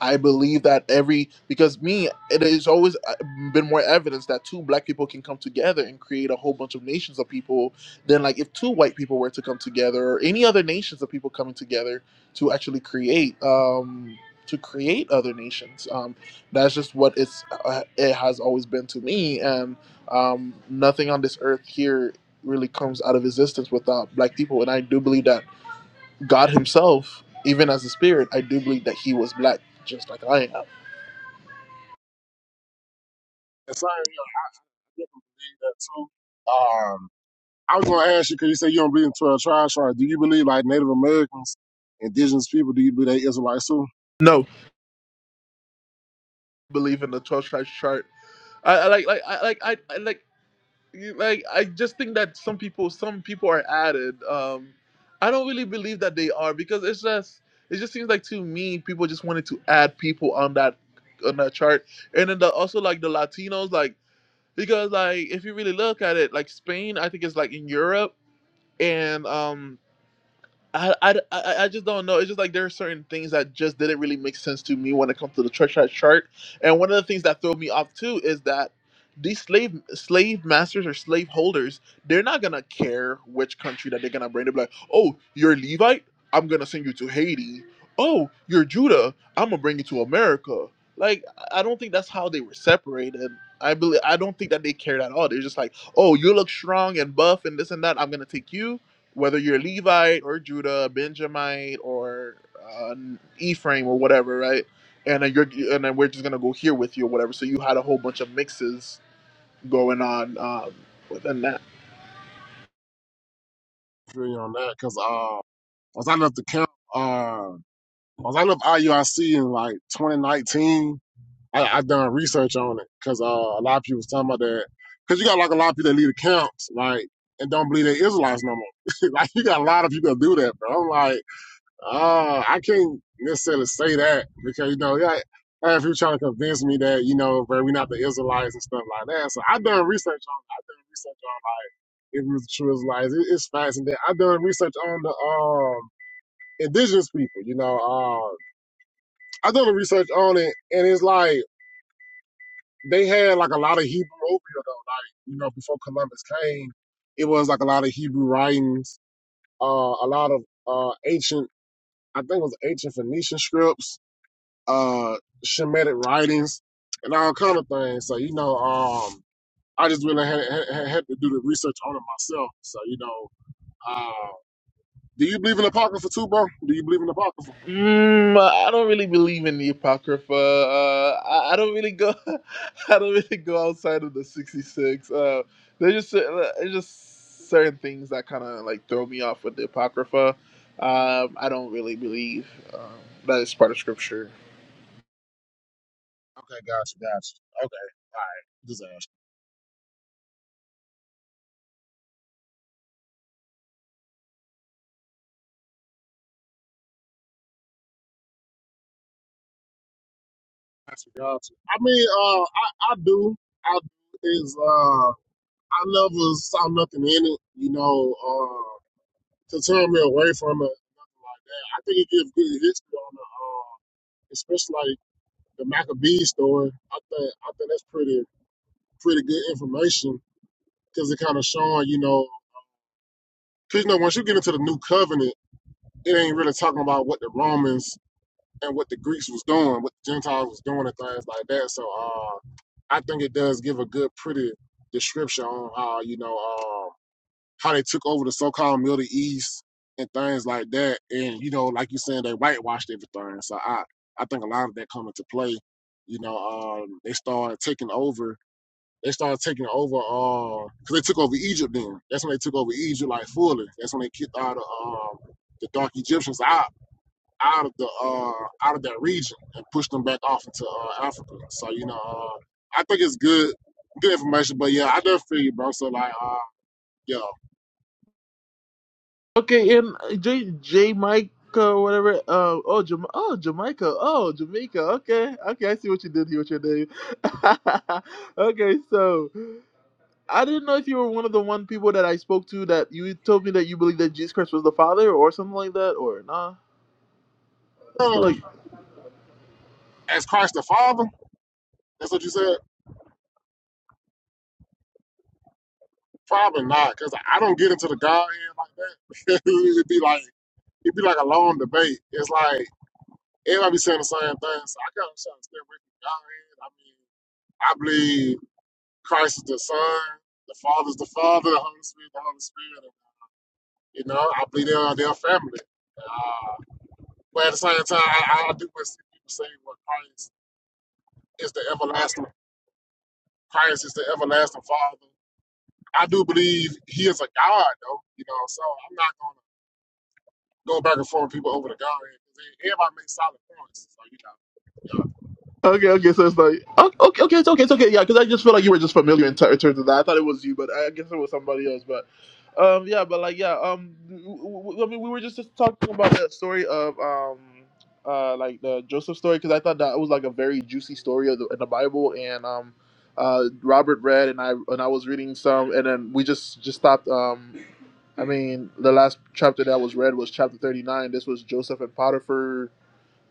I believe that every, because me, it has always uh, been more evidence that two black people can come together and create a whole bunch of nations of people than like if two white people were to come together or any other nations of people coming together to actually create, um, to create other nations. Um, that's just what it's, uh, it has always been to me. And um, nothing on this earth here really comes out of existence without black people. And I do believe that God Himself, even as a spirit, I do believe that He was black, just like I am.
and so yeah, I definitely believe that too. Um, I was gonna ask you because you said you don't believe in twelve tribes. Right? Do you believe like Native Americans, indigenous people? Do you believe they Israelites too?
No, believe in the twelve tribes chart. I, I like, like, I like, I, I like, you- like. I just think that some people, some people are added. Um, I don't really believe that they are because it's just, it just seems like to me, people just wanted to add people on that, on that chart, and then the, also like the Latinos, like because like if you really look at it, like Spain, I think is like in Europe and um I, I i I just don't know it's just like there are certain things that just didn't really make sense to me when it comes to the church chart chart and one of the things that throw me off too is that these slave slave masters or slave holders they're not gonna care which country that they're gonna bring they'll be like oh you're levite i'm gonna send you to haiti oh you're judah i'm gonna bring you to america like i I don't think that's how they were separated i believe i don't think that they cared at all they're just like oh you look strong and buff and this and that i'm gonna take you whether you're Levite or Judah, Benjamite or uh, Ephraim or whatever, right? And then you're and then we're just gonna go here with you or whatever. So you had a whole bunch of mixes going on um, within that.
I feel you on that because uh, once I left the camp, uh, once I left IUIC in like 2019, I, I done research on it because uh, a lot of people was talking about that. Because you got like a lot of people that leave the camps like and don't believe they Israelites no more. (laughs) like you got a lot of people that do that, bro. I'm like. Uh, I can't necessarily say that because you know, yeah, I have you trying to convince me that you know, bro, we not the Israelites and stuff like that. So I have done research on, I have done research on if we was the true Israelites. It, it's fascinating. I have done research on the um indigenous people. You know, uh, I done the research on it, and it's like they had like a lot of Hebrew over here though. Like you know, before Columbus came, it was like a lot of Hebrew writings, uh, a lot of uh ancient, I think it was ancient Phoenician scripts uh Shemitic writings and all kind of things. So you know, um, I just really had, had, had to do the research on it myself. So you know, uh, do you believe in apocrypha too, bro? Do you believe in apocrypha?
Mm, I don't really believe in the apocrypha. Uh, I, I don't really go. (laughs) I don't really go outside of the sixty-six. Uh, there's just uh, there's just certain things that kind of like throw me off with the apocrypha. Um, I don't really believe um, that it's part of scripture
Okay, gotcha, gotcha. Okay, all right, just ask. Gotcha, gotcha. I mean, uh, I, I do. I is uh, I never saw nothing in it. You know, uh, to turn me away from it. I think it gives good history on the. Uh, especially like the Maccabees story, I think I think that's pretty pretty good information because it kind of showing, you know, because you know once you get into the new covenant, it ain't really talking about what the Romans and what the Greeks was doing, what the Gentiles was doing, and things like that. So uh, I think it does give a good, pretty description on how you know uh, how they took over the so-called Middle East and things like that, and you know, like you saying, they whitewashed everything. So I I think a lot of that come into play. You know, um, they started taking over they started taking over uh, because they took over Egypt then. That's when they took over Egypt like fully. That's when they kicked all the um the dark Egyptians out out of the uh out of that region and pushed them back off into uh, Africa. So, you know, uh, I think it's good good information, but yeah, I definitely feel you, bro. So like uh yeah.
Okay, and uh, J J Mike uh, whatever. Uh, oh, Jam- oh, Jamaica. Oh, Jamaica. Okay, okay. I see what you did here with your name. (laughs) okay, so I didn't know if you were one of the one people that I spoke to that you told me that you believe that Jesus Christ was the Father or something like that, or nah. I feel like
Um, as Christ the Father, that's what you said? Probably not, because I don't get into the Godhead like that. (laughs) it'd be like it'd be like a long debate. It's like Everybody be saying the same thing, so I kind of try to stay away from God. I mean, I believe Christ is the Son, the Father is the Father, the Holy Spirit, is the Holy Spirit. and, you know, I believe they're their family. Uh, but at the same time, I, I do want to see people say what Christ is the everlasting. Christ is the everlasting Father. I do believe He is a God, though. You know, so I'm not gonna go back and forth with people over the God. Everybody makes solid points, so you know.
Okay, okay, so it's like o- okay, okay, it's okay, it's okay, yeah, because I just feel like you were just familiar in, t- in terms of that. I thought it was you, but I guess it was somebody else. But um, yeah, but like yeah, um, w- w- I mean, we were just, just talking about that story of um, uh, like the Joseph story because I thought that was like a very juicy story of the, in the Bible, and um, uh, Robert read and I and I was reading some, and then we just just stopped. Um, I mean, the last chapter that was read was chapter thirty nine. This was Joseph and Potiphar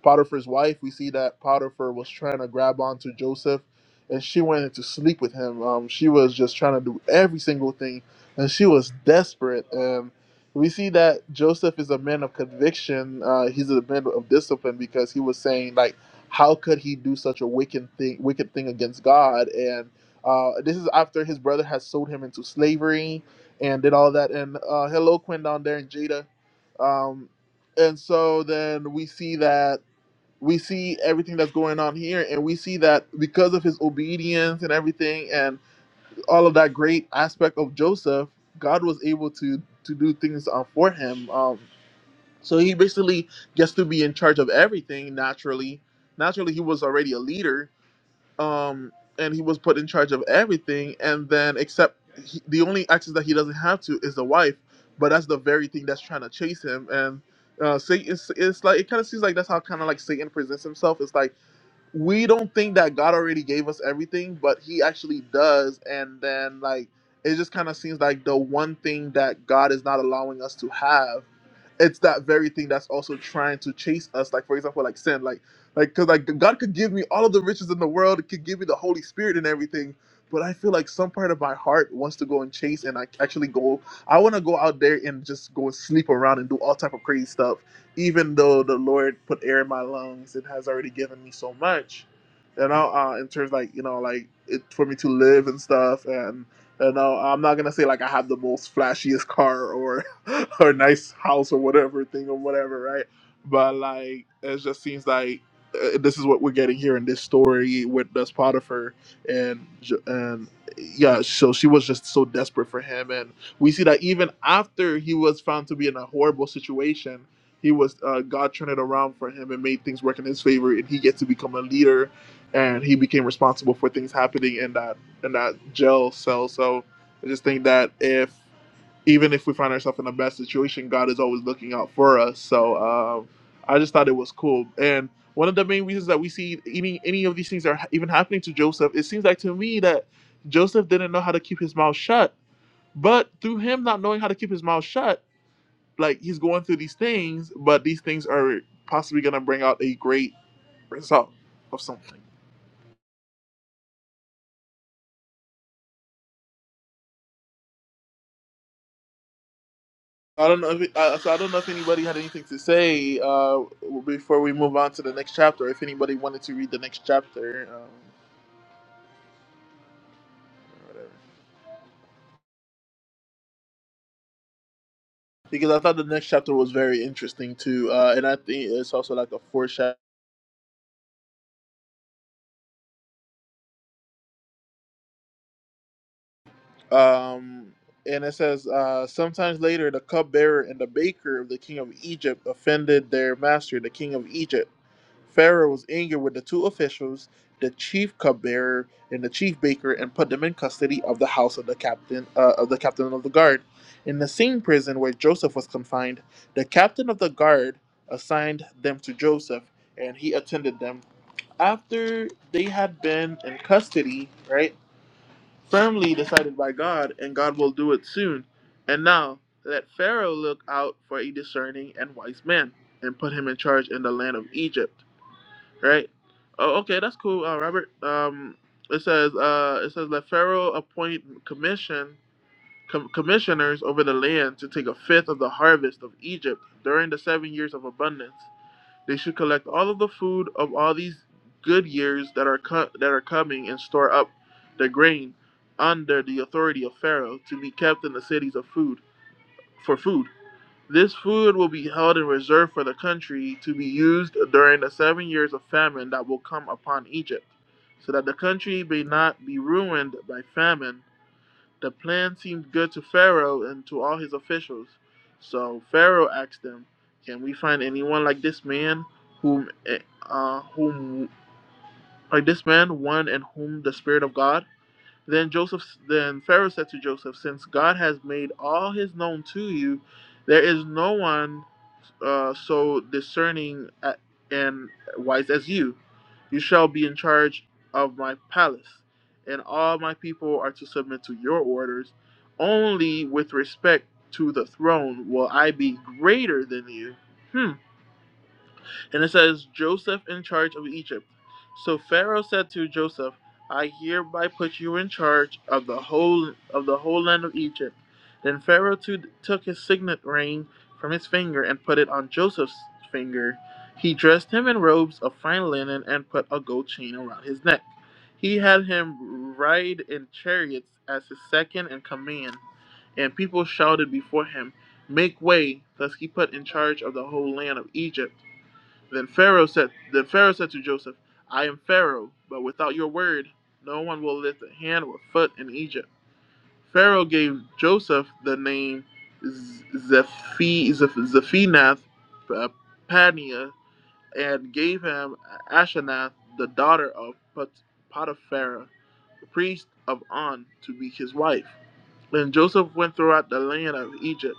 Potiphar's wife, we see that Potiphar was trying to grab onto Joseph, and she wanted to sleep with him. Um, she was just trying to do every single thing, and she was desperate. And we see that Joseph is a man of conviction. Uh, he's a man of discipline because he was saying like, how could he do such a wicked thing, wicked thing against God? And uh, this is after his brother has sold him into slavery and did all that. And uh, hello, Quinn down there in Jada. Um, and so then we see that we see everything that's going on here and we see that because of his obedience and everything and all of that great aspect of joseph god was able to to do things uh, for him um so he basically gets to be in charge of everything naturally naturally he was already a leader um and he was put in charge of everything and then except he, the only access that he doesn't have to is the wife but that's the very thing that's trying to chase him and uh, Satan, it's, it's like it kind of seems like that's how kind of like Satan presents himself. It's like we don't think that God already gave us everything, but He actually does. And then, like, it just kind of seems like the one thing that God is not allowing us to have it's that very thing that's also trying to chase us like for example like sin like like because like god could give me all of the riches in the world it could give me the holy spirit and everything but i feel like some part of my heart wants to go and chase and i actually go i want to go out there and just go and sleep around and do all type of crazy stuff even though the lord put air in my lungs and has already given me so much you know uh, in terms like you know like it for me to live and stuff and you know i'm not gonna say like i have the most flashiest car or. (laughs) (laughs) or nice house or whatever thing or whatever, right? But like, it just seems like uh, this is what we're getting here in this story with this Potiphar, and J- and yeah, so she was just so desperate for him, and we see that even after he was found to be in a horrible situation, he was uh, God turned it around for him and made things work in his favor, and he gets to become a leader, and he became responsible for things happening in that in that jail cell. So I just think that if even if we find ourselves in a bad situation, God is always looking out for us. So um, I just thought it was cool. And one of the main reasons that we see any any of these things are even happening to Joseph, it seems like to me that Joseph didn't know how to keep his mouth shut. But through him not knowing how to keep his mouth shut, like he's going through these things, but these things are possibly going to bring out a great result of something. I don't know. If it, uh, so I don't know if anybody had anything to say uh, before we move on to the next chapter. If anybody wanted to read the next chapter, um, or whatever. because I thought the next chapter was very interesting too, uh, and I think it's also like a foreshadow. Um, and it says, uh, sometimes later, the cupbearer and the baker of the king of Egypt offended their master, the king of Egypt. Pharaoh was angry with the two officials, the chief cupbearer and the chief baker, and put them in custody of the house of the captain uh, of the captain of the guard. In the same prison where Joseph was confined, the captain of the guard assigned them to Joseph, and he attended them. After they had been in custody, right? firmly decided by God, and God will do it soon. And now let Pharaoh look out for a discerning and wise man, and put him in charge in the land of Egypt. Right? Oh, okay, that's cool, uh, Robert. Um, it says, uh, it says let Pharaoh appoint commission com- commissioners over the land to take a fifth of the harvest of Egypt during the seven years of abundance. They should collect all of the food of all these good years that are co- that are coming and store up the grain under the authority of Pharaoh to be kept in the cities of food for food. This food will be held in reserve for the country to be used during the seven years of famine that will come upon Egypt, so that the country may not be ruined by famine the plan seemed good to Pharaoh and to all his officials. So Pharaoh asked them, "Can we find anyone like this man, whom, eh, uh, whom, like this man, one in whom the spirit of God?" Then Joseph, then Pharaoh said to Joseph, "Since God has made all His known to you, there is no one uh, so discerning and wise as you. You shall be in charge of my palace, and all my people are to submit to your orders. Only with respect to the throne will I be greater than you." Hmm. And it says, Joseph in charge of Egypt. So Pharaoh said to Joseph, I hereby put you in charge of the whole of the whole land of Egypt. Then Pharaoh too took his signet ring from his finger and put it on Joseph's finger. He dressed him in robes of fine linen and put a gold chain around his neck. He had him ride in chariots as his second in command, and people shouted before him, Make way! Thus he put in charge of the whole land of Egypt. Then Pharaoh said, Then Pharaoh said to Joseph, I am Pharaoh, but without your word, no one will lift a hand or foot in Egypt. Pharaoh gave Joseph the name Z- Zephinath uh, and gave him Asenath, the daughter of Potiphar, the priest of On, to be his wife. Then Joseph went throughout the land of Egypt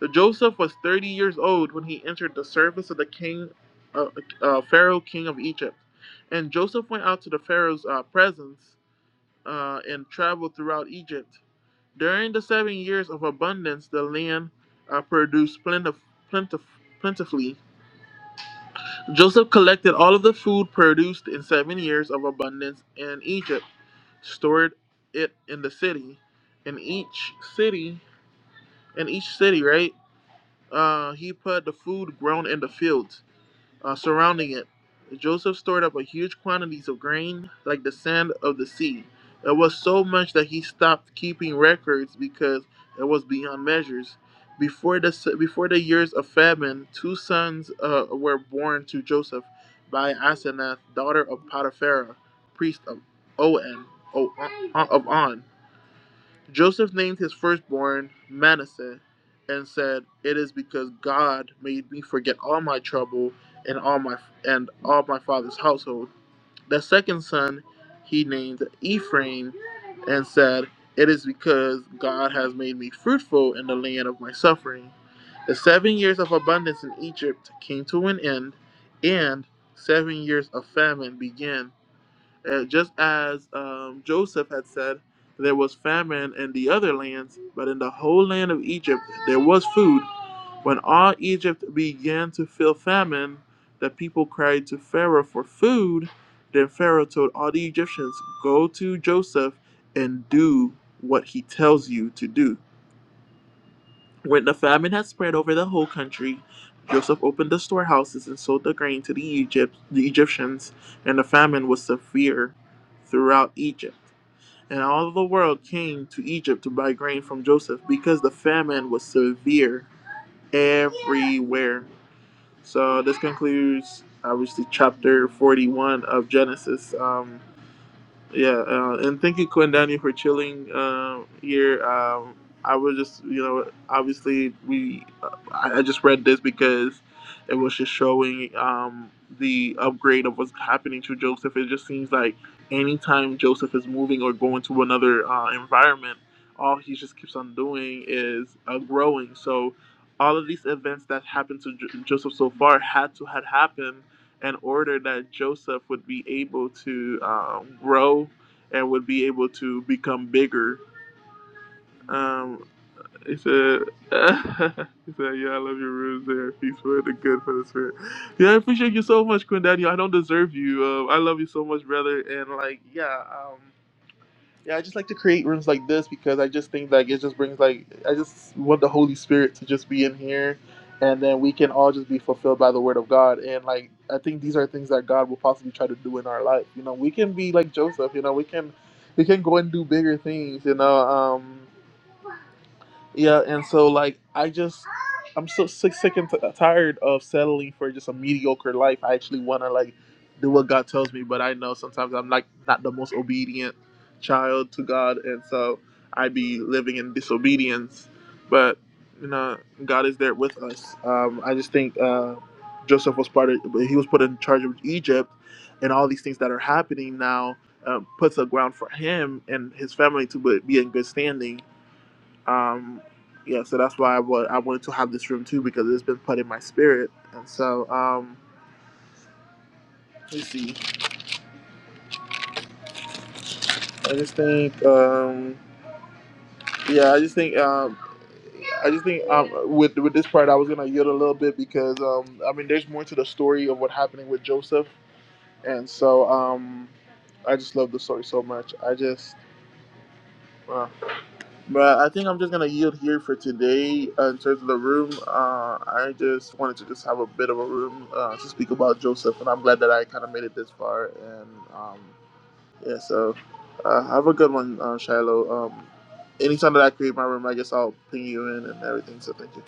so Joseph was 30 years old when he entered the service of the king, uh, uh, Pharaoh, king of Egypt. And Joseph went out to the Pharaoh's uh, presence uh, and traveled throughout Egypt. During the seven years of abundance, the land uh, produced plentif- plentif- plentifully. Joseph collected all of the food produced in seven years of abundance in Egypt, stored it in the city, in each city, in each city, right? Uh, he put the food grown in the fields uh, surrounding it. Joseph stored up a huge quantities of grain, like the sand of the sea. It was so much that he stopped keeping records because it was beyond measures. Before the before the years of famine, two sons uh, were born to Joseph by Asenath, daughter of Potipharah, priest of On, of On. Joseph named his firstborn Manasseh and said, "It is because God made me forget all my trouble and all my and all my father's household." The second son he named Ephraim and said, "It is because God has made me fruitful in the land of my suffering." The 7 years of abundance in Egypt came to an end, and 7 years of famine began. Uh, just as um, Joseph had said, there was famine in the other lands, but in the whole land of Egypt there was food. When all Egypt began to feel famine, the people cried to Pharaoh for food. Then Pharaoh told all the Egyptians, Go to Joseph and do what he tells you to do. When the famine had spread over the whole country, Joseph opened the storehouses and sold the grain to the, Egypt, the Egyptians, and the famine was severe throughout Egypt. And all the world came to Egypt to buy grain from Joseph because the famine was severe everywhere. So this concludes, obviously, chapter 41 of Genesis. Um, yeah, uh, and thank you, Quindani, for chilling uh, here. Um, I was just, you know, obviously we, I, I just read this because it was just showing um, the upgrade of what's happening to Joseph. It just seems like anytime Joseph is moving or going to another uh, environment, all he just keeps on doing is uh, growing. So all of these events that happened to J- Joseph so far had to had happened in order that Joseph would be able to um, grow and would be able to become bigger. Um, he said, uh, (laughs) he said, yeah, I love your rooms. there. Peace for the good for the spirit. Yeah, I appreciate you so much, Quinn Daniel. I don't deserve you. Uh, I love you so much, brother. And like, yeah, um, yeah, I just like to create rooms like this because I just think like it just brings like I just want the Holy Spirit to just be in here, and then we can all just be fulfilled by the Word of God. And like I think these are things that God will possibly try to do in our life. You know, we can be like Joseph. You know, we can we can go and do bigger things. You know, um, yeah, and so like I just I'm so sick, sick and t- tired of settling for just a mediocre life. I actually want to like do what God tells me, but I know sometimes I'm like not the most obedient child to God, and so I be living in disobedience. But you know, God is there with us. Um, I just think uh, Joseph was part of he was put in charge of Egypt, and all these things that are happening now. Um, puts a ground for him and his family to be be in good standing um, yeah, so that's why I wa- I wanted to have this room too because it's been put in my spirit. And so, um, let me see. I just think, um, yeah, I just think, um, I just think um, with with this part, I was gonna yield a little bit because um, I mean, there's more to the story of what happening with Joseph, and so um, I just love the story so much. I just. uh, But I think I'm just gonna yield here for today uh, in terms of the room. Uh, I just wanted to just have a bit of a room uh, to speak about Joseph, and I'm glad that I kind of made it this far. And um, yeah, so uh, have a good one, uh, Shiloh. Um, anytime that I create my room, I guess I'll ping you in and everything. So thank you.